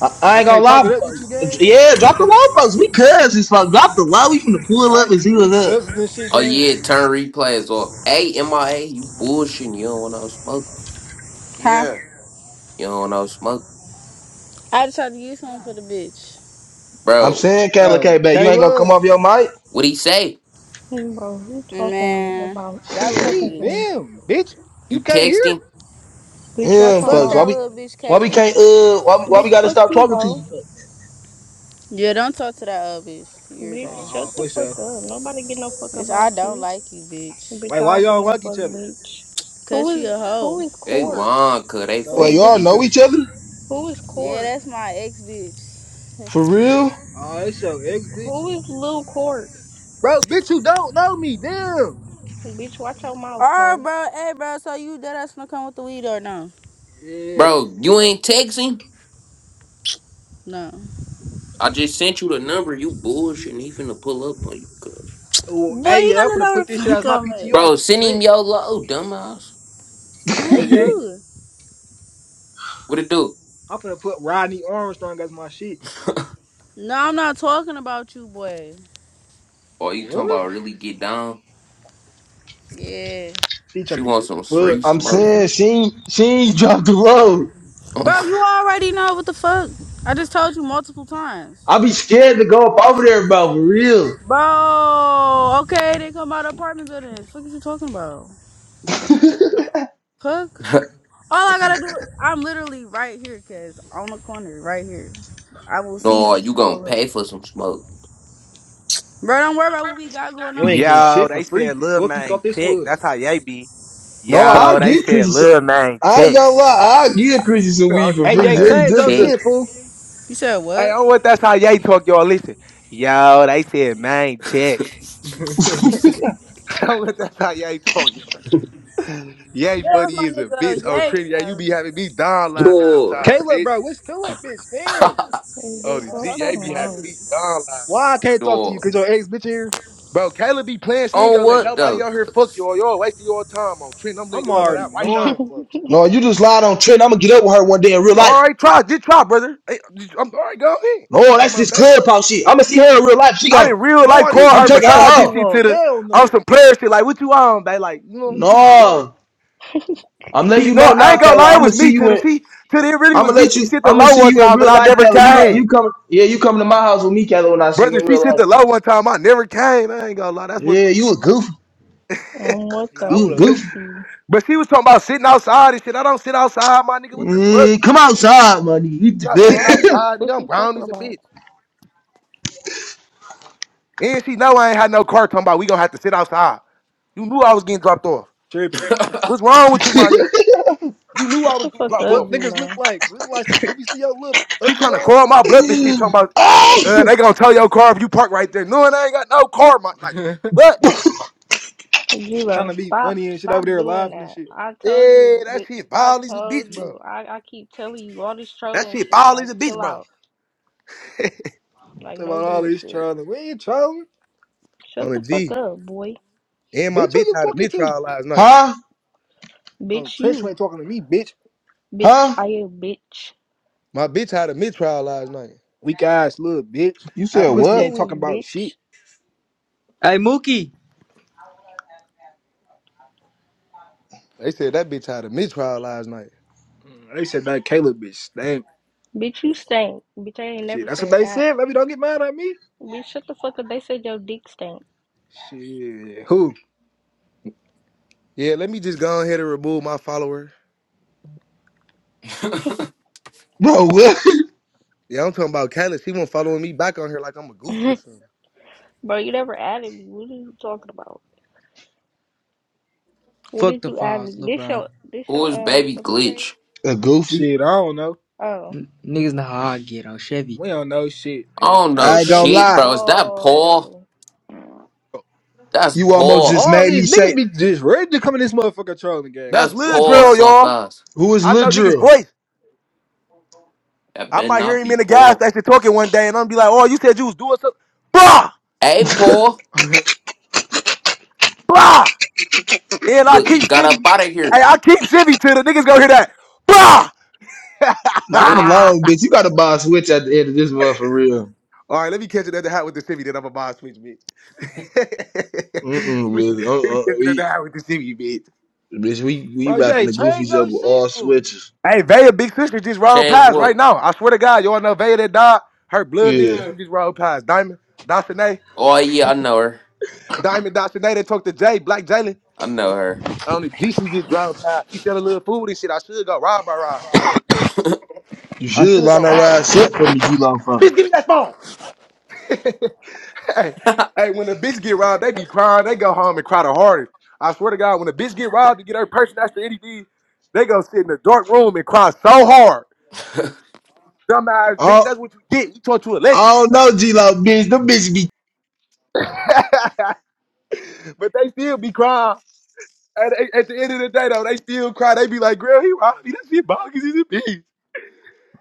Speaker 12: I, I
Speaker 3: I
Speaker 12: ain't gonna
Speaker 3: can't chop it
Speaker 12: lie.
Speaker 3: up with you, gang.
Speaker 12: Yeah, drop the low folks. We cousins, fuck. Drop the low. We finna pull up
Speaker 3: Right?
Speaker 12: and see
Speaker 3: We
Speaker 12: what's up.
Speaker 3: cousins and shit,
Speaker 2: Oh
Speaker 3: gang.
Speaker 2: yeah,
Speaker 3: Like,
Speaker 2: turn replays off. Hey, MIA, you bullshitting. You don't want no smoke.
Speaker 9: Huh?
Speaker 4: Yeah.
Speaker 2: You don't want no smoke.
Speaker 9: I just tried to use something for the bitch.
Speaker 12: I'm
Speaker 2: Bro,
Speaker 12: saying, Kayla K,
Speaker 3: oh,
Speaker 12: back. You ain't gonna come
Speaker 3: Caleb,
Speaker 12: off your mic?
Speaker 2: what he say?
Speaker 17: Hey, bro, who talking
Speaker 9: Man,
Speaker 17: about? Who
Speaker 9: that little
Speaker 17: talking
Speaker 3: me,
Speaker 17: to me?
Speaker 9: bitch.
Speaker 3: them, bitch.
Speaker 2: You
Speaker 3: You can't hear?
Speaker 2: text him?
Speaker 17: Bitch, watch
Speaker 12: damn,
Speaker 17: your
Speaker 9: Fuck
Speaker 12: folks. Why
Speaker 17: mouth.
Speaker 9: that
Speaker 12: we,
Speaker 9: little bitch,
Speaker 12: why we can't,
Speaker 9: Kayla.
Speaker 12: uh, why, we- why
Speaker 17: Bitch,
Speaker 12: we gotta
Speaker 17: fuck
Speaker 12: stop
Speaker 17: you,
Speaker 12: talking to you,
Speaker 17: hoe.
Speaker 12: folks?
Speaker 9: Yeah, don't talk to that other bitch. You
Speaker 17: Bitch,
Speaker 9: irritating.
Speaker 3: Oh,
Speaker 17: shut
Speaker 3: oh,
Speaker 17: the
Speaker 3: for
Speaker 17: fuck
Speaker 3: sure.
Speaker 17: up. Nobody get no fuck
Speaker 9: Bitch, I
Speaker 17: about
Speaker 9: don't
Speaker 17: you.
Speaker 9: like you, bitch.
Speaker 17: Bitch,
Speaker 3: Like,
Speaker 17: I
Speaker 3: why
Speaker 17: don't get
Speaker 3: y'all
Speaker 17: no
Speaker 3: like each
Speaker 17: fuck,
Speaker 3: other?
Speaker 17: bitch. Who
Speaker 9: Cause she
Speaker 17: is
Speaker 9: a hoe.
Speaker 17: who is
Speaker 2: They
Speaker 17: court?
Speaker 2: lying, cuz they
Speaker 3: So
Speaker 12: Well,
Speaker 3: who
Speaker 17: Who is
Speaker 2: fake
Speaker 12: y'all
Speaker 3: pussy
Speaker 2: beefing.
Speaker 12: know
Speaker 3: better?
Speaker 12: each other?
Speaker 17: who is
Speaker 9: Yeah,
Speaker 17: court?
Speaker 9: that's my ex, bitch.
Speaker 12: For real?
Speaker 3: Oh, it's your ex, bitch.
Speaker 17: Who is Lil Court?
Speaker 3: Bro, bitch, you don't know me, damn.
Speaker 17: Bitch, watch your
Speaker 9: *laughs*
Speaker 17: mouth,
Speaker 9: Alright,
Speaker 17: hoe.
Speaker 9: bro, hey, bro, so you dead ass gonna come with the weed or no?
Speaker 3: Yeah.
Speaker 2: Bro, you ain't texting?
Speaker 9: No.
Speaker 2: I just sent you the number. You bullshitting. He finna pull up on you, cuz.
Speaker 3: Oh,
Speaker 9: Boy,
Speaker 3: hey,
Speaker 9: you
Speaker 3: yeah, I'm
Speaker 9: don't know
Speaker 3: finna
Speaker 9: where
Speaker 3: put
Speaker 9: the
Speaker 3: this shit as
Speaker 9: fuck
Speaker 3: my
Speaker 9: I'm at.
Speaker 3: PTR
Speaker 2: Bro,
Speaker 3: on
Speaker 2: send him
Speaker 3: Trent.
Speaker 2: your low, dumbass.
Speaker 3: Hey,
Speaker 9: Who is
Speaker 3: yeah,
Speaker 9: you?
Speaker 2: What it do?
Speaker 3: I'm finna put Rodney Armstrong as my shit.
Speaker 9: No, I'm not talking about you, boy.
Speaker 2: Oh, you talking
Speaker 3: What?
Speaker 2: about really get down?
Speaker 9: Yeah.
Speaker 3: He
Speaker 2: She
Speaker 3: trying to
Speaker 2: wants
Speaker 3: get
Speaker 2: some free
Speaker 3: fucked.
Speaker 12: I'm
Speaker 2: smoke.
Speaker 12: saying, she ain't, she ain't *laughs* dropped the low.
Speaker 2: *laughs*
Speaker 9: Bro, you already know what the fuck. I just told you multiple times.
Speaker 12: I be scared to go up over there, bro, for real.
Speaker 9: Bro, okay, they come out of apartment buildings. Fuck is you talking about? Fuck. All I gotta do, I'm literally right here, cause on the corner, right here. I will see
Speaker 2: no,
Speaker 9: you.
Speaker 2: you gonna pay for some smoke.
Speaker 9: Bro, don't worry about what we got going
Speaker 3: You
Speaker 9: on,
Speaker 3: ain't
Speaker 9: Dick.
Speaker 3: getting
Speaker 13: Yo,
Speaker 3: shit
Speaker 13: they
Speaker 3: for
Speaker 13: said
Speaker 3: free.
Speaker 13: Lil
Speaker 3: Fuck you
Speaker 13: Man
Speaker 3: thought this
Speaker 13: check.
Speaker 3: was.
Speaker 13: That's how they be.
Speaker 12: No,
Speaker 2: *laughs*
Speaker 12: I'll
Speaker 13: Yo, they
Speaker 12: give
Speaker 13: said
Speaker 12: Chrissy some.
Speaker 13: Lil Man
Speaker 12: I ain't
Speaker 13: check.
Speaker 12: gonna lie, I'll give Chrissy some
Speaker 13: *laughs*
Speaker 12: weed for
Speaker 3: Hey,
Speaker 2: I
Speaker 3: you
Speaker 12: free.
Speaker 3: ain't
Speaker 2: heard
Speaker 12: Just,
Speaker 2: he
Speaker 3: changed your
Speaker 12: just to
Speaker 2: checked.
Speaker 3: shit, fool.
Speaker 9: You said
Speaker 13: Hey,
Speaker 9: what?
Speaker 13: I don't want that's how Yay talk, y'all. Listen, yo, they said man check.
Speaker 3: *laughs*
Speaker 13: *laughs* I don't want that's how Yay talk, y'all. Yay
Speaker 9: Get off
Speaker 13: funny
Speaker 9: my
Speaker 13: is a bitch
Speaker 9: nigga,
Speaker 13: on
Speaker 9: yay,
Speaker 13: Trinity. Yeah, you be having me down
Speaker 2: *laughs*
Speaker 13: laughing
Speaker 2: Dog.
Speaker 13: sometimes,
Speaker 3: Caleb,
Speaker 13: bitch.
Speaker 3: bro, what's to it, bitch? Damn.
Speaker 2: *laughs*
Speaker 17: Hey,
Speaker 13: Oh,
Speaker 17: bitch,
Speaker 13: the G,
Speaker 17: watch your
Speaker 13: Yay be having
Speaker 17: mouth.
Speaker 9: cuz.
Speaker 13: me down laughing.
Speaker 3: Why I can't talk to you?
Speaker 2: Dog.
Speaker 3: Cause your ex bitch here?
Speaker 13: Bro, Kayla be playing. She ain't
Speaker 2: On
Speaker 13: gonna let
Speaker 2: what
Speaker 13: nobody
Speaker 2: though?
Speaker 13: out here fuck y'all. Y'all wasting your time on Trinity. I'm letting
Speaker 3: I'm
Speaker 13: y'all know
Speaker 3: already
Speaker 13: that
Speaker 17: *laughs*
Speaker 13: right now.
Speaker 3: knowing, folks.
Speaker 12: No, you just lied on Trent. I'm gonna get up with her one day in real
Speaker 13: All
Speaker 12: life.
Speaker 13: right, try, just try, brother. Hey, just- I'm all right, go ahead.
Speaker 12: No, that's
Speaker 13: My
Speaker 12: this
Speaker 13: baby.
Speaker 12: clubhouse shit. I'm gonna see her in real life. She
Speaker 13: I
Speaker 12: go,
Speaker 13: didn't real life
Speaker 3: No, this
Speaker 13: call
Speaker 12: I'm
Speaker 13: her
Speaker 3: bitch
Speaker 12: taking her
Speaker 3: face
Speaker 13: besides
Speaker 3: too
Speaker 13: this
Speaker 12: home.
Speaker 13: shit
Speaker 3: long.
Speaker 13: to the
Speaker 3: Hell
Speaker 13: on
Speaker 3: no.
Speaker 13: some player shit. Like, what you on, babe? Like, you know, she be bullshit.
Speaker 12: No, I'm letting
Speaker 13: She
Speaker 12: you
Speaker 13: no,
Speaker 12: know
Speaker 13: I
Speaker 12: now,
Speaker 13: ain't gonna
Speaker 12: Kayla.
Speaker 13: lie,
Speaker 12: I'm
Speaker 13: it
Speaker 12: gonna
Speaker 13: was
Speaker 12: see
Speaker 13: me to
Speaker 12: you in.
Speaker 13: she to the, it really
Speaker 12: I'm
Speaker 13: was
Speaker 12: gonna
Speaker 13: me.
Speaker 12: let
Speaker 13: She
Speaker 12: you.
Speaker 13: sent the
Speaker 12: I'm gonna
Speaker 13: low
Speaker 12: see
Speaker 13: one
Speaker 12: you in
Speaker 13: time and
Speaker 12: real
Speaker 13: I
Speaker 12: life,
Speaker 13: never
Speaker 12: Kayla. You got you
Speaker 13: came.
Speaker 12: coming? Yeah, you coming to my house with me, Kayla, when I see
Speaker 13: Brother,
Speaker 12: you in
Speaker 13: she
Speaker 12: real
Speaker 13: sent
Speaker 12: life.
Speaker 13: the low one time, I never came. I ain't gonna lie, that's what
Speaker 12: Yeah,
Speaker 13: threw me
Speaker 12: you a
Speaker 13: off.
Speaker 12: goofy.
Speaker 17: and what
Speaker 3: Yeah, I
Speaker 12: You
Speaker 17: the
Speaker 12: a
Speaker 3: would have
Speaker 12: goofy.
Speaker 17: goofy?
Speaker 13: But she was talking about sitting outside and shit. I don't sit outside, my nigga. What the fuck?
Speaker 12: Mm, come outside, money.
Speaker 13: I'm not sitting
Speaker 17: Right.
Speaker 12: *laughs*
Speaker 13: outside,
Speaker 17: Fuck
Speaker 13: nigga. I'm
Speaker 17: you
Speaker 13: brown
Speaker 17: talking
Speaker 13: as a
Speaker 17: about?
Speaker 13: bitch. And she know I ain't had no car talking about we gonna have to sit outside. You knew I was getting dropped off.
Speaker 3: tripping.
Speaker 2: *laughs*
Speaker 13: What's wrong with you, my nigga? You knew I
Speaker 17: Shut
Speaker 13: was
Speaker 17: the
Speaker 13: getting
Speaker 17: fuck
Speaker 13: dropped
Speaker 17: up,
Speaker 3: Fuck
Speaker 13: off.
Speaker 17: G
Speaker 3: niggas look
Speaker 17: Lo.
Speaker 3: like we look like some goofies to your little
Speaker 13: She
Speaker 3: ugly
Speaker 13: trying to
Speaker 3: ass.
Speaker 13: call my bluff and shit, talking about uh,
Speaker 12: huh?
Speaker 13: they gonna tell your car if you park right there. No, and I ain't got no car, my like
Speaker 3: *laughs*
Speaker 13: what?
Speaker 3: trying
Speaker 17: Julo,
Speaker 3: to be
Speaker 17: stop
Speaker 3: funny and shit
Speaker 17: stop
Speaker 3: over there
Speaker 17: doing
Speaker 3: laughing and
Speaker 17: that.
Speaker 3: shit.
Speaker 17: I told you
Speaker 13: Yeah, that
Speaker 17: with
Speaker 13: shit
Speaker 17: I
Speaker 13: ball is a bitch,
Speaker 17: told
Speaker 13: bro.
Speaker 17: you. I, I keep telling you all this
Speaker 13: That
Speaker 17: trolling
Speaker 13: shit
Speaker 17: shit.
Speaker 13: ball
Speaker 17: Like
Speaker 13: is a bitch,
Speaker 17: chill
Speaker 13: bro.
Speaker 17: out.
Speaker 13: *laughs*
Speaker 17: Like
Speaker 3: Talking
Speaker 17: no
Speaker 3: about all this
Speaker 17: bullshit.
Speaker 3: trolling. We ain't trolling.
Speaker 13: On
Speaker 17: Shut
Speaker 13: a
Speaker 17: the fuck
Speaker 13: G.
Speaker 17: up, boy.
Speaker 13: And my
Speaker 3: Bitch, who
Speaker 13: bitch
Speaker 3: you
Speaker 13: had a
Speaker 3: talking
Speaker 13: mid
Speaker 3: to?
Speaker 13: trial last night.
Speaker 12: Huh?
Speaker 3: Oh,
Speaker 17: Bitch
Speaker 3: Trench ain't
Speaker 17: you.
Speaker 3: talking to me, bitch.
Speaker 17: Bitch I a bitch.
Speaker 13: My bitch had a mid trial last night.
Speaker 3: Weak ass little bitch.
Speaker 12: You said
Speaker 3: That
Speaker 17: Bitch
Speaker 3: pussy
Speaker 17: you
Speaker 12: what,
Speaker 3: ain't
Speaker 17: weak,
Speaker 3: talking about shit.
Speaker 17: bitch.
Speaker 18: Hey Mookie!
Speaker 13: They said that bitch had a mid trial last night.
Speaker 3: Mm, They said that Caleb bitch. Damn.
Speaker 17: Bitch you stink. Bitch I ain't
Speaker 3: Shit,
Speaker 17: never
Speaker 3: that's what
Speaker 17: said
Speaker 3: they
Speaker 17: that.
Speaker 3: said. Baby, don't get mad at me.
Speaker 17: Bitch shut the fuck up. They said your dick stink.
Speaker 3: Shit, who?
Speaker 13: Yeah, let me just go on here to remove my follower.
Speaker 12: bro? What?
Speaker 13: Yeah, I'm talking about Callis. He won't following me back on here like I'm a goofy or something.
Speaker 17: Bro, you never added me. What are you talking about? What
Speaker 18: Fuck
Speaker 17: did
Speaker 18: the
Speaker 17: you add
Speaker 18: falls,
Speaker 17: me?
Speaker 18: little
Speaker 17: This
Speaker 18: bro.
Speaker 17: your this
Speaker 2: Who
Speaker 17: your
Speaker 2: is
Speaker 17: um
Speaker 2: baby
Speaker 17: what's your page?
Speaker 2: glitch?
Speaker 12: *laughs* A goofy.
Speaker 3: Shit, I don't know.
Speaker 17: Oh,
Speaker 18: N- niggas know how I get on Chevy.
Speaker 3: We don't know shit,
Speaker 2: I
Speaker 3: man.
Speaker 2: don't
Speaker 17: I'm
Speaker 2: know
Speaker 12: I ain't gonna
Speaker 17: Chevy.
Speaker 2: shit,
Speaker 12: lie.
Speaker 2: bro. Is that Paul?
Speaker 17: Whoa.
Speaker 2: That's
Speaker 12: You almost
Speaker 2: Paul.
Speaker 12: just
Speaker 3: All
Speaker 12: made me
Speaker 3: these
Speaker 12: say.
Speaker 3: niggas be just ready to come in this motherfucker trolling game.
Speaker 13: That's
Speaker 3: Like,
Speaker 2: That's
Speaker 3: what
Speaker 13: Lil
Speaker 3: the
Speaker 2: Paul
Speaker 13: Drill,
Speaker 2: soft
Speaker 13: y'all.
Speaker 2: ass.
Speaker 12: Who is
Speaker 13: I
Speaker 12: Lil
Speaker 13: know niggas'
Speaker 12: Drill?
Speaker 13: voice.
Speaker 2: That
Speaker 13: I
Speaker 2: better
Speaker 13: might hear
Speaker 2: not
Speaker 13: him
Speaker 2: be
Speaker 13: in the gas
Speaker 2: Paul.
Speaker 13: station talking one day and I'm be like, oh, you said you was doing something. Blah,
Speaker 2: Hey, Paul.
Speaker 3: fuck?
Speaker 13: blah. And I
Speaker 2: Look, he
Speaker 13: keep
Speaker 2: got up
Speaker 13: shimmy.
Speaker 2: out of
Speaker 13: Hey,
Speaker 2: here.
Speaker 13: I keep shimmy till the niggas go hear that. Blah! *laughs* All
Speaker 12: Not for
Speaker 2: *laughs*
Speaker 12: long, bitch. You gotta buy a switch at the end of this month for real.
Speaker 13: right, let me catch it at the hat with the civvy, then I'm a boss switch, bitch. *laughs*
Speaker 12: Mm
Speaker 13: let
Speaker 12: mm, bitch.
Speaker 13: me
Speaker 12: Uh uh
Speaker 13: catch it at the
Speaker 12: we,
Speaker 13: hat with the civvy, bitch.
Speaker 12: bitch, we
Speaker 3: *laughs*
Speaker 12: we
Speaker 3: Bro, you
Speaker 12: wrapping the
Speaker 3: ain't change
Speaker 12: goofies up
Speaker 3: your
Speaker 12: with
Speaker 3: shit,
Speaker 12: all
Speaker 3: fool.
Speaker 12: switches.
Speaker 13: Hey, Vaya, big sister just rolled
Speaker 2: Change
Speaker 13: past right
Speaker 2: what?
Speaker 13: now. I swear to God, y'all know Vaya that died. Her blood big
Speaker 12: Yeah,
Speaker 3: Yeah.
Speaker 13: sister just rolled past. Diamond, Dasane,
Speaker 2: Oh, yeah, I know her.
Speaker 13: Diamond, Dasane, they talked to Jay, Black Jalen.
Speaker 2: I know her.
Speaker 13: On the GC just drove past. She selling a little food and shit. I should go rob her, Raj.
Speaker 12: you
Speaker 13: I
Speaker 12: should
Speaker 13: should
Speaker 12: line
Speaker 13: go
Speaker 12: our
Speaker 13: rob her.
Speaker 12: ass up for me, G Law Five.
Speaker 13: Bitch, give me that phone. *laughs* Hey,
Speaker 2: *laughs*
Speaker 13: hey, when a bitch get robbed, they be crying. They go home and cry the hardest. I swear to God, when a bitch get robbed to get her purse person after anything, they go sit in a dark room and cry so hard. Dumbass bitch,
Speaker 12: Oh,
Speaker 13: that's what you get. You taught you a
Speaker 12: I
Speaker 13: lesson.
Speaker 12: don't know, G Law bitch. Them bitches be
Speaker 13: *laughs* but they still be crying. At, at at the end of the day, though, they still cry. They be like, girl, he robbed me. That shit bogus. He's a bitch.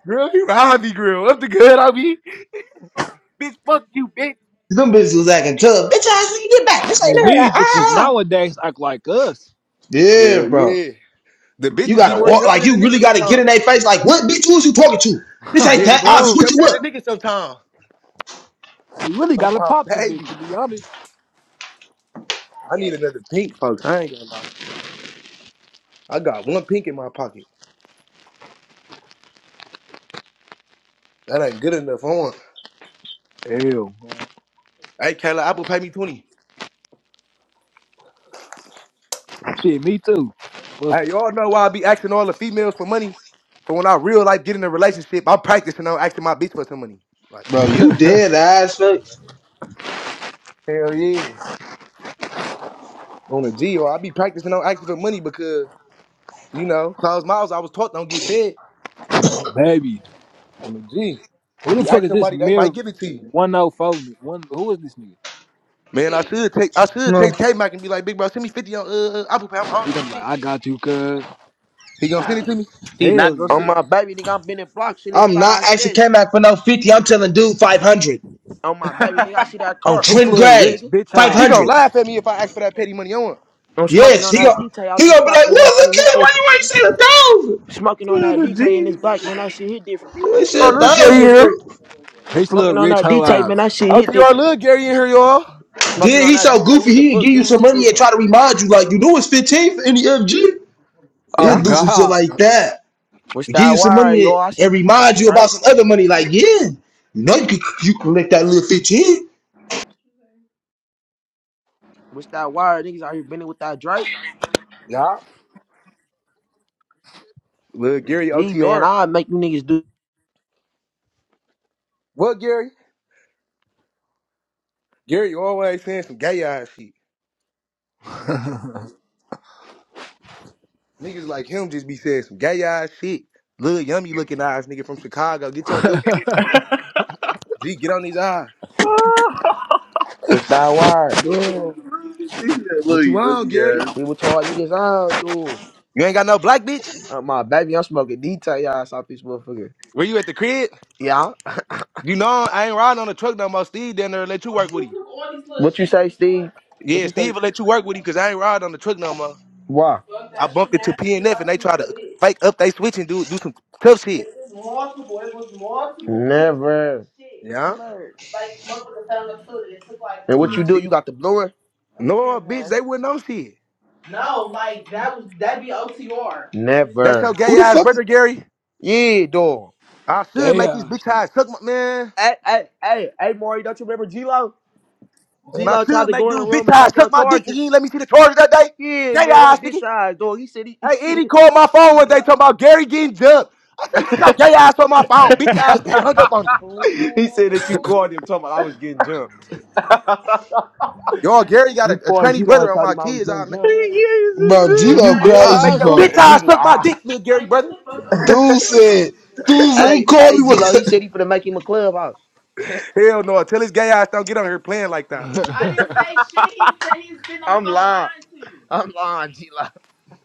Speaker 13: Girl, he robbed me, girl. What's the good I mean? Bitch, fuck you, bitch.
Speaker 12: them bitches was acting tough. Bitch, I see you get back. This ain't
Speaker 3: And
Speaker 12: her.
Speaker 3: these
Speaker 12: Ah,
Speaker 3: bitches
Speaker 12: ah.
Speaker 3: nowadays act like us.
Speaker 12: yeah,
Speaker 13: Hell
Speaker 12: bro.
Speaker 13: yeah. The
Speaker 12: You
Speaker 13: bitches be
Speaker 12: gotta
Speaker 13: more
Speaker 12: walk
Speaker 13: tougher
Speaker 12: like
Speaker 13: than the
Speaker 12: you really
Speaker 13: niggas
Speaker 12: gotta get
Speaker 13: sometimes.
Speaker 12: in their face. Like what, bitch? Who is you talking to?
Speaker 3: *laughs*
Speaker 12: This ain't
Speaker 3: Oh,
Speaker 13: Yeah, the
Speaker 12: that.
Speaker 13: bitch
Speaker 12: I'll
Speaker 13: be
Speaker 3: Bro,
Speaker 12: switch
Speaker 13: tougher
Speaker 12: you
Speaker 13: than the
Speaker 12: up,
Speaker 13: niggas sometimes.
Speaker 3: you really
Speaker 13: Oh
Speaker 3: gotta
Speaker 13: my
Speaker 3: pop the bitch,
Speaker 13: baby.
Speaker 3: to be honest.
Speaker 13: I need another pink, folks. I ain't gonna lie. I got one pink in my pocket. That ain't good enough. I want.
Speaker 3: Hell, man.
Speaker 13: Hey, Kayla, Apple pay me 20.
Speaker 3: Shit, me too. Fuck
Speaker 13: Hey, y'all know why I be asking all the females for money. But when I real life get in a relationship, I'm practicing on asking my bitch for some money. Like,
Speaker 12: bro. You
Speaker 3: it.
Speaker 12: dead ass fuck.
Speaker 13: hell yeah. On a G, or I be practicing on asking for money because, you know, closed mouths, I was taught don't get fed.
Speaker 3: *laughs* Come on, baby.
Speaker 13: On a G.
Speaker 3: Who the
Speaker 13: You
Speaker 3: fuck
Speaker 13: ask
Speaker 3: is this
Speaker 13: somebody, they might
Speaker 3: mirror
Speaker 13: give it to you.
Speaker 3: 104? One, who is this nigga?
Speaker 13: Man, I should take I should
Speaker 12: No.
Speaker 13: text K Mac and be like, big bro, send me 50 on uh, uh, Apple Pay. I'm
Speaker 3: He
Speaker 13: hungry as
Speaker 3: gonna
Speaker 13: a
Speaker 3: be like,
Speaker 13: bitch.
Speaker 3: I got you, cuz.
Speaker 13: He gonna send it to me?
Speaker 15: he
Speaker 3: Hell
Speaker 15: not gonna
Speaker 5: On
Speaker 15: sit.
Speaker 3: yeah.
Speaker 5: my baby, nigga, I've been in blocks in this
Speaker 12: I'm
Speaker 5: fat
Speaker 12: not
Speaker 5: ass
Speaker 12: asking
Speaker 5: ass.
Speaker 12: K-Mac for no 50. I'm telling dude 500
Speaker 5: On my baby, nigga, I see that
Speaker 12: on
Speaker 5: car. I'ma
Speaker 3: His
Speaker 12: Trent
Speaker 5: flip
Speaker 3: little
Speaker 5: it,
Speaker 3: rich
Speaker 12: Gray.
Speaker 5: nigga.
Speaker 3: bitch
Speaker 13: He
Speaker 3: eyes.
Speaker 13: gonna
Speaker 12: 500.
Speaker 13: laugh at me if I ask for that petty money on him.
Speaker 5: I'm smoking
Speaker 12: Yes,
Speaker 5: on
Speaker 12: he
Speaker 5: that
Speaker 12: gon'
Speaker 5: detail out
Speaker 12: he
Speaker 5: this
Speaker 12: gonna be
Speaker 5: black
Speaker 12: like,
Speaker 5: man. That
Speaker 12: what
Speaker 5: shit
Speaker 12: look
Speaker 5: hit
Speaker 12: at why
Speaker 5: different,
Speaker 12: you ain't
Speaker 5: nigga.
Speaker 12: said a thousand?
Speaker 5: Smoking on
Speaker 15: Son
Speaker 5: that
Speaker 15: of
Speaker 5: detail in this
Speaker 15: G.
Speaker 5: black man. That shit hit different.
Speaker 12: You ain't say a
Speaker 13: Our little Gary
Speaker 12: thousand for
Speaker 13: here.
Speaker 3: His little
Speaker 5: Smoking on
Speaker 3: rich
Speaker 5: that
Speaker 3: hoe
Speaker 5: detail, man.
Speaker 3: eyes.
Speaker 5: That shit hit
Speaker 13: OTR
Speaker 5: different.
Speaker 13: little Gary in here, y'all.
Speaker 5: Smoking
Speaker 12: then
Speaker 5: on
Speaker 12: he
Speaker 5: that
Speaker 12: so
Speaker 5: detail.
Speaker 12: goofy
Speaker 5: What the
Speaker 12: he'd give
Speaker 5: fuck,
Speaker 12: you
Speaker 5: dude?
Speaker 12: some
Speaker 5: Hit
Speaker 12: money and
Speaker 5: different.
Speaker 12: try to remind you like you knew it's 15 for any FG.
Speaker 5: Yeah.
Speaker 12: He'll
Speaker 3: On
Speaker 12: do some shit
Speaker 3: God.
Speaker 12: like that.
Speaker 5: What's
Speaker 12: He'll give
Speaker 5: that
Speaker 12: you some
Speaker 5: wire,
Speaker 12: money and,
Speaker 5: yo? I see niggas
Speaker 12: remind
Speaker 5: got
Speaker 12: you about
Speaker 5: Drake.
Speaker 12: some other money, like, yeah, you know you could you collect that little 15.
Speaker 5: What's that wire? Niggas out here bending with that Drake.
Speaker 13: Yeah. Little Gary
Speaker 5: Gee, man,
Speaker 13: OTR.
Speaker 5: I make you niggas do.
Speaker 13: What Gary? Gary always saying some gay ass shit. Niggas like him just be saying some gay ass shit. Little yummy looking eyes, nigga from Chicago. Get your
Speaker 3: *laughs*
Speaker 13: look. G, get on these eyes.
Speaker 15: *laughs*
Speaker 5: What's that wire?
Speaker 3: yeah.
Speaker 15: That Little
Speaker 13: What you on, Gary?
Speaker 15: yogi ass.
Speaker 5: He with y'all niggas I do.
Speaker 13: You ain't got no black bitch?
Speaker 5: Uh, my baby, I'm smoking detail y'all South this motherfucker.
Speaker 13: Were you at the crib?
Speaker 5: Yeah.
Speaker 13: You know I ain't riding on the truck no more. Steve down there let you work with him.
Speaker 5: What you say, Steve? What
Speaker 13: Yeah,
Speaker 5: you say?
Speaker 13: Steve will let you work with him because I ain't riding on the truck no more.
Speaker 5: Why?
Speaker 13: I bumped into PNF and they try to fake up they switch and do do some tough shit.
Speaker 5: Never.
Speaker 13: Yeah.
Speaker 5: And what you do? You
Speaker 13: Legit.
Speaker 5: got the blue
Speaker 13: No, bitch,
Speaker 5: one?
Speaker 13: they wouldn't know shit.
Speaker 5: No, like that was that'd be OTR.
Speaker 13: That's your
Speaker 5: Never.
Speaker 12: Who
Speaker 13: gay
Speaker 12: the
Speaker 13: ass
Speaker 12: fuck
Speaker 13: brother, Gary.
Speaker 5: Yeah, dog.
Speaker 13: I should
Speaker 3: Gay
Speaker 13: make these
Speaker 3: eyes,
Speaker 13: bitch
Speaker 3: nigga.
Speaker 13: eyes suck my man.
Speaker 5: Hey, hey, hey, hey, Maury, don't you remember G-Lo?
Speaker 13: And I
Speaker 5: G-Lo tried
Speaker 13: should
Speaker 5: to
Speaker 13: make
Speaker 5: go in the
Speaker 13: dude
Speaker 5: room
Speaker 13: bitch
Speaker 5: and take
Speaker 13: eyes
Speaker 5: your
Speaker 13: suck my dick. Nigga,
Speaker 5: charger.
Speaker 13: you ain't let me see the charges that day.
Speaker 5: Yeah,
Speaker 13: Gay
Speaker 5: man, your
Speaker 13: ass nigga.
Speaker 5: bitch eyes, dog. He said he, *laughs* he
Speaker 13: Hey, Eddie called my phone one day talking about Gary getting jumped. I said, get your gay ass on my phone. Bitch ass nigga hung up on him.
Speaker 5: said he said that you called him talking about I was getting jumped.
Speaker 15: *laughs*
Speaker 13: Y'all, Gary got a,
Speaker 5: You
Speaker 13: a
Speaker 5: called
Speaker 13: trainee
Speaker 5: G-Lo and
Speaker 13: brother on
Speaker 5: told
Speaker 13: my
Speaker 5: him I was
Speaker 13: kids. I
Speaker 5: getting
Speaker 13: make
Speaker 5: jumped.
Speaker 13: man.
Speaker 5: Get
Speaker 12: bro
Speaker 5: the fuck?
Speaker 12: G
Speaker 3: Hey,
Speaker 15: He
Speaker 12: Lo
Speaker 3: You dead
Speaker 5: out
Speaker 13: I make
Speaker 12: crazy
Speaker 3: eyes
Speaker 13: your
Speaker 5: of my
Speaker 3: too?
Speaker 13: bitch
Speaker 5: house. *laughs*
Speaker 12: folks.
Speaker 5: he
Speaker 13: ass suck my
Speaker 5: lied.
Speaker 13: dick, little Gary
Speaker 5: Like get
Speaker 13: brother.
Speaker 5: the fuck? on.
Speaker 12: Dude said Dude,
Speaker 13: *laughs*
Speaker 12: said he
Speaker 5: Hey,
Speaker 12: called
Speaker 5: hey,
Speaker 12: me. when
Speaker 5: G-Lo, he said he finna make him a clubhouse. *laughs*
Speaker 13: Hell no. Tell his gay ass don't get on here playing like that.
Speaker 3: *laughs*
Speaker 5: I didn't say shit. He said he's been on the I'm phone lying. lying to you. I'm lying, G Live.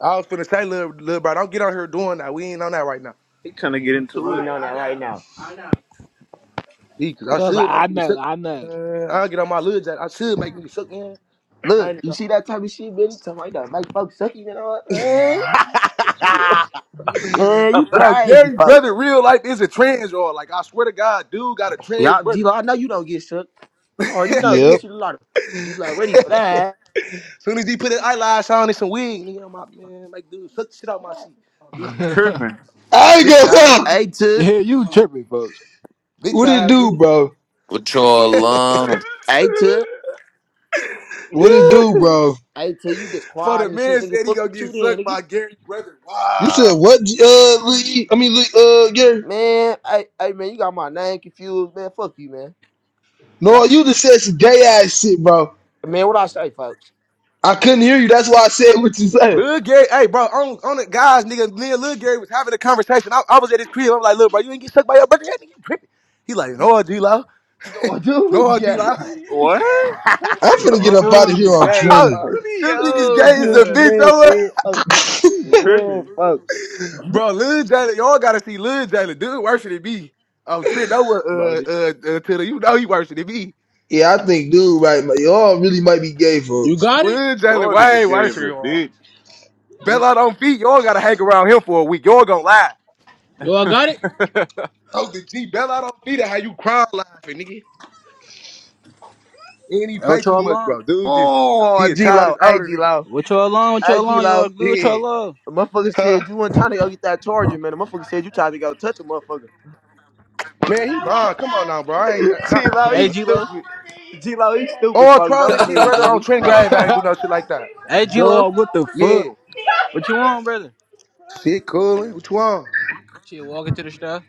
Speaker 13: I was finna say, little, little bro, don't get on here doing that. We ain't on that right now.
Speaker 15: trying to
Speaker 5: Yeah, he
Speaker 15: get
Speaker 5: said he
Speaker 15: into it.
Speaker 5: Right, on that I right know. now. I know.
Speaker 13: See, 'cause I
Speaker 3: Cause I was like, *laughs*
Speaker 13: should
Speaker 3: I
Speaker 13: make niggas
Speaker 3: know,
Speaker 13: suck.
Speaker 3: I know.
Speaker 13: Man, I'll get on my little jack. I should make niggas suck, man. I
Speaker 5: Look,
Speaker 13: ain't
Speaker 5: you see that type of shit, man? He talking like that Mike folks sucky and all that.
Speaker 15: *laughs*
Speaker 5: Man,
Speaker 13: even-
Speaker 5: man you
Speaker 13: *laughs*
Speaker 15: I'm
Speaker 13: Bro,
Speaker 5: crazy
Speaker 13: Gary
Speaker 5: folks.
Speaker 13: brother, real life is a trans or like I swear to God, dude got a trans
Speaker 5: Y'all, G Live,
Speaker 13: brother.
Speaker 5: I know you don't get shook. I already know. Let
Speaker 13: *laughs*
Speaker 5: me
Speaker 12: Yep.
Speaker 5: see the lottery. G Live ready for that.
Speaker 13: Soon as he put his eyelash on and some wig, nigga, I'm out, man, like dude, suck the shit out my shit.
Speaker 3: *laughs*
Speaker 15: tripping.
Speaker 12: I ain't gonna
Speaker 13: Bitch ass
Speaker 12: huh?
Speaker 13: nigga.
Speaker 5: Hey, to,
Speaker 3: yeah, you tripping, folks.
Speaker 13: Bitch
Speaker 12: What it
Speaker 13: ass
Speaker 12: do, bro?
Speaker 2: With your
Speaker 13: nigga.
Speaker 2: alum.
Speaker 5: hey,
Speaker 13: *laughs*
Speaker 5: to,
Speaker 13: *laughs*
Speaker 12: What it do, bro?
Speaker 5: hey, to, you just
Speaker 13: For the
Speaker 5: quiet and shit,
Speaker 13: man
Speaker 5: nigga.
Speaker 13: said he
Speaker 5: Fuck
Speaker 13: gonna
Speaker 5: you
Speaker 13: get
Speaker 5: too, then,
Speaker 13: sucked
Speaker 5: nigga.
Speaker 13: by Gary brother.
Speaker 12: You said
Speaker 13: Wow.
Speaker 12: what? Uh, Lee- I mean, Lee- uh, yeah.
Speaker 5: Man, hey, hey, man, you got my name confused, man. Fuck you, man. Yeah,
Speaker 12: No, you just said some gay ass shit, bro.
Speaker 5: man, what I say, folks?
Speaker 12: I couldn't hear you. That's why I said what you said.
Speaker 13: Lil Gary, hey bro, on on the guys, nigga, me and Lil Gary was having a conversation. I, I was at his crib. I'm like, look, bro, you ain't get sucked by your brother. That nigga you tripping. He like, no, D Law.
Speaker 5: Oh, dude is
Speaker 13: No, D
Speaker 5: gay.
Speaker 13: Law.
Speaker 5: *laughs*
Speaker 15: What? *laughs* That's
Speaker 12: I'm
Speaker 15: you.
Speaker 12: finna
Speaker 5: Oh,
Speaker 12: get up out
Speaker 5: dude
Speaker 12: of
Speaker 15: are?
Speaker 12: here
Speaker 5: is
Speaker 12: on
Speaker 5: gay,
Speaker 13: *laughs*
Speaker 12: trending.
Speaker 5: folks.
Speaker 15: Really,
Speaker 13: Them niggas
Speaker 15: yo,
Speaker 5: Did
Speaker 13: gay
Speaker 15: *laughs*
Speaker 5: you
Speaker 13: is
Speaker 5: hear
Speaker 13: a
Speaker 5: what this
Speaker 15: cuz.
Speaker 13: bitch.
Speaker 5: man
Speaker 13: I'm like,
Speaker 5: said, folks? This
Speaker 15: You
Speaker 5: man,
Speaker 15: Tripping.
Speaker 5: folks.
Speaker 13: *laughs* bro, Lil Jalen, y'all gotta see Lil Jalen. Dude worse than me. I'm tripped over
Speaker 5: Bro,
Speaker 13: uh
Speaker 5: this-
Speaker 13: uh uh to the, you know he worse than me.
Speaker 12: Yeah, I think, dude, right? like, Y'all really might be gay,
Speaker 1: You
Speaker 12: folks.
Speaker 1: got it?
Speaker 13: Lil Jalen
Speaker 15: Y'all
Speaker 13: way
Speaker 15: niggas gay
Speaker 13: worse
Speaker 15: as
Speaker 13: than
Speaker 15: a
Speaker 13: y'all.
Speaker 15: bitch.
Speaker 13: Bell out on feet, y'all gotta hang around him for a week. Y'all gonna lie.
Speaker 1: Yo, I got it.
Speaker 15: *laughs* what
Speaker 13: Bro, the G Bell out on feet how you crying laughing, nigga. And he
Speaker 1: Hey,
Speaker 13: play
Speaker 1: What
Speaker 13: too
Speaker 1: y'all
Speaker 13: much,
Speaker 1: along?
Speaker 13: bro. Dude just he
Speaker 5: oh,
Speaker 13: a child
Speaker 5: G-Lo. Hey,
Speaker 13: older nigga.
Speaker 5: G-Lo.
Speaker 1: What y'all along? What
Speaker 5: Hey,
Speaker 1: y'all along? Y'all
Speaker 5: G-Lo.
Speaker 1: good? What y'all
Speaker 13: Yeah.
Speaker 1: along?
Speaker 5: The motherfucker
Speaker 13: Huh?
Speaker 5: said you weren't trying to go get that charger, man. The motherfucker said you tried to go touch a motherfucker. When
Speaker 13: Man, he
Speaker 5: I
Speaker 13: lying.
Speaker 5: woke
Speaker 13: Come on
Speaker 5: up,
Speaker 13: now, bro. I ain't uh,
Speaker 5: *laughs*
Speaker 13: not
Speaker 5: G-Lo,
Speaker 3: *laughs*
Speaker 1: Hey,
Speaker 5: he's
Speaker 1: G Lo.
Speaker 5: stupid. G-Lo, he's stupid,
Speaker 13: all
Speaker 5: folks.
Speaker 13: trial
Speaker 5: Don't
Speaker 13: and shit,
Speaker 5: believe,
Speaker 13: brother
Speaker 2: *laughs*
Speaker 5: dude.
Speaker 13: on
Speaker 5: He's slow.
Speaker 13: Trent
Speaker 5: When I woke
Speaker 13: Grave. I ain't do no shit
Speaker 5: up,
Speaker 13: like
Speaker 5: he
Speaker 13: that.
Speaker 5: was
Speaker 1: Hey, G Lo.
Speaker 3: Dog, what the
Speaker 5: standing over me.
Speaker 3: fuck?
Speaker 13: Yeah.
Speaker 1: What you want, brother?
Speaker 13: Shit
Speaker 5: *laughs*
Speaker 13: coolin'. What you on?
Speaker 1: Shit, walking to the stuff.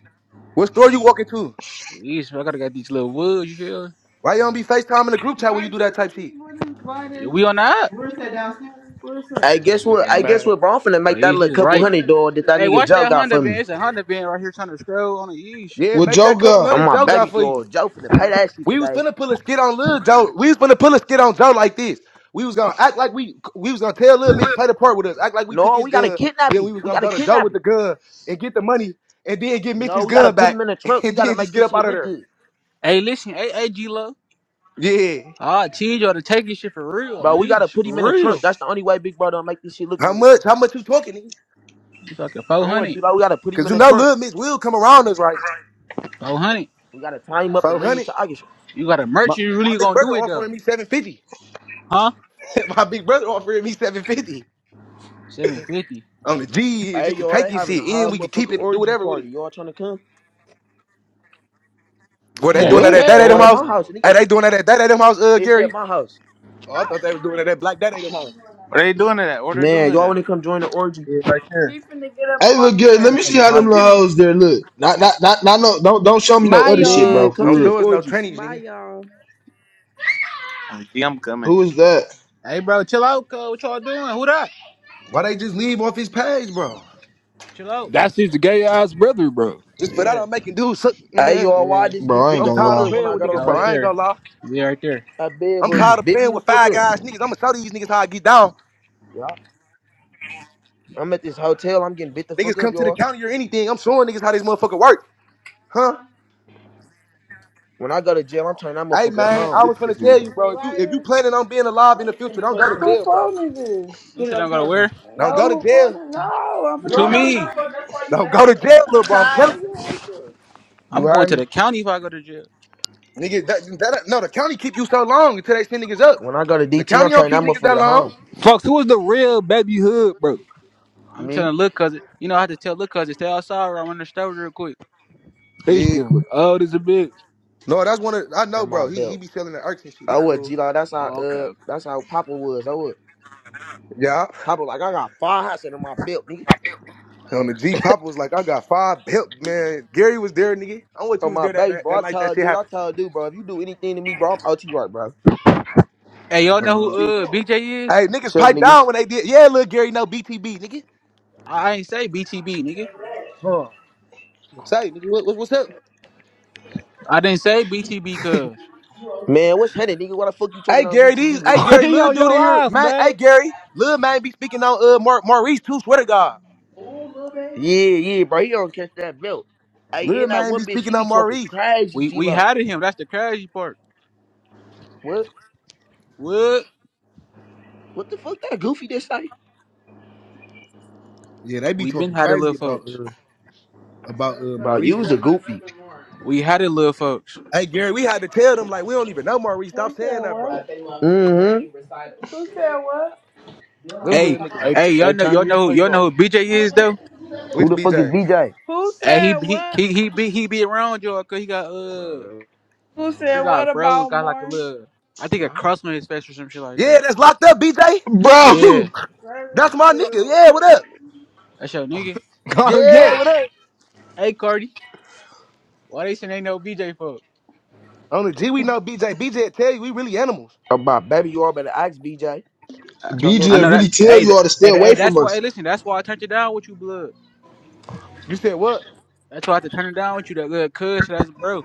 Speaker 13: What store you walking to?
Speaker 1: Jeez, I gotta got these little woods. You feel? me?
Speaker 13: Why you don't be FaceTime in the group chat when
Speaker 5: Mark,
Speaker 13: you do that type shit?
Speaker 5: would invite her.
Speaker 1: Yeah, we on the app.
Speaker 5: Where's that downstairs? Where's that? Hey, guess what?
Speaker 13: Man,
Speaker 5: I guess
Speaker 13: man.
Speaker 5: what, bro? I'm finna
Speaker 1: Oh,
Speaker 5: make that
Speaker 1: this
Speaker 5: little
Speaker 1: is
Speaker 5: couple
Speaker 1: right.
Speaker 5: hundred dog that that
Speaker 1: Hey,
Speaker 5: nigga
Speaker 1: watch
Speaker 5: Joe
Speaker 1: that
Speaker 5: got
Speaker 1: Honda
Speaker 5: for
Speaker 1: van.
Speaker 5: me.
Speaker 1: It's a Honda van right here trying to scroll on the yeesh.
Speaker 13: Yeah,
Speaker 12: What
Speaker 13: make that
Speaker 12: joke
Speaker 13: couple
Speaker 12: got?
Speaker 5: I'm
Speaker 13: hundred
Speaker 5: my
Speaker 13: Joe got
Speaker 5: baby
Speaker 13: for you.
Speaker 5: dog. Joe finna pay that shit
Speaker 13: We was
Speaker 5: today.
Speaker 13: finna pull a skit on Lil Joe. We was finna pull a skit on Joe like this. We was gonna act like we we was gonna tell Lil Mitch play the part with us, act like we took
Speaker 5: No,
Speaker 13: his
Speaker 5: we gotta
Speaker 13: gun.
Speaker 5: kidnap
Speaker 13: Then we
Speaker 5: him.
Speaker 13: was
Speaker 5: We
Speaker 13: gonna
Speaker 5: gotta
Speaker 13: go to Joe
Speaker 5: kidnap
Speaker 13: with the
Speaker 5: him.
Speaker 13: gun and get the money, and then get
Speaker 5: No,
Speaker 13: Mitch's
Speaker 5: we gotta
Speaker 1: Yeah.
Speaker 13: gun
Speaker 5: put him
Speaker 13: back,
Speaker 5: in the
Speaker 13: *laughs*
Speaker 5: trunk. We
Speaker 13: and
Speaker 5: gotta
Speaker 13: then
Speaker 5: make
Speaker 13: just get
Speaker 5: this
Speaker 13: up
Speaker 5: shit
Speaker 13: out of
Speaker 5: look
Speaker 13: there.
Speaker 5: good.
Speaker 1: Hey, listen, hey, hey, G Lo.
Speaker 13: Yeah.
Speaker 1: I teach y'all to take this shit for real, the
Speaker 5: Bro, we gotta
Speaker 1: yeesh,
Speaker 5: put him in
Speaker 1: for
Speaker 5: the trunk.
Speaker 1: real.
Speaker 5: That's the only way Big Brother will make this shit look
Speaker 13: How
Speaker 5: real.
Speaker 13: much? How much you talking? nigga?
Speaker 1: You talking
Speaker 5: I
Speaker 1: four
Speaker 5: don't wanna do
Speaker 1: hundred,
Speaker 5: that. We gotta put him
Speaker 13: Cause
Speaker 5: in
Speaker 13: you
Speaker 5: the
Speaker 13: know
Speaker 5: trunk.
Speaker 13: Lil Mitch will come around us, right?
Speaker 1: 400.
Speaker 5: We gotta tie him up and
Speaker 13: Four
Speaker 5: bring him
Speaker 13: hundred.
Speaker 5: to August.
Speaker 1: You got a
Speaker 13: My,
Speaker 1: merch, you
Speaker 13: my
Speaker 1: really
Speaker 13: big
Speaker 1: gonna
Speaker 13: brother
Speaker 1: do it though.
Speaker 13: offering me seven fifty.
Speaker 1: Huh?
Speaker 13: *laughs* my big brother offering me seven fifty
Speaker 1: 750.
Speaker 13: on the G
Speaker 5: Hey,
Speaker 13: just to
Speaker 5: y'all,
Speaker 13: take
Speaker 5: they
Speaker 13: his
Speaker 5: having
Speaker 13: shit
Speaker 5: a
Speaker 13: in.
Speaker 5: whole
Speaker 13: We could keep
Speaker 5: motherfucking
Speaker 13: it, do
Speaker 5: orgy
Speaker 13: whatever with it.
Speaker 5: party. Y'all trying to come?
Speaker 13: Were they doing
Speaker 3: Man,
Speaker 13: that
Speaker 12: What?
Speaker 13: at that
Speaker 5: No,
Speaker 13: Adam
Speaker 3: hell
Speaker 5: at
Speaker 13: house?
Speaker 5: my house,
Speaker 3: no.
Speaker 5: nigga.
Speaker 13: Are they doing that at that Adam house, uh,
Speaker 5: It's at
Speaker 13: Gary?
Speaker 5: my house.
Speaker 13: Oh, I
Speaker 5: Stop
Speaker 13: thought they was doing it
Speaker 5: lying.
Speaker 13: at Black Dad Adam
Speaker 5: Stop doing
Speaker 13: house.
Speaker 5: that.
Speaker 15: are they
Speaker 5: shit.
Speaker 15: doing to that? What are they doing
Speaker 5: Man,
Speaker 15: to
Speaker 5: y'all
Speaker 15: that?
Speaker 5: wanna come join the orgy?
Speaker 1: Yeah, right
Speaker 5: He
Speaker 1: there.
Speaker 5: finna get up
Speaker 12: Hey,
Speaker 5: off
Speaker 12: look good.
Speaker 15: trying
Speaker 12: Let
Speaker 5: here.
Speaker 15: to
Speaker 12: me
Speaker 15: come
Speaker 12: see
Speaker 15: eat
Speaker 12: how
Speaker 5: Let
Speaker 15: my
Speaker 12: them
Speaker 5: me
Speaker 12: little
Speaker 15: dick.
Speaker 5: see.
Speaker 15: soon.
Speaker 12: hoes there look. Not, not, not, not. No, don't, don't show me no
Speaker 5: Bye
Speaker 12: other
Speaker 5: y'all.
Speaker 12: shit,
Speaker 5: Man,
Speaker 12: bro. For
Speaker 5: come
Speaker 13: Don't
Speaker 5: to this
Speaker 12: real.
Speaker 13: show us no
Speaker 5: orgy.
Speaker 13: trannies,
Speaker 5: Bye
Speaker 13: nigga.
Speaker 5: y'all.
Speaker 15: Uh, yeah, I'm coming.
Speaker 12: Who is that,
Speaker 1: Hey, bro, chill out, cuz. What y'all doing? Who that?
Speaker 13: Why they just leave off his page, bro?
Speaker 1: Chill out.
Speaker 3: That's his gay ass brother, bro.
Speaker 13: Just put out
Speaker 1: Yeah,
Speaker 13: on making dudes suck,
Speaker 5: Hey
Speaker 13: man.
Speaker 5: y'all, why I
Speaker 1: yeah.
Speaker 5: just
Speaker 12: bro?
Speaker 5: get
Speaker 12: I
Speaker 5: bit
Speaker 12: ain't
Speaker 13: I'm
Speaker 5: the
Speaker 12: gonna
Speaker 13: tired
Speaker 5: fuck
Speaker 13: of
Speaker 12: lie,
Speaker 5: up when
Speaker 13: playing
Speaker 5: I
Speaker 13: with
Speaker 5: got
Speaker 13: niggas,
Speaker 5: off
Speaker 1: Y'all
Speaker 13: bro.
Speaker 1: right
Speaker 5: here?
Speaker 13: I ain't
Speaker 1: there.
Speaker 13: gonna lie.
Speaker 1: Yeah, right there.
Speaker 5: I bed
Speaker 13: I'm
Speaker 5: but
Speaker 13: tired
Speaker 5: just
Speaker 13: of
Speaker 5: bit me
Speaker 13: playing
Speaker 5: the
Speaker 13: with
Speaker 5: fuck
Speaker 13: five
Speaker 5: up.
Speaker 13: guys, niggas. I'ma show these niggas how I get down.
Speaker 5: Yeah. I'm at this hotel, I'm getting bit the
Speaker 13: Niggas
Speaker 5: fuck up,
Speaker 13: come to the
Speaker 5: y'all.
Speaker 13: county or anything. I'm showing niggas how this motherfucker work, huh?
Speaker 5: When I go to jail, I'm turning that
Speaker 13: Hey
Speaker 5: motherfucker
Speaker 13: man,
Speaker 5: home.
Speaker 13: I
Speaker 15: They
Speaker 13: was gonna
Speaker 15: tripping.
Speaker 13: tell you,
Speaker 5: The
Speaker 13: bro. If you if you
Speaker 5: lighters.
Speaker 13: planning on being alive
Speaker 5: Why
Speaker 13: in the
Speaker 5: you send
Speaker 13: future,
Speaker 5: me
Speaker 13: don't go
Speaker 5: questions?
Speaker 13: to
Speaker 5: Who
Speaker 13: jail, bro.
Speaker 5: phone is this?
Speaker 1: You
Speaker 5: Put it
Speaker 1: said
Speaker 5: on
Speaker 1: I'm gonna
Speaker 5: charger.
Speaker 1: where?
Speaker 13: Don't
Speaker 5: No,
Speaker 13: go to
Speaker 5: who phone
Speaker 13: jail.
Speaker 5: is No, I'm finna Girl, put
Speaker 1: What
Speaker 5: no,
Speaker 1: you
Speaker 5: on.
Speaker 1: mean?
Speaker 5: no, fuck. That's why you
Speaker 13: Don't go to
Speaker 5: bad. girl.
Speaker 13: jail,
Speaker 5: *laughs*
Speaker 13: little bro. I'm
Speaker 5: I
Speaker 13: telling you.
Speaker 5: ain't going to. You
Speaker 1: I'm going
Speaker 5: heard
Speaker 1: to
Speaker 5: me?
Speaker 1: the county if I go to jail.
Speaker 13: Nigga, that, that no, the county keep you so long until they send niggas up.
Speaker 5: When I go to
Speaker 13: The
Speaker 5: DT,
Speaker 13: county
Speaker 5: I'm
Speaker 13: don't
Speaker 5: trading
Speaker 13: keep
Speaker 5: that
Speaker 13: niggas
Speaker 5: motherfucker
Speaker 13: that
Speaker 5: to
Speaker 13: long.
Speaker 5: home.
Speaker 3: Fuck, who was the real baby hood, bro?
Speaker 1: I'm
Speaker 5: Me
Speaker 1: telling look, cousin. you know, I have to tell look, cousin, stay outside or I'm in the store real quick.
Speaker 3: These
Speaker 13: Yeah.
Speaker 3: niggas look old as a bitch.
Speaker 13: No, that's one of I know,
Speaker 5: on my
Speaker 13: bro. He he
Speaker 5: belt.
Speaker 13: be selling the irks and shit.
Speaker 5: I
Speaker 13: He
Speaker 5: would G
Speaker 13: cool.
Speaker 5: Law. That's how
Speaker 3: Oh,
Speaker 5: uh
Speaker 3: okay.
Speaker 5: that's how Papa was. I would
Speaker 13: Yeah.
Speaker 5: Papa like I got five hats under my belt, nigga.
Speaker 13: On the G, Papa was like, I got five help, man. Gary was there, nigga. I want you
Speaker 5: On
Speaker 13: was
Speaker 5: my
Speaker 13: there that,
Speaker 5: baby,
Speaker 13: that,
Speaker 5: bro.
Speaker 13: that
Speaker 5: I
Speaker 13: night that
Speaker 5: told
Speaker 13: shit
Speaker 5: dude, I
Speaker 13: happened.
Speaker 5: told dude, bro, if you do anything to me, bro, I'm out to you right, bro.
Speaker 1: Hey, y'all
Speaker 13: On
Speaker 1: know
Speaker 13: the
Speaker 1: who
Speaker 3: okay.
Speaker 13: G.
Speaker 1: uh
Speaker 5: Who?
Speaker 1: BJ is?
Speaker 13: Hey, niggas
Speaker 5: Shut up,
Speaker 13: piped
Speaker 5: nigga.
Speaker 13: down when they did. Yeah, little Gary, no BTB, nigga.
Speaker 1: I I ain't say BTB, nigga.
Speaker 13: Huh. Say, nigga, what, what, what's up?
Speaker 1: I didn't say BTB cuz
Speaker 5: Man, what's headed, nigga? Why the fuck you talking
Speaker 13: Hey
Speaker 5: on
Speaker 13: Gary, these
Speaker 5: BTV,
Speaker 13: hey
Speaker 5: nigga?
Speaker 3: Uh, *laughs*
Speaker 13: Gary,
Speaker 3: he
Speaker 13: little
Speaker 3: on
Speaker 13: dude in
Speaker 3: your
Speaker 13: here,
Speaker 3: ass,
Speaker 13: man.
Speaker 3: man.
Speaker 13: Hey Gary, little man be speaking on uh Mar- Maurice too. Swear to God,
Speaker 5: Oh, Lil Baby. Yeah, yeah, bro. He gonna catch that belt. I
Speaker 13: little
Speaker 5: and that
Speaker 13: man
Speaker 5: one
Speaker 13: be
Speaker 5: bitch, she
Speaker 13: speaking
Speaker 5: be
Speaker 13: on
Speaker 5: talking
Speaker 13: Maurice.
Speaker 5: crazy,
Speaker 1: we
Speaker 5: G
Speaker 1: we
Speaker 5: Lo.
Speaker 1: had him. That's the crazy part.
Speaker 5: What?
Speaker 1: What?
Speaker 5: What the fuck that goofy just say?
Speaker 13: Yeah, they be
Speaker 1: We been
Speaker 13: talking
Speaker 1: had
Speaker 13: crazy
Speaker 1: little
Speaker 13: about
Speaker 1: folks.
Speaker 13: uh about uh
Speaker 5: Bro,
Speaker 13: Maurice,
Speaker 5: you was a
Speaker 13: brother.
Speaker 5: goofy.
Speaker 1: We had little folks.
Speaker 13: Hey Gary, we had to tell them like we don't even know Maurice. Stop saying that, bro.
Speaker 5: What? Mm-hmm. Who said what?
Speaker 13: Them little
Speaker 1: Hey,
Speaker 13: niggas.
Speaker 19: I, t-
Speaker 1: hey,
Speaker 19: I
Speaker 1: y'all know
Speaker 19: turn
Speaker 1: y'all know
Speaker 19: replays
Speaker 1: y'all
Speaker 19: off.
Speaker 1: know who BJ is though.
Speaker 5: Who
Speaker 13: Which
Speaker 5: the fuck is
Speaker 13: BJ?
Speaker 5: BJ? Who
Speaker 1: Hey, he
Speaker 5: said
Speaker 1: he
Speaker 5: what?
Speaker 1: he he be he be around y'all cause he got
Speaker 5: Bro,
Speaker 1: uh
Speaker 5: that- Who
Speaker 1: he
Speaker 5: said what
Speaker 1: got fro
Speaker 5: about
Speaker 1: got like a
Speaker 5: more?
Speaker 1: little I think a
Speaker 5: Yeah.
Speaker 1: crust on his face or some shit like
Speaker 13: Yeah,
Speaker 1: that.
Speaker 13: that's locked up, BJ.
Speaker 12: bro. *laughs*
Speaker 1: Yeah,
Speaker 13: That's my nigga.
Speaker 5: Ravenfield
Speaker 13: Yeah,
Speaker 5: or
Speaker 13: what up?
Speaker 1: that's your nigga.
Speaker 3: Oh yeah,
Speaker 13: Yeah.
Speaker 3: what up?
Speaker 1: Hey, Cardi, why they saying ain't no BJ folks?
Speaker 13: On the G, we know BJ. BJ tell you we really animals.
Speaker 5: About baby, you all better ask BJ.
Speaker 19: Turn off
Speaker 1: I
Speaker 12: BJ
Speaker 1: know
Speaker 19: your
Speaker 1: that.
Speaker 12: really tell
Speaker 1: Hey,
Speaker 19: replays.
Speaker 12: you
Speaker 1: th-
Speaker 12: all to stay
Speaker 1: hey, th-
Speaker 12: away
Speaker 1: hey,
Speaker 12: from
Speaker 1: that's why.
Speaker 12: us.
Speaker 1: Hey, listen, that's why I turned it down with you, blood.
Speaker 13: You said what?
Speaker 1: That's why I had to turn it down with you, that little cuz. so That's bro.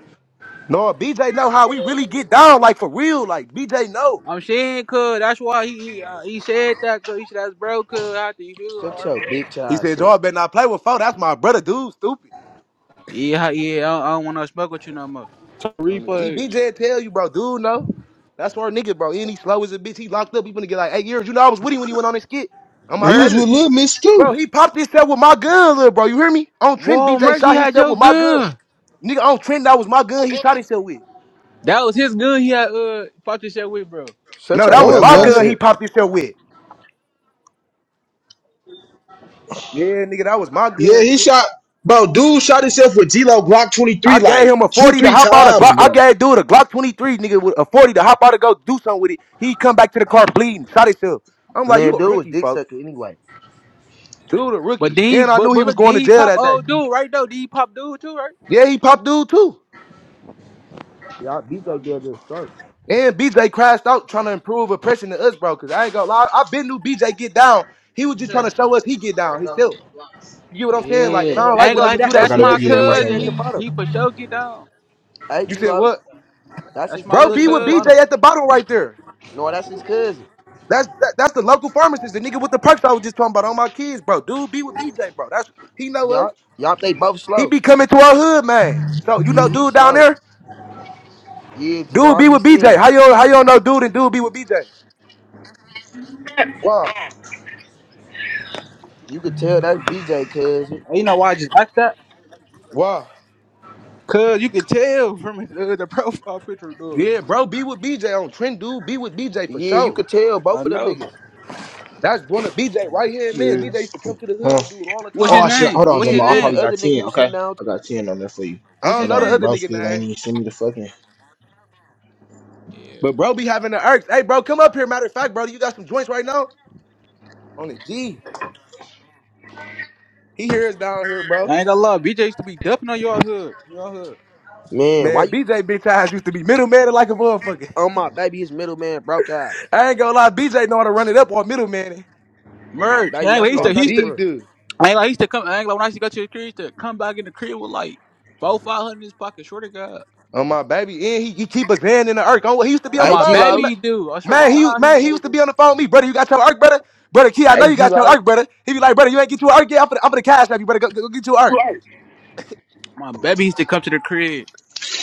Speaker 13: No, BJ know how we really get down, like for real. Like BJ know.
Speaker 1: I'm saying, cuz. That's why he he, uh, he said that, cuz. He said that's bro, cuz. How do you feel,
Speaker 5: Shut
Speaker 1: or
Speaker 5: your
Speaker 1: bet?
Speaker 5: bitch
Speaker 13: He
Speaker 5: ass
Speaker 13: said,
Speaker 5: shit.
Speaker 13: y'all better not play with foe. That's my brother, dude. Stupid.
Speaker 1: Yeah, yeah. I don't, I don't want to smoke with you no more.
Speaker 19: Turn
Speaker 13: On the
Speaker 19: replays.
Speaker 13: GBJ tell you, bro, dude, no. That's our nigga, bro. And he slow as a bitch. He locked up. He gonna get like eight years. You know, I was with him when he went on his skit. On my
Speaker 12: He was
Speaker 13: baby,
Speaker 12: with
Speaker 13: nigga.
Speaker 1: Merch.
Speaker 12: Lil Miss
Speaker 13: Bro,
Speaker 12: too.
Speaker 13: he popped himself with my gun, little bro. You hear me? On Trent,
Speaker 1: Whoa,
Speaker 13: BJ
Speaker 1: merch. He
Speaker 13: shot
Speaker 1: had
Speaker 13: himself
Speaker 1: your
Speaker 13: with my gun.
Speaker 1: gun.
Speaker 13: Nigga, on Trent, that was my gun he shot himself with.
Speaker 1: That was his gun. He had uh popped his shit with, bro.
Speaker 5: Shut
Speaker 13: No,
Speaker 5: your
Speaker 13: that was
Speaker 12: No, it
Speaker 5: dumb
Speaker 13: my
Speaker 5: ass
Speaker 12: wasn't.
Speaker 13: gun he
Speaker 5: shit.
Speaker 13: popped himself with. Yeah, nigga, that was my
Speaker 12: Yeah,
Speaker 13: gun,
Speaker 12: he
Speaker 13: nigga.
Speaker 12: shot, bro. Dude shot himself with G-Lo Glock 23
Speaker 13: I gave
Speaker 12: like
Speaker 13: him a
Speaker 12: two,
Speaker 13: 40 to
Speaker 12: three
Speaker 13: hop out a
Speaker 12: times,
Speaker 13: Glock. I
Speaker 12: bro.
Speaker 13: gave dude a Glock 23, nigga, with a 40 to hop out to go do something with it. He come back to the car bleeding, shot himself. I'm like, you
Speaker 5: Man,
Speaker 13: a
Speaker 5: dude was
Speaker 13: rookie,
Speaker 5: dick
Speaker 13: fuck.
Speaker 5: sucking anyway.
Speaker 13: Dude, a
Speaker 1: But then,
Speaker 13: rookie.
Speaker 1: he,
Speaker 13: And I
Speaker 1: but
Speaker 13: knew he
Speaker 1: but
Speaker 13: was
Speaker 1: look, then
Speaker 13: going to
Speaker 1: he
Speaker 13: jail
Speaker 1: pop
Speaker 13: that day.
Speaker 1: old dude right though. Then he pop dude too, right?
Speaker 13: Yeah, he popped dude too.
Speaker 5: Y'all BJ did this stuff.
Speaker 13: And BJ crashed out trying to improve oppression to us, bro. Cause I ain't gonna lie, I been knew BJ get down. He was just trying to show us he get down himself. You get what I'm saying? Like, and
Speaker 1: Yeah.
Speaker 13: I
Speaker 5: Oh
Speaker 13: don't like
Speaker 5: yeah,
Speaker 1: Ain't
Speaker 13: when
Speaker 5: that's
Speaker 1: like
Speaker 13: niggas
Speaker 5: his
Speaker 13: do
Speaker 1: that.
Speaker 12: I
Speaker 5: little
Speaker 13: that
Speaker 1: That's
Speaker 12: gotta,
Speaker 13: shit.
Speaker 1: my
Speaker 5: cousin
Speaker 12: yeah,
Speaker 5: that right
Speaker 12: listen,
Speaker 5: here
Speaker 1: cousin.
Speaker 5: at
Speaker 12: man.
Speaker 5: the
Speaker 1: He
Speaker 5: bottom.
Speaker 1: he for sure get down.
Speaker 5: Hey
Speaker 13: You
Speaker 5: G
Speaker 13: said
Speaker 5: Lo.
Speaker 13: what?
Speaker 5: That's his
Speaker 1: That's my
Speaker 13: Bro,
Speaker 1: little
Speaker 5: cousin
Speaker 13: be
Speaker 5: at
Speaker 13: with
Speaker 5: the
Speaker 1: cousin.
Speaker 13: BJ
Speaker 5: bottom.
Speaker 13: at the bottom right there.
Speaker 5: No, that's his cousin.
Speaker 13: That's that, that's the local pharmacist, the nigga with the perks I was just talking about on my kids, bro. Dude, be with BJ, bro. That's he know us.
Speaker 5: Y'all y'all they both
Speaker 13: He
Speaker 5: slow.
Speaker 13: be coming to our hood, man. So you
Speaker 5: Yeah,
Speaker 13: know,
Speaker 5: he
Speaker 13: dude down
Speaker 5: slow.
Speaker 13: there,
Speaker 5: Yeah, G Lo,
Speaker 13: dude
Speaker 5: I
Speaker 13: be
Speaker 5: be
Speaker 13: with
Speaker 5: seeing
Speaker 13: BJ.
Speaker 5: him.
Speaker 13: How you how you don't know dude and dude be with BJ? Wow,
Speaker 5: You could tell that's BJ cousin.
Speaker 1: And you know why I just asked that?
Speaker 13: wow.
Speaker 1: Cause you could tell from his, uh, the *laughs* profile picture, dog.
Speaker 13: Yeah, bro, be with BJ on Trend Dude. Be with BJ for
Speaker 5: Yeah, you
Speaker 13: sure.
Speaker 5: could tell
Speaker 1: I
Speaker 5: both of them
Speaker 1: know.
Speaker 5: niggas.
Speaker 13: That's one of BJ right hand man.
Speaker 12: Yeah.
Speaker 13: BJ used to come to the hood
Speaker 12: Huh?
Speaker 13: with dude all the
Speaker 1: What's his
Speaker 13: time.
Speaker 12: Oh shit!
Speaker 1: name?
Speaker 12: Hold on,
Speaker 1: What's
Speaker 5: Yeah,
Speaker 1: his
Speaker 12: Jamal. I
Speaker 5: and the
Speaker 12: probably
Speaker 1: name?
Speaker 12: got
Speaker 5: other nigga
Speaker 12: ten.
Speaker 5: who
Speaker 12: Okay,
Speaker 5: sitting down.
Speaker 12: I got ten on there for you.
Speaker 13: I
Speaker 1: What's
Speaker 13: don't
Speaker 12: Hold
Speaker 1: his
Speaker 13: know the
Speaker 12: on,
Speaker 1: name?
Speaker 13: other
Speaker 12: bro.
Speaker 13: nigga
Speaker 12: Still ain't
Speaker 13: name,
Speaker 12: even send me the fucking.
Speaker 1: Yeah.
Speaker 13: but bro be having the irks. Hey, bro, come up here. Matter of fact, bro, you got some joints right now? On the G. He here is down here, bro.
Speaker 1: I ain't gonna lie, BJ used to be dumping on y'all hood, y'all hood.
Speaker 5: Man, why
Speaker 13: Man,
Speaker 5: you
Speaker 13: BJ bitch ass used to be middleman like a motherfucker.
Speaker 5: Oh my baby his middleman man broke ass.
Speaker 13: *laughs* I ain't gonna lie, BJ know how to run it up on middleman.
Speaker 5: On my
Speaker 1: Merch.
Speaker 5: baby,
Speaker 1: I ain't,
Speaker 5: that's
Speaker 1: he
Speaker 5: who
Speaker 1: used
Speaker 13: On
Speaker 5: I
Speaker 1: to,
Speaker 13: the
Speaker 1: he
Speaker 5: got
Speaker 1: used
Speaker 5: it
Speaker 1: to,
Speaker 13: G,
Speaker 5: for.
Speaker 13: dude.
Speaker 1: I ain't like, he used to come, I ain't like, when I used to go to the crib, he used to come back in the crib with like four, five hundred in his pocket. Swear to God,
Speaker 13: On my baby, and he, he keep his hand in the irk. Oh, he used to be on
Speaker 1: I'm
Speaker 13: the
Speaker 5: Hey
Speaker 1: my
Speaker 5: G
Speaker 13: phone with me,
Speaker 5: Lo.
Speaker 1: baby,
Speaker 13: man.
Speaker 1: he do. I swear to
Speaker 13: Man, he
Speaker 1: God, he
Speaker 13: man, he used
Speaker 1: do.
Speaker 13: to be on the phone with me, brother. You got your irk, brother. Brother Key, I know
Speaker 5: Hey
Speaker 13: you
Speaker 5: G
Speaker 13: got your
Speaker 5: Lo.
Speaker 13: irk, brother. He be like, brother, you ain't get your irk yet. I'm gonna I'm for the cash app. You better go, go get your irk.
Speaker 1: My baby used to come to the crib,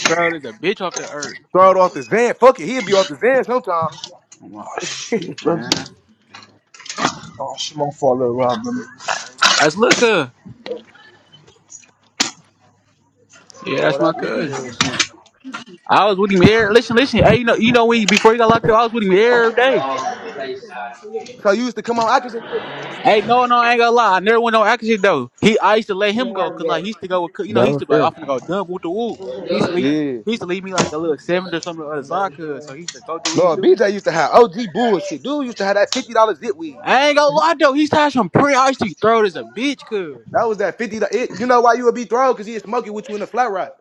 Speaker 1: bro. There's a bitch off the earth.
Speaker 13: Throw it off the van. Fuck it, he'd be off the van sometime.
Speaker 1: I'm like,
Speaker 12: Oh shit, brother.
Speaker 1: man,
Speaker 12: Oh shit, my fault, little Rob. Huh?
Speaker 1: that's Luca. Yeah, that's
Speaker 5: Boy,
Speaker 1: my
Speaker 5: that look
Speaker 1: cousin.
Speaker 5: cuz shit.
Speaker 1: I was with him every listen, listen. Hey, you know, you know when he, before he got locked up, I was with him every day.
Speaker 13: So you used to come on Atkinson?
Speaker 1: Hey, no, no, I ain't gonna lie. I never went on action though. He, I used to let him go because like he used to go with, you know, he used to be like,
Speaker 5: Downstairs.
Speaker 1: I'm finna go dumb with the woo. He used to leave,
Speaker 13: Yeah.
Speaker 1: he used to leave me like a little seventh or something or Zaka. So he used to go do what you
Speaker 13: No,
Speaker 1: do.
Speaker 13: BJ used to have OG bullshit. Dude used to have that fifty dollars zit weed.
Speaker 1: I ain't gonna lie though. He's used some pretty. I used to throw it as a bitch, cuz
Speaker 13: That was that fifty. It, you know why you would be thrown? Cause he'd smoke it with you in the flat rock.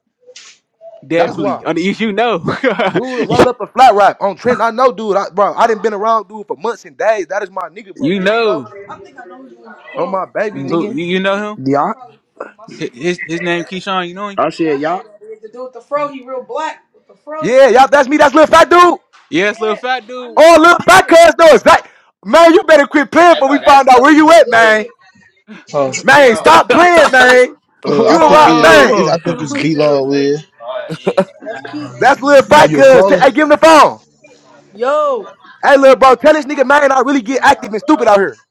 Speaker 13: That's
Speaker 1: definitely.
Speaker 13: why.
Speaker 1: *laughs* I mean, you, you know, *laughs*
Speaker 13: Dude,
Speaker 1: you,
Speaker 13: roll up a flat rock on Trent. I know, dude. I, bro, I didn't been around dude for months and days. That is my nigga, bro.
Speaker 1: you
Speaker 13: Dude, no,
Speaker 1: know
Speaker 13: on my baby,
Speaker 1: who
Speaker 13: nigga.
Speaker 1: you you know him.
Speaker 5: Yeah.
Speaker 1: Hi- His his name Keyshawn. You know him.
Speaker 5: I said, y'all
Speaker 13: Yeah, y'all. That's me. That's little fat dude.
Speaker 1: Yes, little fat dude.
Speaker 13: Oh, little
Speaker 1: *laughs*
Speaker 13: fat cuz though. It's like, man, you better quit playing before we find out where you at, man.
Speaker 12: Huh?
Speaker 13: Man, stop playing, man.
Speaker 12: Uh, I
Speaker 13: You a
Speaker 12: think uh,
Speaker 13: rock,
Speaker 12: it's,
Speaker 13: man.
Speaker 1: Whoa!
Speaker 12: I
Speaker 1: *laughs*
Speaker 12: think it's B Long Live.
Speaker 13: That's little
Speaker 12: Are
Speaker 13: fat
Speaker 12: you a
Speaker 13: cuz. T-
Speaker 12: scroller?
Speaker 13: Hey, give him the phone. Hey, little bro, tell this nigga, man, I really get active and stupid out here.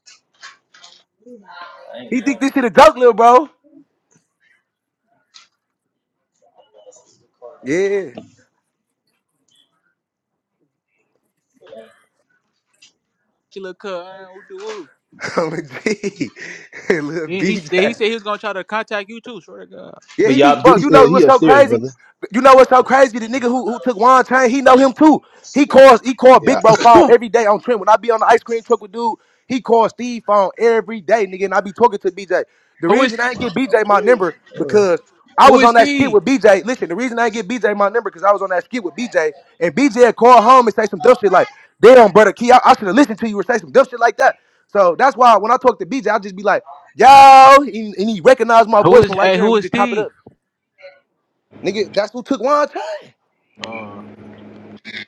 Speaker 13: He think this shit a joke, little bro. Yeah,
Speaker 1: She look cut. I don't do woo.
Speaker 13: *laughs* I'm a G. *laughs* little
Speaker 1: Then he then he
Speaker 13: BJ.
Speaker 1: said he was gonna try to contact you too. Swear to God.
Speaker 13: Yeah,
Speaker 12: But
Speaker 13: he be
Speaker 12: y'all,
Speaker 13: bro.
Speaker 12: duty,
Speaker 13: You
Speaker 12: uh,
Speaker 13: know
Speaker 12: he
Speaker 13: what's so
Speaker 12: upstairs,
Speaker 13: crazy?
Speaker 12: brother.
Speaker 13: You know what's so crazy? The nigga who who took Juan Chain, he know him too. He calls he called
Speaker 12: Yeah,
Speaker 13: Big Bro phone
Speaker 12: *laughs*
Speaker 13: every day on Trent. When I be on the ice cream truck with dude, he calls Steve phone every day, nigga, and I be talking to BJ. The
Speaker 1: Who is
Speaker 13: reason I ain't get BJ my number
Speaker 1: Uh,
Speaker 13: because I
Speaker 1: who
Speaker 13: was
Speaker 1: is
Speaker 13: on that skit
Speaker 1: Steve?
Speaker 13: with BJ. Listen, the reason I ain't get BJ my number because I was on that skit with BJ, and BJ had called home and say some dumb shit like, "Damn, brother, Key, I, I should have listened to you or say some dumb shit like that." So that's why when I talk to BJ, I just be like, "Yo," and, and he recognized my
Speaker 1: Who
Speaker 13: voice
Speaker 1: is
Speaker 13: from right
Speaker 1: hey?
Speaker 13: there, and
Speaker 1: Who
Speaker 13: we
Speaker 1: is
Speaker 13: just top it
Speaker 1: Steve?
Speaker 13: up. Nigga, that's who took Juan Chain.
Speaker 1: Uh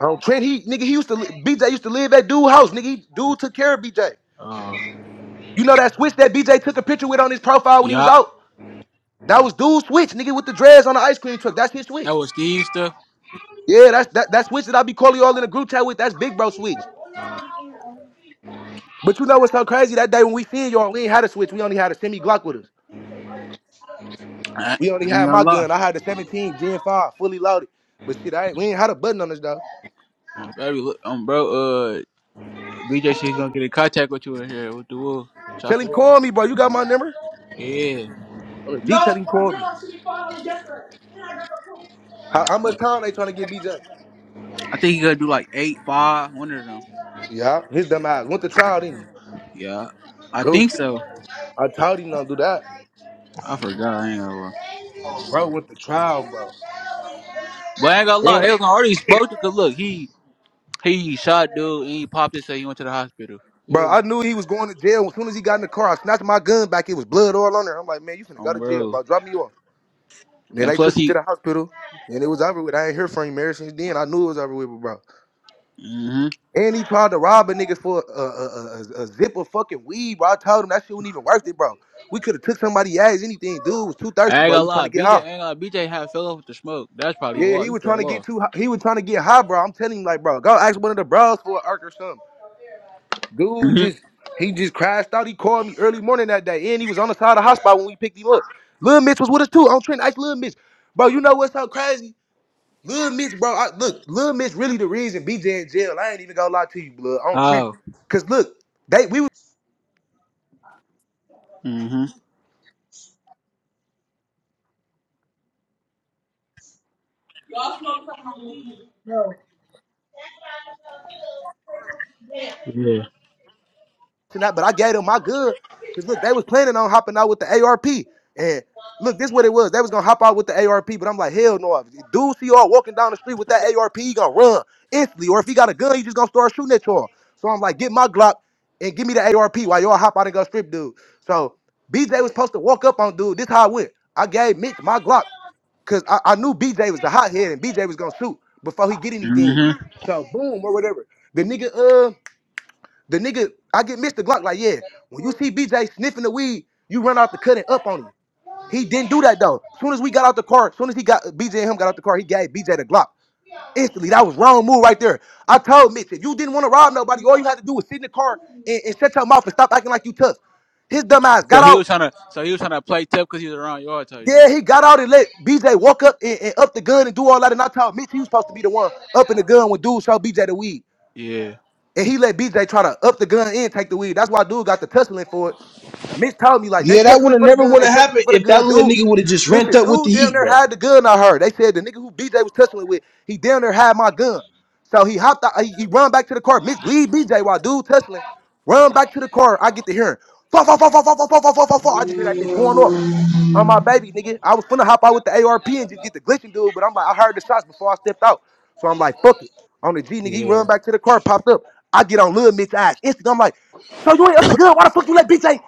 Speaker 13: Um, Trent, he nigga, he used to li- BJ used to live at dude house. Nigga, he, dude took care of BJ.
Speaker 1: uh.
Speaker 13: You know that switch that BJ took a picture with on his profile when he was
Speaker 1: Yeah,
Speaker 13: out. That was dude switch, nigga, with the dreads on the ice cream truck. That's his
Speaker 1: that
Speaker 13: switch.
Speaker 1: was Steve stuff.
Speaker 13: Yeah, that's that that switch that I be calling y'all in the group chat with. That's big bro switch. But you know what's so crazy? That day when we seen y'all, we ain't had a switch. We only had a semi Glock with us.
Speaker 1: I,
Speaker 13: We
Speaker 1: I
Speaker 13: only
Speaker 1: ain't
Speaker 13: had my
Speaker 1: gonna lie.
Speaker 13: gun. I had the 17 Gen 5 fully loaded. But shit, I ain't, we ain't had a button on this though.
Speaker 1: Um, baby, look, um, bro, uh, BJ, she's gonna get in contact with you in here. with the woo? Chop
Speaker 13: Tell him
Speaker 1: it up.
Speaker 13: call me, bro. You got my number?
Speaker 1: Yeah,
Speaker 13: On the G, tell him call me. How, how much time they trying to get BJ?
Speaker 1: I think he gonna do like eight, five, one of them.
Speaker 13: Yeah, his dumb ass went to trial, didn't he?
Speaker 1: Yeah, I think
Speaker 13: Goofy.
Speaker 1: so.
Speaker 13: I told him not to do that.
Speaker 1: I forgot. I ain't gonna lie.
Speaker 13: Bro went to trial, bro.
Speaker 1: But I ain't gonna lie,
Speaker 13: And
Speaker 1: they was already spoke to. Cause look, he he shot dude and he popped it, so he went to the hospital.
Speaker 13: bro,
Speaker 1: Feel me?
Speaker 13: I knew he was going to jail. As soon as he got in the car, I snatched my gun back. It was blood all on there. I'm like, man, you finna go
Speaker 1: On
Speaker 13: to jail,
Speaker 1: bro.
Speaker 13: bro. Drop me off. And then
Speaker 1: And
Speaker 13: they
Speaker 1: plus
Speaker 13: took him to
Speaker 1: he,
Speaker 13: the hospital. And it was over with. I ain't hear from him ever since then. I knew it was over with, bro.
Speaker 1: hmm
Speaker 13: And he tried to rob a nigga for a, a, a, a a zip of fucking weed, bro. I told him that shit wasn't even worth it, bro. We could have took somebody ass, anything. Dude was too thirsty,
Speaker 1: I ain't
Speaker 13: bro. He
Speaker 1: gonna
Speaker 13: was trying
Speaker 1: lie,
Speaker 13: to get
Speaker 1: BJ
Speaker 13: high.
Speaker 1: ain't gonna lie, BJ had fell off with the smoke. That's probably
Speaker 13: Yeah,
Speaker 1: why
Speaker 13: he
Speaker 1: he
Speaker 13: was trying to
Speaker 1: fell
Speaker 13: get
Speaker 1: off.
Speaker 13: too. hi- He was trying to get high, bro. I'm telling him, like, bro, go ask one of the bros for an arc or something. Dude,
Speaker 1: hmm
Speaker 13: just he just crashed out. He called me early morning that day, and he was on the side of the hospital when we picked him up. Lil Mitch was with us too. I'm trying to ask Lil Mitch, bro. You know what's so crazy? Lil Mitch, bro. I, look, Lil Mitch really the reason BJ in jail. I ain't even gonna lie to you, blood. On Trent,
Speaker 1: Oh.
Speaker 13: cause look, they we was.
Speaker 1: hmm Yeah.
Speaker 13: and that, but I gave them my good. Cause look, they was planning on hopping out with the ARP. And look, this is what it was. They was gonna hop out with the ARP, but I'm like, hell no. If dude see y'all walking down the street with that ARP, he gonna run instantly. Or if he got a gun, he just gonna start shooting at y'all. So I'm like, get my Glock and give me the ARP while y'all hop out and go strip dude. So BJ was supposed to walk up on dude. This how it went. I gave Mitch my Glock because I, I knew BJ was the hothead and BJ was gonna shoot before he get anything.
Speaker 1: hmm
Speaker 13: So boom or whatever. The nigga uh. The nigga, I get Mr. Glock like, yeah, when you see BJ sniffing the weed, you run out the cut and up on him. He didn't do that though. Soon as we got out the car, soon as he got BJ and him got out the car, he gave BJ the Glock. Instantly, that was wrong move right there. I told Mitch, if you didn't want to rob nobody, all you had to do was sit in the car and, and shut your mouth and stop acting like you tough. His dumb ass
Speaker 1: So
Speaker 13: got
Speaker 1: he
Speaker 13: out.
Speaker 1: was trying to, so he was trying to play tough because he was around yard type
Speaker 13: Yeah,
Speaker 1: shit.
Speaker 13: he got out and let BJ walk up and, and up the gun and do all that. And I told Mitch he was supposed to be the one up in the gun when dude showed BJ the weed.
Speaker 1: Yeah.
Speaker 13: And he let BJ try to up the gun and take the weed. That's why dude got the tussling for it. Mitch told me like they
Speaker 12: yeah, that
Speaker 13: testing
Speaker 12: would
Speaker 13: it
Speaker 12: have
Speaker 13: for the
Speaker 12: never
Speaker 13: gun,
Speaker 12: would
Speaker 13: they
Speaker 12: have
Speaker 13: testing
Speaker 12: happened
Speaker 13: it for the
Speaker 12: if that
Speaker 13: gun,
Speaker 12: little
Speaker 13: dude.
Speaker 12: nigga would have just rent
Speaker 13: Listen,
Speaker 12: up with the
Speaker 13: dude, down
Speaker 12: heat,
Speaker 13: there
Speaker 12: bro.
Speaker 13: had the gun. I heard they said the nigga who BJ was testing it with, he down there had my gun. So he hopped out, he, he run back to the car. Mitch lead BJ while dude testing, it. run back to the car. I get to hearing, fuck, fuck, fuck, fuck, fuck, fuck, fuck, fuck, fuck, fuck, fuck. I just hear that bitch going off on my baby, nigga. I was finna hop out with the ARP and just get the glitching dude, but I'm like, I heard the shots before I stepped out. So I'm like, fuck it. On the G, nigga, he
Speaker 1: Yeah.
Speaker 13: run back to the car, popped up. I get on Lil Mitch's ass. Instant, I'm like, so you ain't up the gun? Why the fuck you let bitch ain't?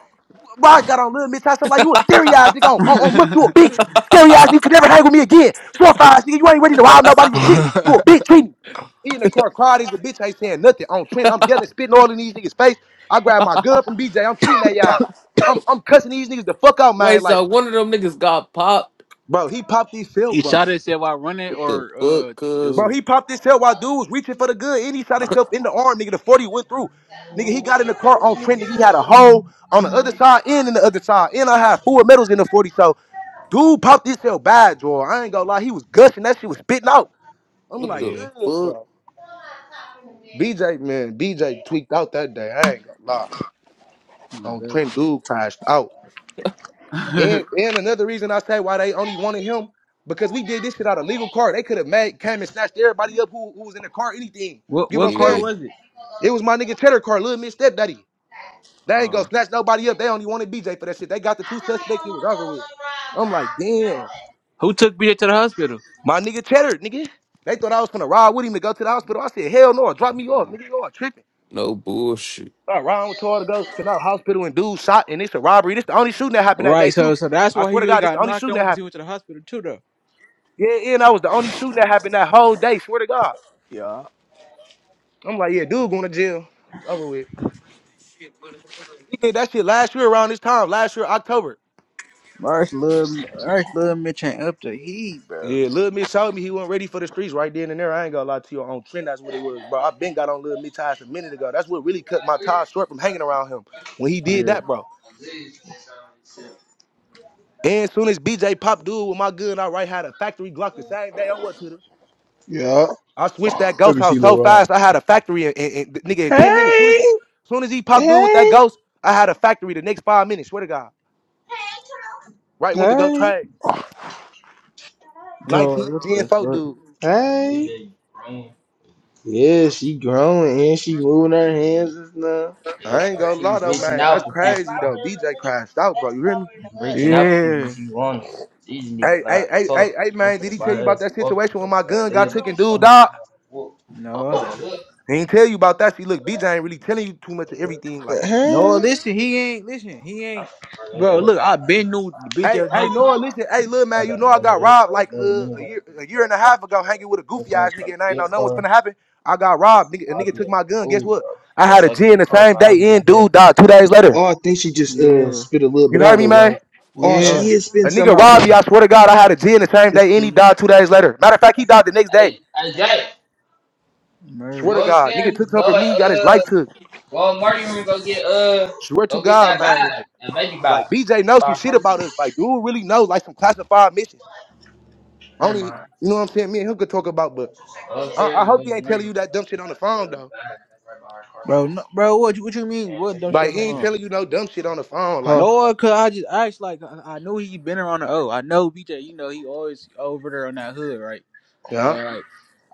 Speaker 13: Why I got on Lil Mitch's ass? I'm like, you a scary ass nigga on, on, on Mook, you a
Speaker 1: *laughs*
Speaker 13: bitch. Scary ass, nigga, you could never hang with me again. Suicide, nigga, you ain't ready to wild nobody with shit. You a bitch, treat me. He in the car, car, these the bitch ain't saying nothing. On Trent, I'm yelling, spitting all in these niggas' face. I grab my gun from BJ, I'm treating that ass. I'm, I'm cussing these niggas the fuck out, man.
Speaker 2: Wait,
Speaker 13: Like,
Speaker 2: so one of them niggas got popped?
Speaker 13: Bro, he popped his cell,
Speaker 1: he
Speaker 13: bro.
Speaker 1: shot it, said, "Why run it
Speaker 2: What the
Speaker 1: or uh
Speaker 2: fuck, cuz?
Speaker 13: Bro,
Speaker 1: dude.
Speaker 13: he popped his cell while dude was reaching for the good, and he shot himself in the arm, nigga. The 40 went through. Nigga, he got in the car on Trent, nigga. He had a hole on the other side and in the other side. And I had four medals in the 40. So, dude popped his cell bad, Joel. I ain't gonna lie. He was gushing. That shit was spitting out. I'm
Speaker 2: What
Speaker 13: like,
Speaker 2: the
Speaker 1: Yeah.
Speaker 13: ugh,
Speaker 2: fuck?
Speaker 13: bro. BJ, man, BJ tweaked out that day. I ain't gonna lie.
Speaker 1: My
Speaker 13: On Trent, dude crashed out.
Speaker 1: baby.
Speaker 13: And and another reason I say why they only wanted him because we did this shit out of legal car. They could have made came and snatched everybody up who, who was in the car, anything.
Speaker 1: *laughs* what
Speaker 13: You get what I'm
Speaker 1: what car
Speaker 13: saying?
Speaker 2: Yeah,
Speaker 1: was it?
Speaker 13: It was my nigga Cheddar car, little Miss Stepdaddy. They ain't go snatch nobody up. They only wanted BJ for that shit. They got the two suspects. It was over with. I'm like, damn,
Speaker 1: Who took BJ to the hospital?
Speaker 13: my nigga Cheddar, nigga. They thought I was gonna ride with him and go to the hospital. I said, hell no, drop me off, nigga. Y'all tripping.
Speaker 2: no bullshit.
Speaker 13: I ride with y'all to go to the hospital and dude shot and it's a robbery. This the only shooting that happened that day
Speaker 1: Right, so
Speaker 13: too.
Speaker 1: so that's
Speaker 13: I
Speaker 1: why
Speaker 13: swear
Speaker 1: he
Speaker 13: to
Speaker 1: really
Speaker 13: God, this the
Speaker 1: got
Speaker 13: only
Speaker 1: knocked
Speaker 13: shooting
Speaker 1: on
Speaker 13: that
Speaker 1: because he
Speaker 13: happened.
Speaker 1: went to the hospital too, though.
Speaker 13: Yeah, yeah, and I was the only shooting that happened that whole day. Swear to God,
Speaker 1: Yeah.
Speaker 13: I'm like, yeah, dude, going to jail. It's over with. He did that shit last year around this time, last year October.
Speaker 1: Merch little Merch little Mitch ain't up to heat, bro.
Speaker 13: Yeah, Lil Mitch told me he wasn't ready for the streets right then and there. I ain't gonna lie to you on trend. That's what it was, bro. I been got on Lil Mitch ties a minute ago. That's what really cut my ties short from hanging around him when he did
Speaker 1: Yeah.
Speaker 13: that, bro. And soon as BJ popped dude with my gun, I right had a factory Glock the same day. I went to the
Speaker 12: Yeah,
Speaker 13: I switched that ghost
Speaker 12: every
Speaker 13: house
Speaker 12: she
Speaker 13: so
Speaker 12: little rod.
Speaker 13: fast. I had a factory in, in, in nigga in ten minutes. Soon as
Speaker 12: Hey,
Speaker 13: he, soon as he popped through with that
Speaker 12: hey,
Speaker 13: ghost, I had a factory the next five minutes. Swear to God, right went to go
Speaker 12: hey,
Speaker 13: trade
Speaker 1: Dog,
Speaker 13: nineteen
Speaker 1: what
Speaker 13: Gen
Speaker 1: the
Speaker 13: four
Speaker 1: fuck?
Speaker 13: dude.
Speaker 12: hey. Yeah, she growing and she moving her hands and stuff.
Speaker 13: I ain't gonna lie though, man. That's crazy though. DJ crashed out, bro. You hear me?
Speaker 1: Yeah.
Speaker 13: Hey, hey, hey, hey, hey, man. Did he tell you about that situation when my gun got taken, dude? Dog,
Speaker 1: No.
Speaker 13: he ain't tell you about that. See, look, BJ ain't really telling you too much of everything. Like.
Speaker 1: No,
Speaker 12: Hey.
Speaker 1: listen, he ain't listen, he ain't bro, look, I been knew the bitch
Speaker 13: Hey,
Speaker 1: ass
Speaker 13: hey,
Speaker 1: nigga.
Speaker 13: no, listen. Hey, little man, you know I got robbed like uh, a year, a year and a half ago, hanging with a goofy ass nigga, and I ain't know nothing was finna happen. I got robbed. Nigga, a nigga took my gun. Guess what? I had a G in the same day. In dude died two days later.
Speaker 12: Oh, I think she just uh
Speaker 1: Yeah.
Speaker 12: spit a little
Speaker 13: You
Speaker 12: bit out,
Speaker 13: heard me,
Speaker 12: little
Speaker 13: man?
Speaker 12: rod. Oh,
Speaker 1: Yeah.
Speaker 12: she is spitting
Speaker 13: A
Speaker 12: some
Speaker 13: nigga
Speaker 12: out,
Speaker 13: robbed me.
Speaker 12: brother.
Speaker 13: I swear to God, I had a G in the same
Speaker 12: It's
Speaker 13: day, and he
Speaker 12: cool,
Speaker 13: died two days later. Matter of fact, he died the next day. Swear
Speaker 1: Merch.
Speaker 13: to God, nigga took something from me. Got his life took. Swear to God, man. Like, like BJ knows some shit about us. Like, dude really knows like some classified missions. Only, you know what I'm saying? Me and him could talk about, but. I, I hope he ain't telling you that dumb shit on the phone though.
Speaker 1: Bro, no, bro, what you what you mean? What dumb shit
Speaker 13: Like
Speaker 1: on
Speaker 13: he
Speaker 1: the
Speaker 13: ain't
Speaker 1: phone?
Speaker 13: telling you no dumb shit on the phone.
Speaker 12: huh?
Speaker 13: Like,
Speaker 1: No, cause I just asked like I, I knew he been around the O. I know BJ, you know, he always over there on that hood, right? So
Speaker 13: yeah,
Speaker 1: like,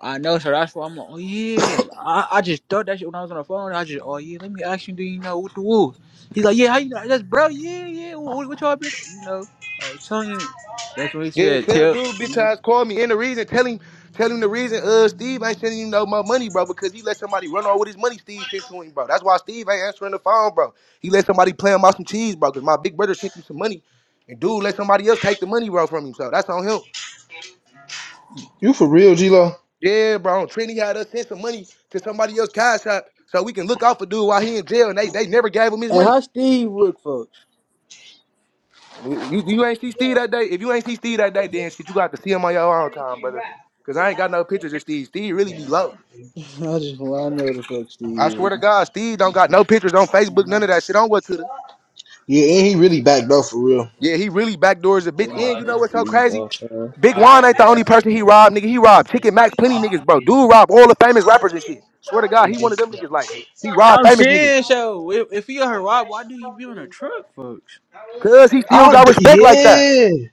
Speaker 1: I know, so that's why I'm like, oh yeah. I, I just thought that shit when I was on the phone. I just, oh yeah, let me ask you, do you know what the woo? He's like, yeah, how you know? That's bro, yeah, yeah. What, what y'all been, you know? I was telling you. That's what he
Speaker 13: yeah.
Speaker 1: said.
Speaker 13: Tell
Speaker 1: Tell,
Speaker 13: dude,
Speaker 1: you
Speaker 13: bitch
Speaker 1: know.
Speaker 13: ass, call me. And the reason, tell him, tell him the reason. Uh, Steve ain't sending you no more money, bro, because he let somebody run all with his money. Steve sent to him, bro. That's why Steve ain't answering the phone, bro. He let somebody play him out some cheese, bro, because my big brother sent him some money, and dude let somebody else take the money, bro, from him. So that's on him.
Speaker 12: You for real, G Lo?
Speaker 13: Yeah, bro. Trini had us send some money to somebody else cash app so we can look out for dude while he in jail, and they they never gave him his
Speaker 1: And
Speaker 13: money.
Speaker 1: how Steve look, folks?
Speaker 13: You, you ain't see Steve that day. If you ain't see Steve that day, then shit, you got to see him on your own time, brother. Cause I ain't got no pictures of Steve. Steve really be low.
Speaker 1: *laughs* I just want to know the fuck
Speaker 13: I swear
Speaker 1: Steve.
Speaker 13: to
Speaker 1: is.
Speaker 13: God, Steve don't got no pictures on Facebook, none of that shit. On what to the?
Speaker 12: Yeah, and he really backed off for real.
Speaker 13: Yeah, he really backdoors a bitch.
Speaker 1: They not
Speaker 13: And you know
Speaker 1: gonna
Speaker 13: what's so
Speaker 1: Steve's
Speaker 13: crazy?
Speaker 1: off. uh,
Speaker 13: Big Juan ain't the only person he robbed, nigga. He robbed Chicken Max, plenty niggas, bro. Dude robbed all the famous rappers and shit. Swear to God, he one of them niggas. Like he robbed
Speaker 1: I'm
Speaker 13: famous niggas,
Speaker 1: saying so. If, if he a rob, why do you be on a truck, folks?
Speaker 13: cause he still
Speaker 12: I
Speaker 13: got
Speaker 12: d-
Speaker 13: respect like that.
Speaker 12: yeah.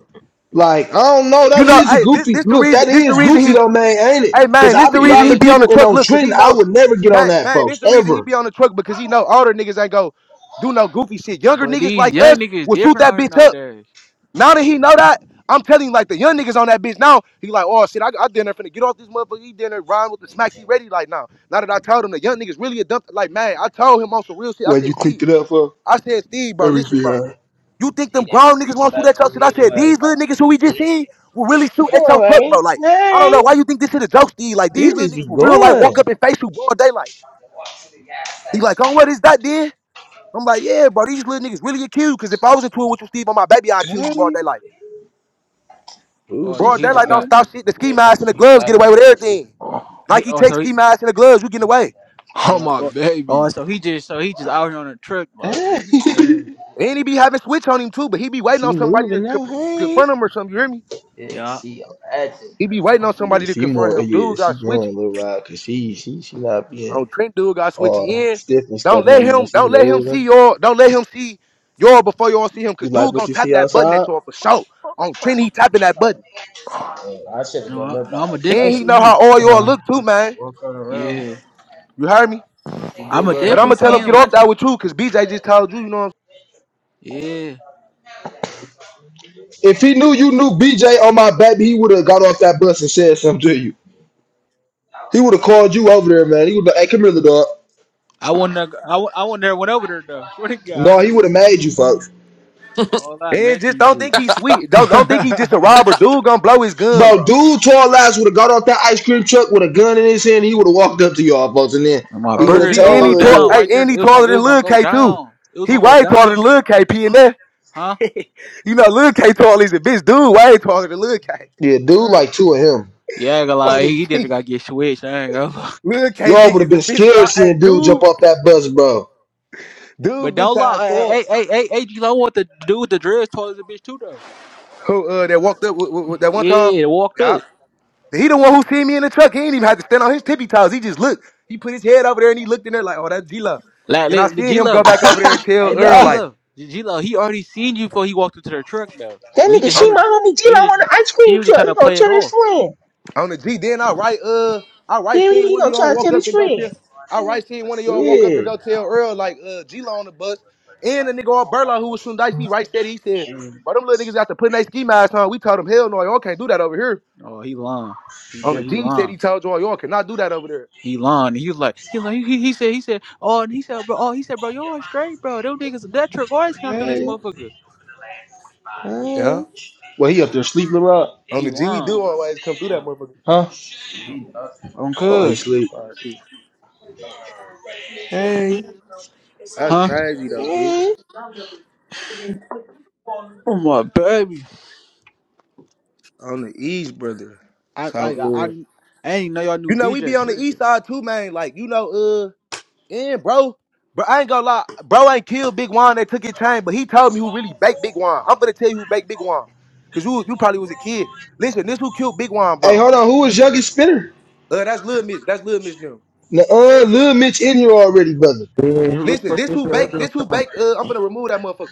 Speaker 12: Like, I don't know. That
Speaker 13: You know,
Speaker 12: is a
Speaker 13: I this
Speaker 12: goofy.
Speaker 13: this the
Speaker 12: Look, that
Speaker 13: reason. This the
Speaker 12: is
Speaker 13: reason
Speaker 12: goofy
Speaker 13: he.
Speaker 12: though, man, ain't it?
Speaker 13: Hey
Speaker 12: Because
Speaker 13: man, this
Speaker 12: I
Speaker 13: the
Speaker 12: be
Speaker 13: reason he
Speaker 12: robbing
Speaker 13: be
Speaker 1: Yes,
Speaker 13: on the
Speaker 12: people and
Speaker 13: truck.
Speaker 12: on
Speaker 13: Look, cause
Speaker 12: trend,
Speaker 13: he
Speaker 12: I
Speaker 13: know,
Speaker 12: would never get on
Speaker 13: man,
Speaker 12: that,
Speaker 13: man, this
Speaker 12: folks,
Speaker 13: the reason he
Speaker 12: ever.
Speaker 13: be on the truck because he know older niggas ain't go do no goofy shit. Younger
Speaker 1: but
Speaker 13: niggas
Speaker 1: these
Speaker 13: like
Speaker 1: young
Speaker 13: us
Speaker 1: niggas
Speaker 13: will shoot
Speaker 1: different
Speaker 13: that
Speaker 1: out here
Speaker 13: bitch up.
Speaker 1: nowadays.
Speaker 13: Now that he know that, I'm telling you, like the young niggas on that bitch now, he like, oh shit, I, I dinner finna get off this motherfucker. He dinner rhyme with the smacks. He ready like now. Now that I told him the young niggas really a dump. Like man, I told him on some real shit. I
Speaker 12: When you
Speaker 13: said Steve,
Speaker 12: clicked it up for
Speaker 13: I said Steve, bro, listen,
Speaker 12: everything,
Speaker 13: bro.
Speaker 12: huh?
Speaker 13: You think them grown niggas won't shoot at your shit? I said these little niggas who we just seen will really shoot at
Speaker 12: All
Speaker 13: your truck,
Speaker 12: right.
Speaker 13: bro. Like I don't
Speaker 12: Hey.
Speaker 13: know why you think this shit a joke, Steve. Like these little niggas will real like walk up and face you broad daylight. He like, oh, what is that, then? I'm like, yeah, bro. These little niggas really accused. Cause if I was into it with you, Steve, on my baby, I'd kill you broad
Speaker 12: Hey.
Speaker 13: daylight.
Speaker 12: Ooh,
Speaker 1: Oh,
Speaker 12: she
Speaker 1: so
Speaker 13: Broad
Speaker 1: he just
Speaker 13: daylight don't
Speaker 1: got
Speaker 12: slobbing.
Speaker 13: stop shit. The ski mask and the gloves get away with everything.
Speaker 1: he.
Speaker 13: Nike
Speaker 1: Oh,
Speaker 13: take
Speaker 1: so he,
Speaker 13: ski mask and the gloves, you getting away.
Speaker 3: *laughs* oh
Speaker 1: Yeah.
Speaker 3: my
Speaker 1: Oh,
Speaker 3: baby.
Speaker 1: oh, so he just so he just out here on a trip. Like, yeah,
Speaker 12: Hey.
Speaker 1: he crazy.
Speaker 13: And he be having switch on him too, but he be
Speaker 12: *laughs*
Speaker 13: waiting
Speaker 12: she
Speaker 13: on somebody to
Speaker 12: moving now.
Speaker 13: co-
Speaker 12: Hey.
Speaker 13: confront him or something. You hear me?
Speaker 1: Yeah.
Speaker 13: He be waiting on
Speaker 12: Yeah,
Speaker 13: somebody to
Speaker 12: she
Speaker 13: confront
Speaker 12: more.
Speaker 13: him.
Speaker 12: Yeah,
Speaker 13: Dude
Speaker 12: she
Speaker 13: got
Speaker 12: growing a
Speaker 13: switchy.
Speaker 12: little while because she she she not being
Speaker 13: Um, Trent dude got switchy
Speaker 12: all
Speaker 13: in.
Speaker 12: stiff and
Speaker 13: Don't
Speaker 12: stuff no
Speaker 13: let
Speaker 12: more.
Speaker 13: him.
Speaker 12: She
Speaker 13: Don't let him
Speaker 12: moving.
Speaker 13: see y'all. Don't let him see y'all before y'all see him.
Speaker 12: You
Speaker 13: Cause
Speaker 12: like
Speaker 13: dude
Speaker 12: what
Speaker 13: gonna
Speaker 12: you
Speaker 13: tap
Speaker 12: see
Speaker 13: that button at
Speaker 12: outside?
Speaker 13: y'all for sure. On Trent, he tapping that button.
Speaker 1: No, I, no, I'ma
Speaker 13: And
Speaker 1: definitely
Speaker 13: he
Speaker 1: see
Speaker 13: know
Speaker 1: him.
Speaker 13: how all y'all look too, man.
Speaker 1: Yeah.
Speaker 13: You heard me.
Speaker 1: I'ma
Speaker 13: But I'm
Speaker 1: definitely
Speaker 13: gonna tell
Speaker 1: see
Speaker 13: him get
Speaker 1: him. I
Speaker 13: off that with you, cause BJ just told you, you know. What I'm saying?
Speaker 1: yeah.
Speaker 12: If he knew you knew BJ on my baby, he would have got off that bus and said something to you. He would have called you over there, man. He would have, hey, come here, little dog.
Speaker 1: I wouldn't. have- I, wou- I wouldn't. There went over there though. *laughs* Swear to God,
Speaker 12: No, he would have made you, folks.
Speaker 1: *laughs* all that
Speaker 13: and
Speaker 1: make
Speaker 13: just
Speaker 1: me
Speaker 13: don't
Speaker 1: shit.
Speaker 13: think he's sweet.
Speaker 3: *laughs*
Speaker 13: Don't don't think he just a robber. Dude gonna blow his gun,
Speaker 12: Bro,
Speaker 13: bro.
Speaker 12: dude, tall ass would have got off that ice cream truck with a gun in his hand. He would have walked up to y'all, folks, and then
Speaker 1: And my
Speaker 12: he
Speaker 13: On
Speaker 12: would
Speaker 13: the
Speaker 12: have
Speaker 1: brother's
Speaker 13: G,
Speaker 1: gonna
Speaker 13: and
Speaker 12: told
Speaker 1: go
Speaker 13: he tall,
Speaker 12: the
Speaker 1: down right
Speaker 13: hey,
Speaker 1: there.
Speaker 13: and he
Speaker 1: It was
Speaker 13: taller
Speaker 1: gonna. It
Speaker 13: than
Speaker 1: was gonna
Speaker 13: Lil
Speaker 1: go
Speaker 13: K too.
Speaker 1: down. It was
Speaker 13: He
Speaker 1: gonna go
Speaker 13: way taller
Speaker 1: down.
Speaker 13: than Lil KP in there.
Speaker 1: Huh?
Speaker 13: *laughs* you know, Lil K tall is a bitch. Dude way taller than Lil K.
Speaker 12: Yeah, dude,
Speaker 1: Merch.
Speaker 12: like two of him.
Speaker 1: Yeah, I ain't gonna
Speaker 13: *laughs* On
Speaker 1: lie.
Speaker 13: the
Speaker 1: He did
Speaker 13: G.
Speaker 1: got to get switched. I ain't gonna lie. *laughs*
Speaker 13: Lil K
Speaker 12: Y'all would
Speaker 13: big
Speaker 12: have
Speaker 13: is a
Speaker 12: been
Speaker 13: bitch, but
Speaker 12: scared
Speaker 13: I, hey,
Speaker 12: seeing dude
Speaker 13: dude,
Speaker 12: jump off that bus, bro.
Speaker 13: dude,
Speaker 1: But
Speaker 13: bitch,
Speaker 1: don't
Speaker 13: I
Speaker 1: lie.
Speaker 13: tall.
Speaker 1: Hey, hey, hey, hey, hey, lo want the dude with the dress told us a bitch too though.
Speaker 13: Who, uh, that walked up with, with, with that one time?
Speaker 1: Yeah, walked
Speaker 13: Yeah.
Speaker 1: up.
Speaker 13: He the one who seen me in the truck. He ain't even had to stand on his tippy toes. He just looked. He put his head over there and he looked in there like, oh, that's G-Lo.
Speaker 1: Like,
Speaker 13: And I
Speaker 1: look,
Speaker 13: seen
Speaker 1: G
Speaker 13: him go
Speaker 1: Lo.
Speaker 13: back over there and tell
Speaker 1: Hey, look, at
Speaker 13: Earl,
Speaker 1: G
Speaker 12: Ah,
Speaker 13: like,
Speaker 1: Lo. G Lo, he already seen you before he walked into the truck, though.
Speaker 12: that
Speaker 1: But he
Speaker 12: nigga,
Speaker 1: just
Speaker 12: she
Speaker 13: on
Speaker 1: had,
Speaker 13: the,
Speaker 12: my homie G
Speaker 1: he just,
Speaker 12: on the ice
Speaker 1: he
Speaker 12: cream
Speaker 1: was just trying
Speaker 12: truck. He
Speaker 1: to
Speaker 12: gonna
Speaker 1: play it
Speaker 12: tell his
Speaker 1: off.
Speaker 12: friend.
Speaker 13: on the G. Then I write, uh, I write
Speaker 12: Yeah, he
Speaker 13: seen
Speaker 12: he
Speaker 13: one of
Speaker 12: gonna
Speaker 13: y'all
Speaker 12: try to tell
Speaker 13: walk up
Speaker 12: his
Speaker 13: and go
Speaker 12: friend.
Speaker 13: tell, I write seen one of y'all walk up to
Speaker 12: Yeah.
Speaker 13: go tell Earl, like, uh, G-Lo on the bus. And the nigga all Burla who was from Dicey,
Speaker 3: oh
Speaker 13: right, said, he said, bro, them little niggas got to put their ski mask on. We told them, hell no, y'all can't do that over here.
Speaker 1: Oh, he lying. He
Speaker 13: On the
Speaker 1: did. He
Speaker 13: G, he said he
Speaker 1: lying.
Speaker 13: told y'all y'all cannot do that over there.
Speaker 1: He lying. He was like, he was like, he, he said, he said, oh, and he said, bro, oh, he said, bro, you all straight, bro. Them niggas, that truck always
Speaker 12: All
Speaker 1: come through this
Speaker 12: right.
Speaker 1: motherfucker.
Speaker 12: All right.
Speaker 13: Yeah.
Speaker 12: Well, he up there sleep, Leroy?
Speaker 13: On
Speaker 1: He
Speaker 13: the G, we
Speaker 1: lying.
Speaker 13: do always come through that motherfucker.
Speaker 12: Huh?
Speaker 1: On
Speaker 12: Oh, he
Speaker 1: cuz,
Speaker 12: sleep.
Speaker 13: Shit.
Speaker 12: Hey.
Speaker 13: That's
Speaker 1: huh? *laughs*
Speaker 13: crazy though, bitch.
Speaker 12: Hey,
Speaker 1: Oh my baby.
Speaker 13: On the East, brother.
Speaker 1: I
Speaker 13: So,
Speaker 1: like, I,
Speaker 13: uh,
Speaker 1: I, I ain't know y'all knew
Speaker 13: you know, we be
Speaker 1: BJ.
Speaker 13: on
Speaker 1: Sure,
Speaker 13: the
Speaker 1: did.
Speaker 13: East side too, man. Like, you know, uh, and bro, bro, I ain't gonna lie, bro, ain't killed Big Juan that took his time, but he told me who really baked Big Juan. I'm gonna tell you who baked Big Juan, cause you you probably was a kid. Listen, this who killed Big Juan, bro.
Speaker 12: hold on. Who was youngest spinner?
Speaker 13: Uh, that's Lil Mitch. That's Lil Mitch now.
Speaker 12: Nuh-uh, Lil Mitch in here already, brother.
Speaker 13: Listen, this who baked. This who baked. Uh, I'm gonna remove that motherfucker.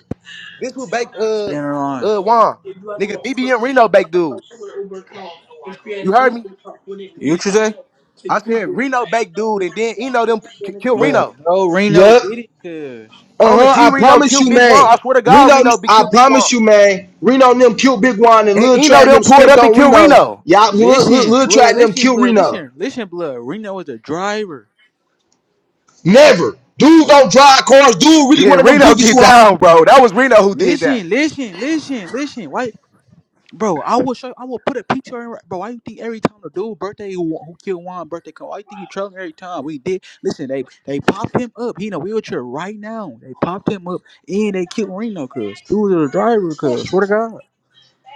Speaker 13: This who baked uh
Speaker 1: spinning on.
Speaker 13: uh Juan. Nigga, BBM Reno baked dude. You heard me?
Speaker 1: You today?
Speaker 13: I said Reno baked dude, and then Eno them k- kill
Speaker 1: Bro,
Speaker 13: Reno.
Speaker 1: no, Reno
Speaker 12: Yup.
Speaker 1: did it, cuz.
Speaker 13: On the
Speaker 12: Uh-huh.
Speaker 13: G
Speaker 12: I
Speaker 13: Reno
Speaker 12: promise
Speaker 13: killed
Speaker 12: you,
Speaker 13: Big Juan.
Speaker 12: man.
Speaker 13: I swear to God,
Speaker 12: Reno,
Speaker 13: Reno be
Speaker 12: I
Speaker 13: killed Big
Speaker 12: promise
Speaker 13: Juan.
Speaker 12: you, man. Reno and them killed Big One and
Speaker 13: And
Speaker 12: Lil Trat
Speaker 13: Eno
Speaker 12: and
Speaker 13: them
Speaker 12: them
Speaker 13: pulled
Speaker 12: spent
Speaker 13: up and
Speaker 12: on
Speaker 13: killed
Speaker 12: Reno.
Speaker 13: Reno.
Speaker 12: Y'all, Lil, Lil,
Speaker 1: Listen,
Speaker 12: Lil Trat
Speaker 1: blood,
Speaker 12: and them
Speaker 1: listen,
Speaker 12: killed
Speaker 1: blood,
Speaker 12: Reno.
Speaker 1: listen, listen, blood. Reno was the driver.
Speaker 12: Never. Dude
Speaker 1: Re-
Speaker 12: don't drive cars. Dude really
Speaker 13: Yeah,
Speaker 12: one of them
Speaker 13: Reno *laughs*
Speaker 12: goofies
Speaker 13: get
Speaker 12: who... ho-
Speaker 13: down, bro. That was Reno who did that.
Speaker 1: Listen, listen, listen, listen. Why, bro? I will show. I will put a picture in. Bro, why you think every time the dude birthday who, who killed Juan birthday come? Why you think we trolling every time? We did. Listen, they they popped him up. He in a wheelchair right now. They popped him up and they killed Reno, cuz. Dude was the driver, cuz. Swear to God.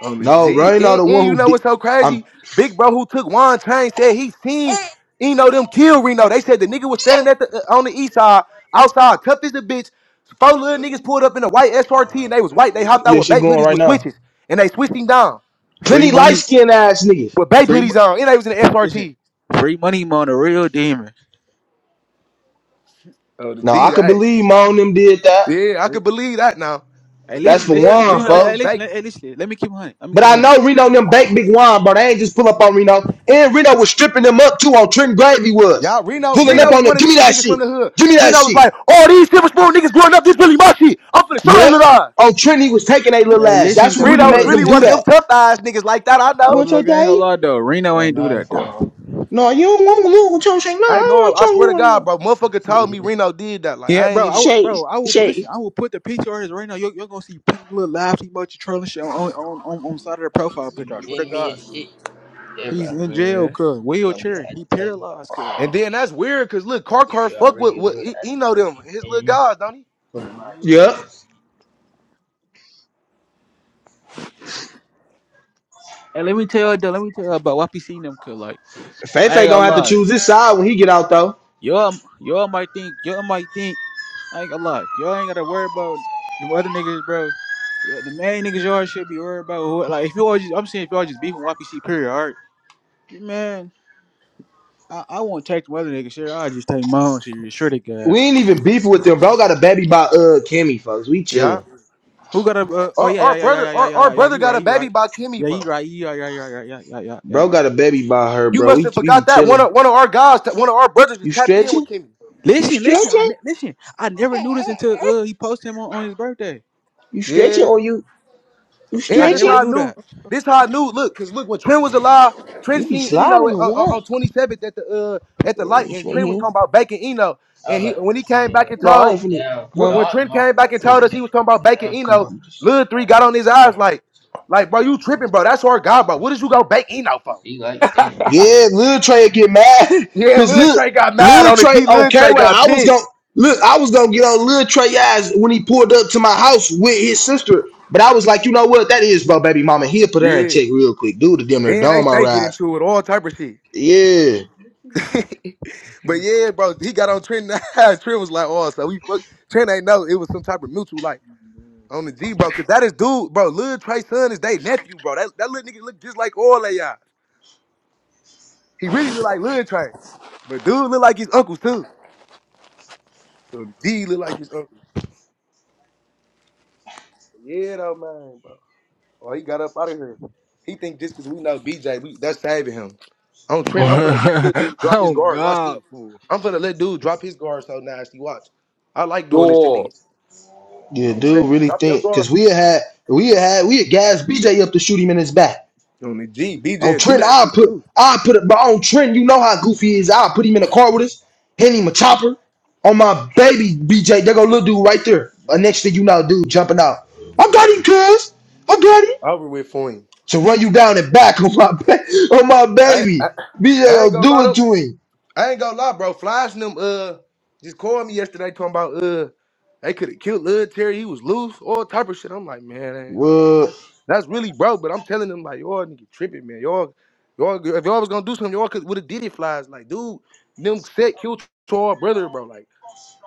Speaker 13: On the
Speaker 12: No,
Speaker 13: G.
Speaker 12: Reno
Speaker 13: And,
Speaker 12: the one
Speaker 13: and you
Speaker 12: who
Speaker 13: know what's
Speaker 12: did.
Speaker 13: so
Speaker 12: I'm,
Speaker 13: crazy? Big bro who took one chain said he seen Eno them kill Reno. They said the nigga was standing at the uh, on the east side, outside, tough as a bitch. Four little niggas pulled up in a white SRT and they was white. They hopped out
Speaker 12: yeah,
Speaker 13: with
Speaker 12: she
Speaker 13: bait
Speaker 12: going
Speaker 13: hoodies
Speaker 12: right
Speaker 13: with
Speaker 12: now.
Speaker 13: switches and they switched him down
Speaker 1: Free
Speaker 12: Plenty
Speaker 1: money,
Speaker 12: light-skinned ass niggas.
Speaker 13: with bait
Speaker 1: free. mo-
Speaker 13: hoodies on. And they was in the
Speaker 1: Listen,
Speaker 13: SRT.
Speaker 1: free money, man. a real demon.
Speaker 13: Oh the
Speaker 12: No,
Speaker 13: G,
Speaker 12: I could
Speaker 13: hey.
Speaker 12: believe my own them did that.
Speaker 13: Yeah, I could believe that now.
Speaker 1: Hey,
Speaker 13: But they
Speaker 12: That's
Speaker 1: listen,
Speaker 12: for
Speaker 1: listen. Let
Speaker 13: said
Speaker 1: me
Speaker 12: one,
Speaker 1: keep on.
Speaker 13: Reno
Speaker 1: Hey,
Speaker 13: them
Speaker 12: folks.
Speaker 1: listen,
Speaker 13: bait.
Speaker 1: hey, listen. Let me keep on. Let me
Speaker 12: But
Speaker 1: keep
Speaker 12: I
Speaker 1: on
Speaker 12: know Reno and them baked big wine, bro. They ain't just pull up on Reno. And Reno was stripping them up too on Trent Gravy was.
Speaker 13: Y'all, Reno,
Speaker 12: Pulling up
Speaker 13: Reno
Speaker 1: bro.
Speaker 13: was
Speaker 12: on them.
Speaker 13: one of
Speaker 12: Give me
Speaker 13: these
Speaker 12: that
Speaker 13: niggas
Speaker 12: shit.
Speaker 13: from the hood.
Speaker 12: Give me that
Speaker 13: Reno was
Speaker 12: shit.
Speaker 13: like, all these silver spoon niggas growing up, this really my shit. I'm finna show they
Speaker 12: Yep.
Speaker 13: little eyes.
Speaker 12: On Trent, he was taking a little
Speaker 1: Hey,
Speaker 12: ass.
Speaker 1: listen
Speaker 12: That's what
Speaker 1: though.
Speaker 12: really
Speaker 1: But
Speaker 13: Reno was
Speaker 12: made
Speaker 1: look,
Speaker 13: really
Speaker 12: them do
Speaker 13: one of
Speaker 1: listen.
Speaker 13: them
Speaker 12: that.
Speaker 13: tough eyes niggas like that. I
Speaker 12: You
Speaker 13: know.
Speaker 1: But
Speaker 12: want your
Speaker 1: look, I ain't gonna
Speaker 12: daddy?
Speaker 1: lie though. Reno ain't do that though.
Speaker 12: No, you don't want you want your shake. No, I
Speaker 13: I
Speaker 12: don't
Speaker 13: know.
Speaker 12: want
Speaker 13: him. I
Speaker 12: your
Speaker 13: swear
Speaker 12: you
Speaker 13: to
Speaker 12: want
Speaker 13: God,
Speaker 12: your
Speaker 13: bro. Motherfucker told me Reno did that. Like
Speaker 1: Yeah,
Speaker 13: I ain't
Speaker 1: bro. I
Speaker 13: even.
Speaker 1: would,
Speaker 12: shake.
Speaker 1: bro. I will listen.
Speaker 12: Shake.
Speaker 1: I will put the picture on his right now. You're, you're gonna see plenty of little live emoji trolling shit on on on on the side of the profile picture. I swear to God, he's in jail,
Speaker 13: Man.
Speaker 1: cuz wheelchair. He paralyzed, cuz.
Speaker 13: And then that's weird, cause look, Car Car fuck with, with he, he know them his little guys, don't he?
Speaker 1: Yeah.
Speaker 12: Yep.
Speaker 1: And let me tell you though. Let me tell you about what we seen them, cuz. Like, I ain't
Speaker 12: Fefe
Speaker 1: gonna
Speaker 12: gonna have to
Speaker 1: lie.
Speaker 12: choose his side when he get out though.
Speaker 1: Y'all, y'all might think, y'all might think. I ain't gonna lie. Y'all ain't gotta worry about the other niggas, bro. Yeah, The main niggas y'all should be worried about. Who, like, if y'all just, I'm saying if y'all just beefing YPC, period, alright? Man, I, I won't take the other niggas shit. I just take my own shit. Sure to God.
Speaker 12: We ain't even beefing with them, bro. Got a baby by uh Kimmy, folks. We chilling.
Speaker 13: Yeah.
Speaker 1: Who got a, uh, oh,
Speaker 13: Our,
Speaker 1: yeah,
Speaker 13: our
Speaker 1: yeah, yeah,
Speaker 13: brother,
Speaker 1: yeah, yeah, yeah,
Speaker 13: our, our
Speaker 1: yeah, yeah, yeah,
Speaker 13: brother
Speaker 1: you
Speaker 13: got a
Speaker 1: right, you
Speaker 13: baby
Speaker 1: right.
Speaker 13: by Kimmy,
Speaker 1: Yeah, you
Speaker 13: bro.
Speaker 1: right, you right, yeah, yeah, yeah, yeah, yeah, yeah, yeah.
Speaker 12: Bro got a baby by her,
Speaker 13: You
Speaker 12: bro.
Speaker 13: must
Speaker 12: We
Speaker 13: have
Speaker 12: we be
Speaker 13: forgot that one
Speaker 12: chilling.
Speaker 13: of one of our guys, one of our brothers, was
Speaker 12: You
Speaker 13: tapped in
Speaker 12: stretching?
Speaker 13: with Kimmy.
Speaker 12: You
Speaker 1: Listen, listen, I,
Speaker 12: stretching?
Speaker 1: ne- listen. I never knew this until uh, he posted him on, on his birthday.
Speaker 12: You stretching
Speaker 13: Yeah.
Speaker 12: or you you
Speaker 1: Yeah, I
Speaker 13: And this
Speaker 1: never
Speaker 12: stretching?
Speaker 13: how I
Speaker 1: knew
Speaker 13: knew.
Speaker 1: that.
Speaker 13: This how I knew. Look, cause look when Trent was alive,
Speaker 12: You
Speaker 13: Trent
Speaker 12: be
Speaker 13: seen Eno
Speaker 12: sliding a
Speaker 13: at, on,
Speaker 12: lot.
Speaker 13: on twenty seventh at the uh at the light,
Speaker 12: Ain't
Speaker 13: and
Speaker 12: you in
Speaker 13: Trent was
Speaker 12: here?
Speaker 13: talking about bacon Eno, and he when he came back and
Speaker 12: No, I
Speaker 13: told
Speaker 12: ain't finna.
Speaker 13: when, when
Speaker 12: Huh?
Speaker 13: Trent came back and
Speaker 12: Oh,
Speaker 13: told us he was talking about bacon
Speaker 12: come
Speaker 13: Eno,
Speaker 12: on. Just...
Speaker 13: Lil three got on his eyes like like bro, you tripping, bro? That's our guy, bro. What did you go bake Eno for?
Speaker 12: Yeah, Lil Trey get mad *laughs*
Speaker 13: Yeah,
Speaker 12: because
Speaker 13: Lil
Speaker 12: look,
Speaker 13: Trey got mad
Speaker 12: Lil
Speaker 13: on it.
Speaker 12: Trey
Speaker 13: G
Speaker 12: on
Speaker 13: Lil Trey
Speaker 12: K-Way.
Speaker 13: got
Speaker 12: I was
Speaker 13: pissed.
Speaker 12: gonna look. I was gonna get on Lil Trey ass when he pulled up to my house with his sister. But I was like, you know what? That is, bro, baby mama. He'll put her in
Speaker 13: Yeah,
Speaker 12: check real quick. Dude, to damn their
Speaker 13: and they
Speaker 12: dome my
Speaker 13: they get
Speaker 12: eyes.
Speaker 13: into it all type of shit.
Speaker 12: Yeah.
Speaker 13: but yeah, bro, he got on Trent. *laughs* Trent was like, oh, so we fuck. Trent ain't know it was some type of mutual like on the G, bro, cause that is dude, bro. Lil Trey son is they nephew, bro. That that little nigga look just like all of y'all. He really look like Lil Trey, but dude look like his uncles too. So the G look like his uncle. Yeah, though, man, bro. Oh, he got up out of here. He think just cause we know BJ, we that's saving him. On Trent, I'm finna let little dude drop his guards. Watch this.
Speaker 3: God, fool.
Speaker 13: I'm finna let dude drop his guards so nasty. Watch. I like doing this to
Speaker 2: Sure.
Speaker 13: niggas.
Speaker 12: Yeah,
Speaker 13: Oh, Trent,
Speaker 12: dude, really
Speaker 13: drop your
Speaker 12: think
Speaker 13: guard
Speaker 12: because we had we had we had gas BJ up to shoot him in his back.
Speaker 13: on the G.
Speaker 12: On
Speaker 13: BJ do
Speaker 12: Trent,
Speaker 13: that
Speaker 12: I
Speaker 13: shit
Speaker 12: put
Speaker 13: too.
Speaker 12: I put it, but on Trent, you know how goofy he is. I put him in a car with us, hand him a chopper on my baby BJ. There go little dude right there. Uh, next thing you know, dude jumping out. I got him, cuz I got him
Speaker 13: Over with for him.
Speaker 12: to run you down and back on my ba- *laughs* on my
Speaker 13: I I,
Speaker 12: baby. BJ
Speaker 13: I ain't
Speaker 12: gonna
Speaker 13: gonna
Speaker 12: do
Speaker 13: lie
Speaker 12: it
Speaker 13: to,
Speaker 12: to him.
Speaker 13: I ain't gonna lie, bro. Flies and them uh just called me yesterday talking about uh they could have killed Lil Terry. He was loose, all type of shit. I'm like, man, ain't- uh,
Speaker 12: What?
Speaker 13: that's, that's really bro. But I'm telling them like, y'all nigga tripping, man. Y'all, y'all, if y'all was gonna do something, y'all could would have did it. Flies like, dude, them set killed our brother, bro. Like,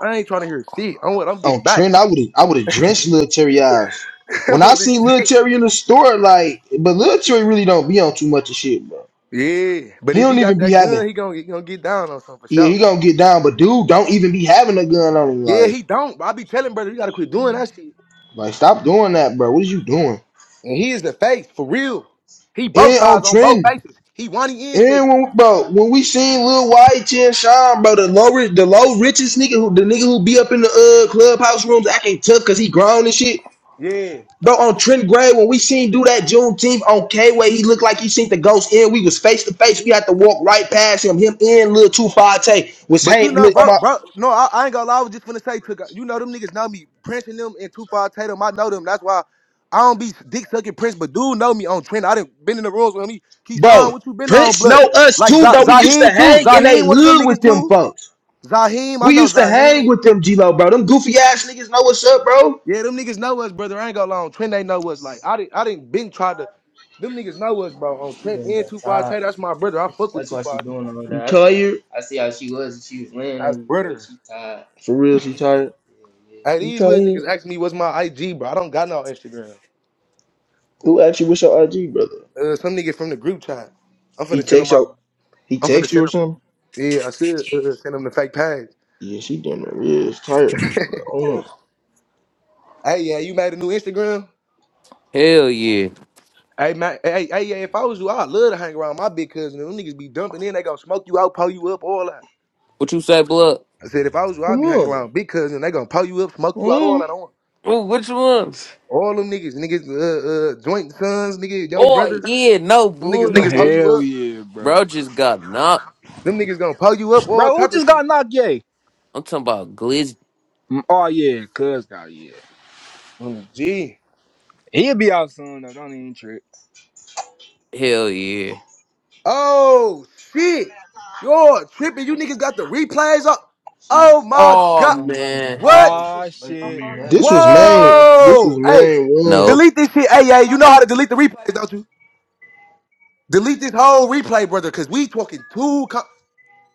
Speaker 13: I ain't trying to hear shit. I'm what I'm getting
Speaker 12: on
Speaker 13: back
Speaker 12: trend. I would have I would have drenched Lil Terry eyes. When
Speaker 13: *laughs*
Speaker 12: I
Speaker 13: on the
Speaker 12: see Lil
Speaker 13: G.
Speaker 12: Terry in the store, like, but Lil Terry really don't be on too much of shit, bro.
Speaker 13: Yeah, but
Speaker 12: He
Speaker 13: if he
Speaker 12: don't
Speaker 13: got
Speaker 12: even be
Speaker 13: that
Speaker 12: having.
Speaker 13: gun, he gonna he gonna get down on something for
Speaker 12: Yeah, he
Speaker 13: sure.
Speaker 12: gonna get down, but dude, don't even be having a gun on him.
Speaker 13: Yeah,
Speaker 12: Like,
Speaker 13: he don't. But I be telling brother, you gotta quit doing that shit.
Speaker 12: like stop doing that, bro. What is you doing?
Speaker 13: And he is the face for real. He both
Speaker 12: And on
Speaker 13: sides on both
Speaker 12: trend.
Speaker 13: faces. He one he in
Speaker 12: And
Speaker 13: shit.
Speaker 12: when, bro, when we seen Lil White Chin Shine, bro, the low, ri- the low richest nigga, who, the nigga who be up in the uh clubhouse rooms acting tough cause he grown and shit.
Speaker 13: Yeah.
Speaker 12: Bro, on Trent Gray, when we seen do that Juneteenth on K way, he looked like he seen the ghost in. We was face to face. We had to walk right past him. Him in Lil Tufate was
Speaker 13: But you
Speaker 12: hang
Speaker 13: know,
Speaker 12: on
Speaker 13: bro,
Speaker 12: my
Speaker 13: bro, no, I, I ain't gonna lie. I was just gonna say, to, you know, them niggas know me. Prince and them and Two Five Tatum, I know them. That's why I don't be dick sucking Prince, but dude know me on trend. I done been in the rooms with me.
Speaker 12: bro.
Speaker 13: Keyshawn, what you been on,
Speaker 12: Prince
Speaker 13: blood?
Speaker 12: know us
Speaker 13: Like Z-
Speaker 12: too, bro. We used to
Speaker 13: Zaheem too.
Speaker 12: hang in a
Speaker 13: Zaheem, one of them
Speaker 12: hood
Speaker 13: niggas
Speaker 12: with them
Speaker 13: too.
Speaker 12: folks.
Speaker 13: Zaheem, I
Speaker 12: We
Speaker 13: know
Speaker 12: used to
Speaker 13: Zaheem.
Speaker 12: hang with them G Lo, bro. Them goofy ass niggas know what's up, bro.
Speaker 13: Yeah, them niggas know us, brother. I ain't gonna lie on Trent. They know us. Like I didn't, I didn't been try to. Them niggas know us, bro. On Trent and Two Five Tay, that's my brother. I fuck with Two Five Tay.
Speaker 12: You tired?
Speaker 13: That's brother.
Speaker 12: For real, she tired?
Speaker 13: Hey,
Speaker 12: You
Speaker 13: these little
Speaker 12: tired?
Speaker 13: niggas ask me what's my IG, bro. I don't got no Instagram.
Speaker 12: Who brother?
Speaker 13: Uh, some nigga from the group chat. I'm finna
Speaker 12: He
Speaker 13: send them my.
Speaker 12: he
Speaker 13: I'm finna
Speaker 12: text you
Speaker 13: send
Speaker 12: or
Speaker 13: them.
Speaker 12: something?
Speaker 13: Yeah, I should uh, uh, send them the fake page.
Speaker 12: Yes, sir.
Speaker 13: *laughs* hey, yeah, you made a new Instagram.
Speaker 2: Hell yeah.
Speaker 13: Hey, man. Hey, hey, yeah. If I was you, I'd love to hang around my big cousin. Them niggas be dumping in. They gonna smoke you out, pull you up, all that.
Speaker 2: What you say, blood?
Speaker 13: I said if I was you, I'd be hanging around big cousin. They gonna pull you up, smoke you out,
Speaker 12: Mm.
Speaker 13: all that. I want
Speaker 2: Ooh, which ones?
Speaker 13: all them niggas, niggas, uh, uh, joint sons, nigga, yo
Speaker 2: Oh,
Speaker 13: brothers.
Speaker 2: yeah, no
Speaker 13: Them niggas
Speaker 2: bullshit.
Speaker 13: gonna pull
Speaker 2: Niggas-
Speaker 13: you
Speaker 3: Hell
Speaker 13: up.
Speaker 3: yeah, bro.
Speaker 2: Bro just got knocked.
Speaker 13: Them niggas gonna pull you up, all
Speaker 3: Bro, who
Speaker 13: type of
Speaker 3: just
Speaker 13: shit.
Speaker 3: got knocked yay?
Speaker 2: I'm talking about Glizzy.
Speaker 3: Mm, Oh yeah, cuz got yeah.
Speaker 13: Mm, Gee.
Speaker 3: He'll be out soon though. Don't even trip.
Speaker 2: Hell yeah.
Speaker 13: Oh shit, you're tripping. You niggas got the replays up. Oh my
Speaker 2: Oh
Speaker 13: god,
Speaker 2: man.
Speaker 12: i
Speaker 13: what?
Speaker 3: Ah shit.
Speaker 12: This happy. was
Speaker 3: Here we
Speaker 12: main.
Speaker 3: go.
Speaker 12: This was
Speaker 13: Whoa, hey,
Speaker 12: main room.
Speaker 2: Nope.
Speaker 13: delete this shit. Hey, hey, you know how to delete the replays, don't you? Delete this whole replay, brother, cause we talking too. Com-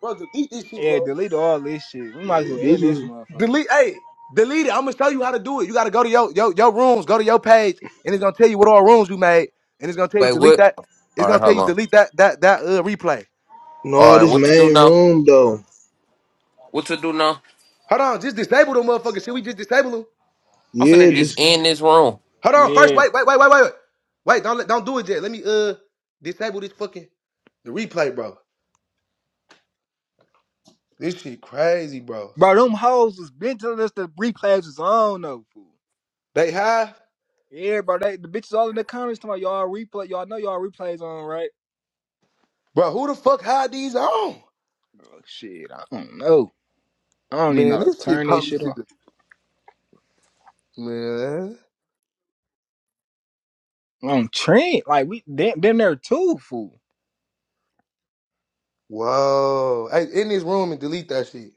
Speaker 13: brother, delete this shit,
Speaker 3: Yeah,
Speaker 13: bro.
Speaker 3: delete all this shit. We might as well
Speaker 12: This
Speaker 3: end this
Speaker 12: was
Speaker 3: motherfucker.
Speaker 13: Delete, hey, delete it. I'm gonna show you how to do it. You gotta go to your your, your rooms, go to your page, and it's gonna tell you what all rooms you made, and it's gonna tell you
Speaker 2: Wait,
Speaker 13: delete
Speaker 2: what?
Speaker 13: that. It's
Speaker 2: All right,
Speaker 13: gonna tell
Speaker 2: hold
Speaker 13: you
Speaker 2: on.
Speaker 13: delete that that that uh, replay.
Speaker 2: All
Speaker 12: no.
Speaker 2: right,
Speaker 12: This
Speaker 2: what to do
Speaker 12: main
Speaker 2: now?
Speaker 12: room though.
Speaker 2: What to do now?
Speaker 13: Hold on, just disable the motherfucker. Should we just disable them?
Speaker 2: I'm finna
Speaker 12: Yeah. This
Speaker 2: just end this room.
Speaker 13: Hold on, first,
Speaker 3: Yeah.
Speaker 13: wait, wait, wait, wait, wait, wait. Wait, don't let, don't do it yet. Let me uh disable this fucking the replay, bro. This shit crazy, bro.
Speaker 3: Bro, them hoes was been telling us the replays was on though, fool.
Speaker 13: They high,
Speaker 3: Yeah, bro. They, the bitches all in the comments talking about y'all replay. Y'all know y'all replays on, right?
Speaker 13: bro. Who the fuck hide these on?
Speaker 3: Oh, shit, I don't know. I don't even know
Speaker 13: Man,
Speaker 3: how to
Speaker 13: this shit
Speaker 3: turn this
Speaker 13: police
Speaker 3: shit
Speaker 13: is
Speaker 3: off.
Speaker 13: a man.
Speaker 3: On Trent, like we damn, damn near two fool.
Speaker 13: Whoa, hey, in this room and delete that shit.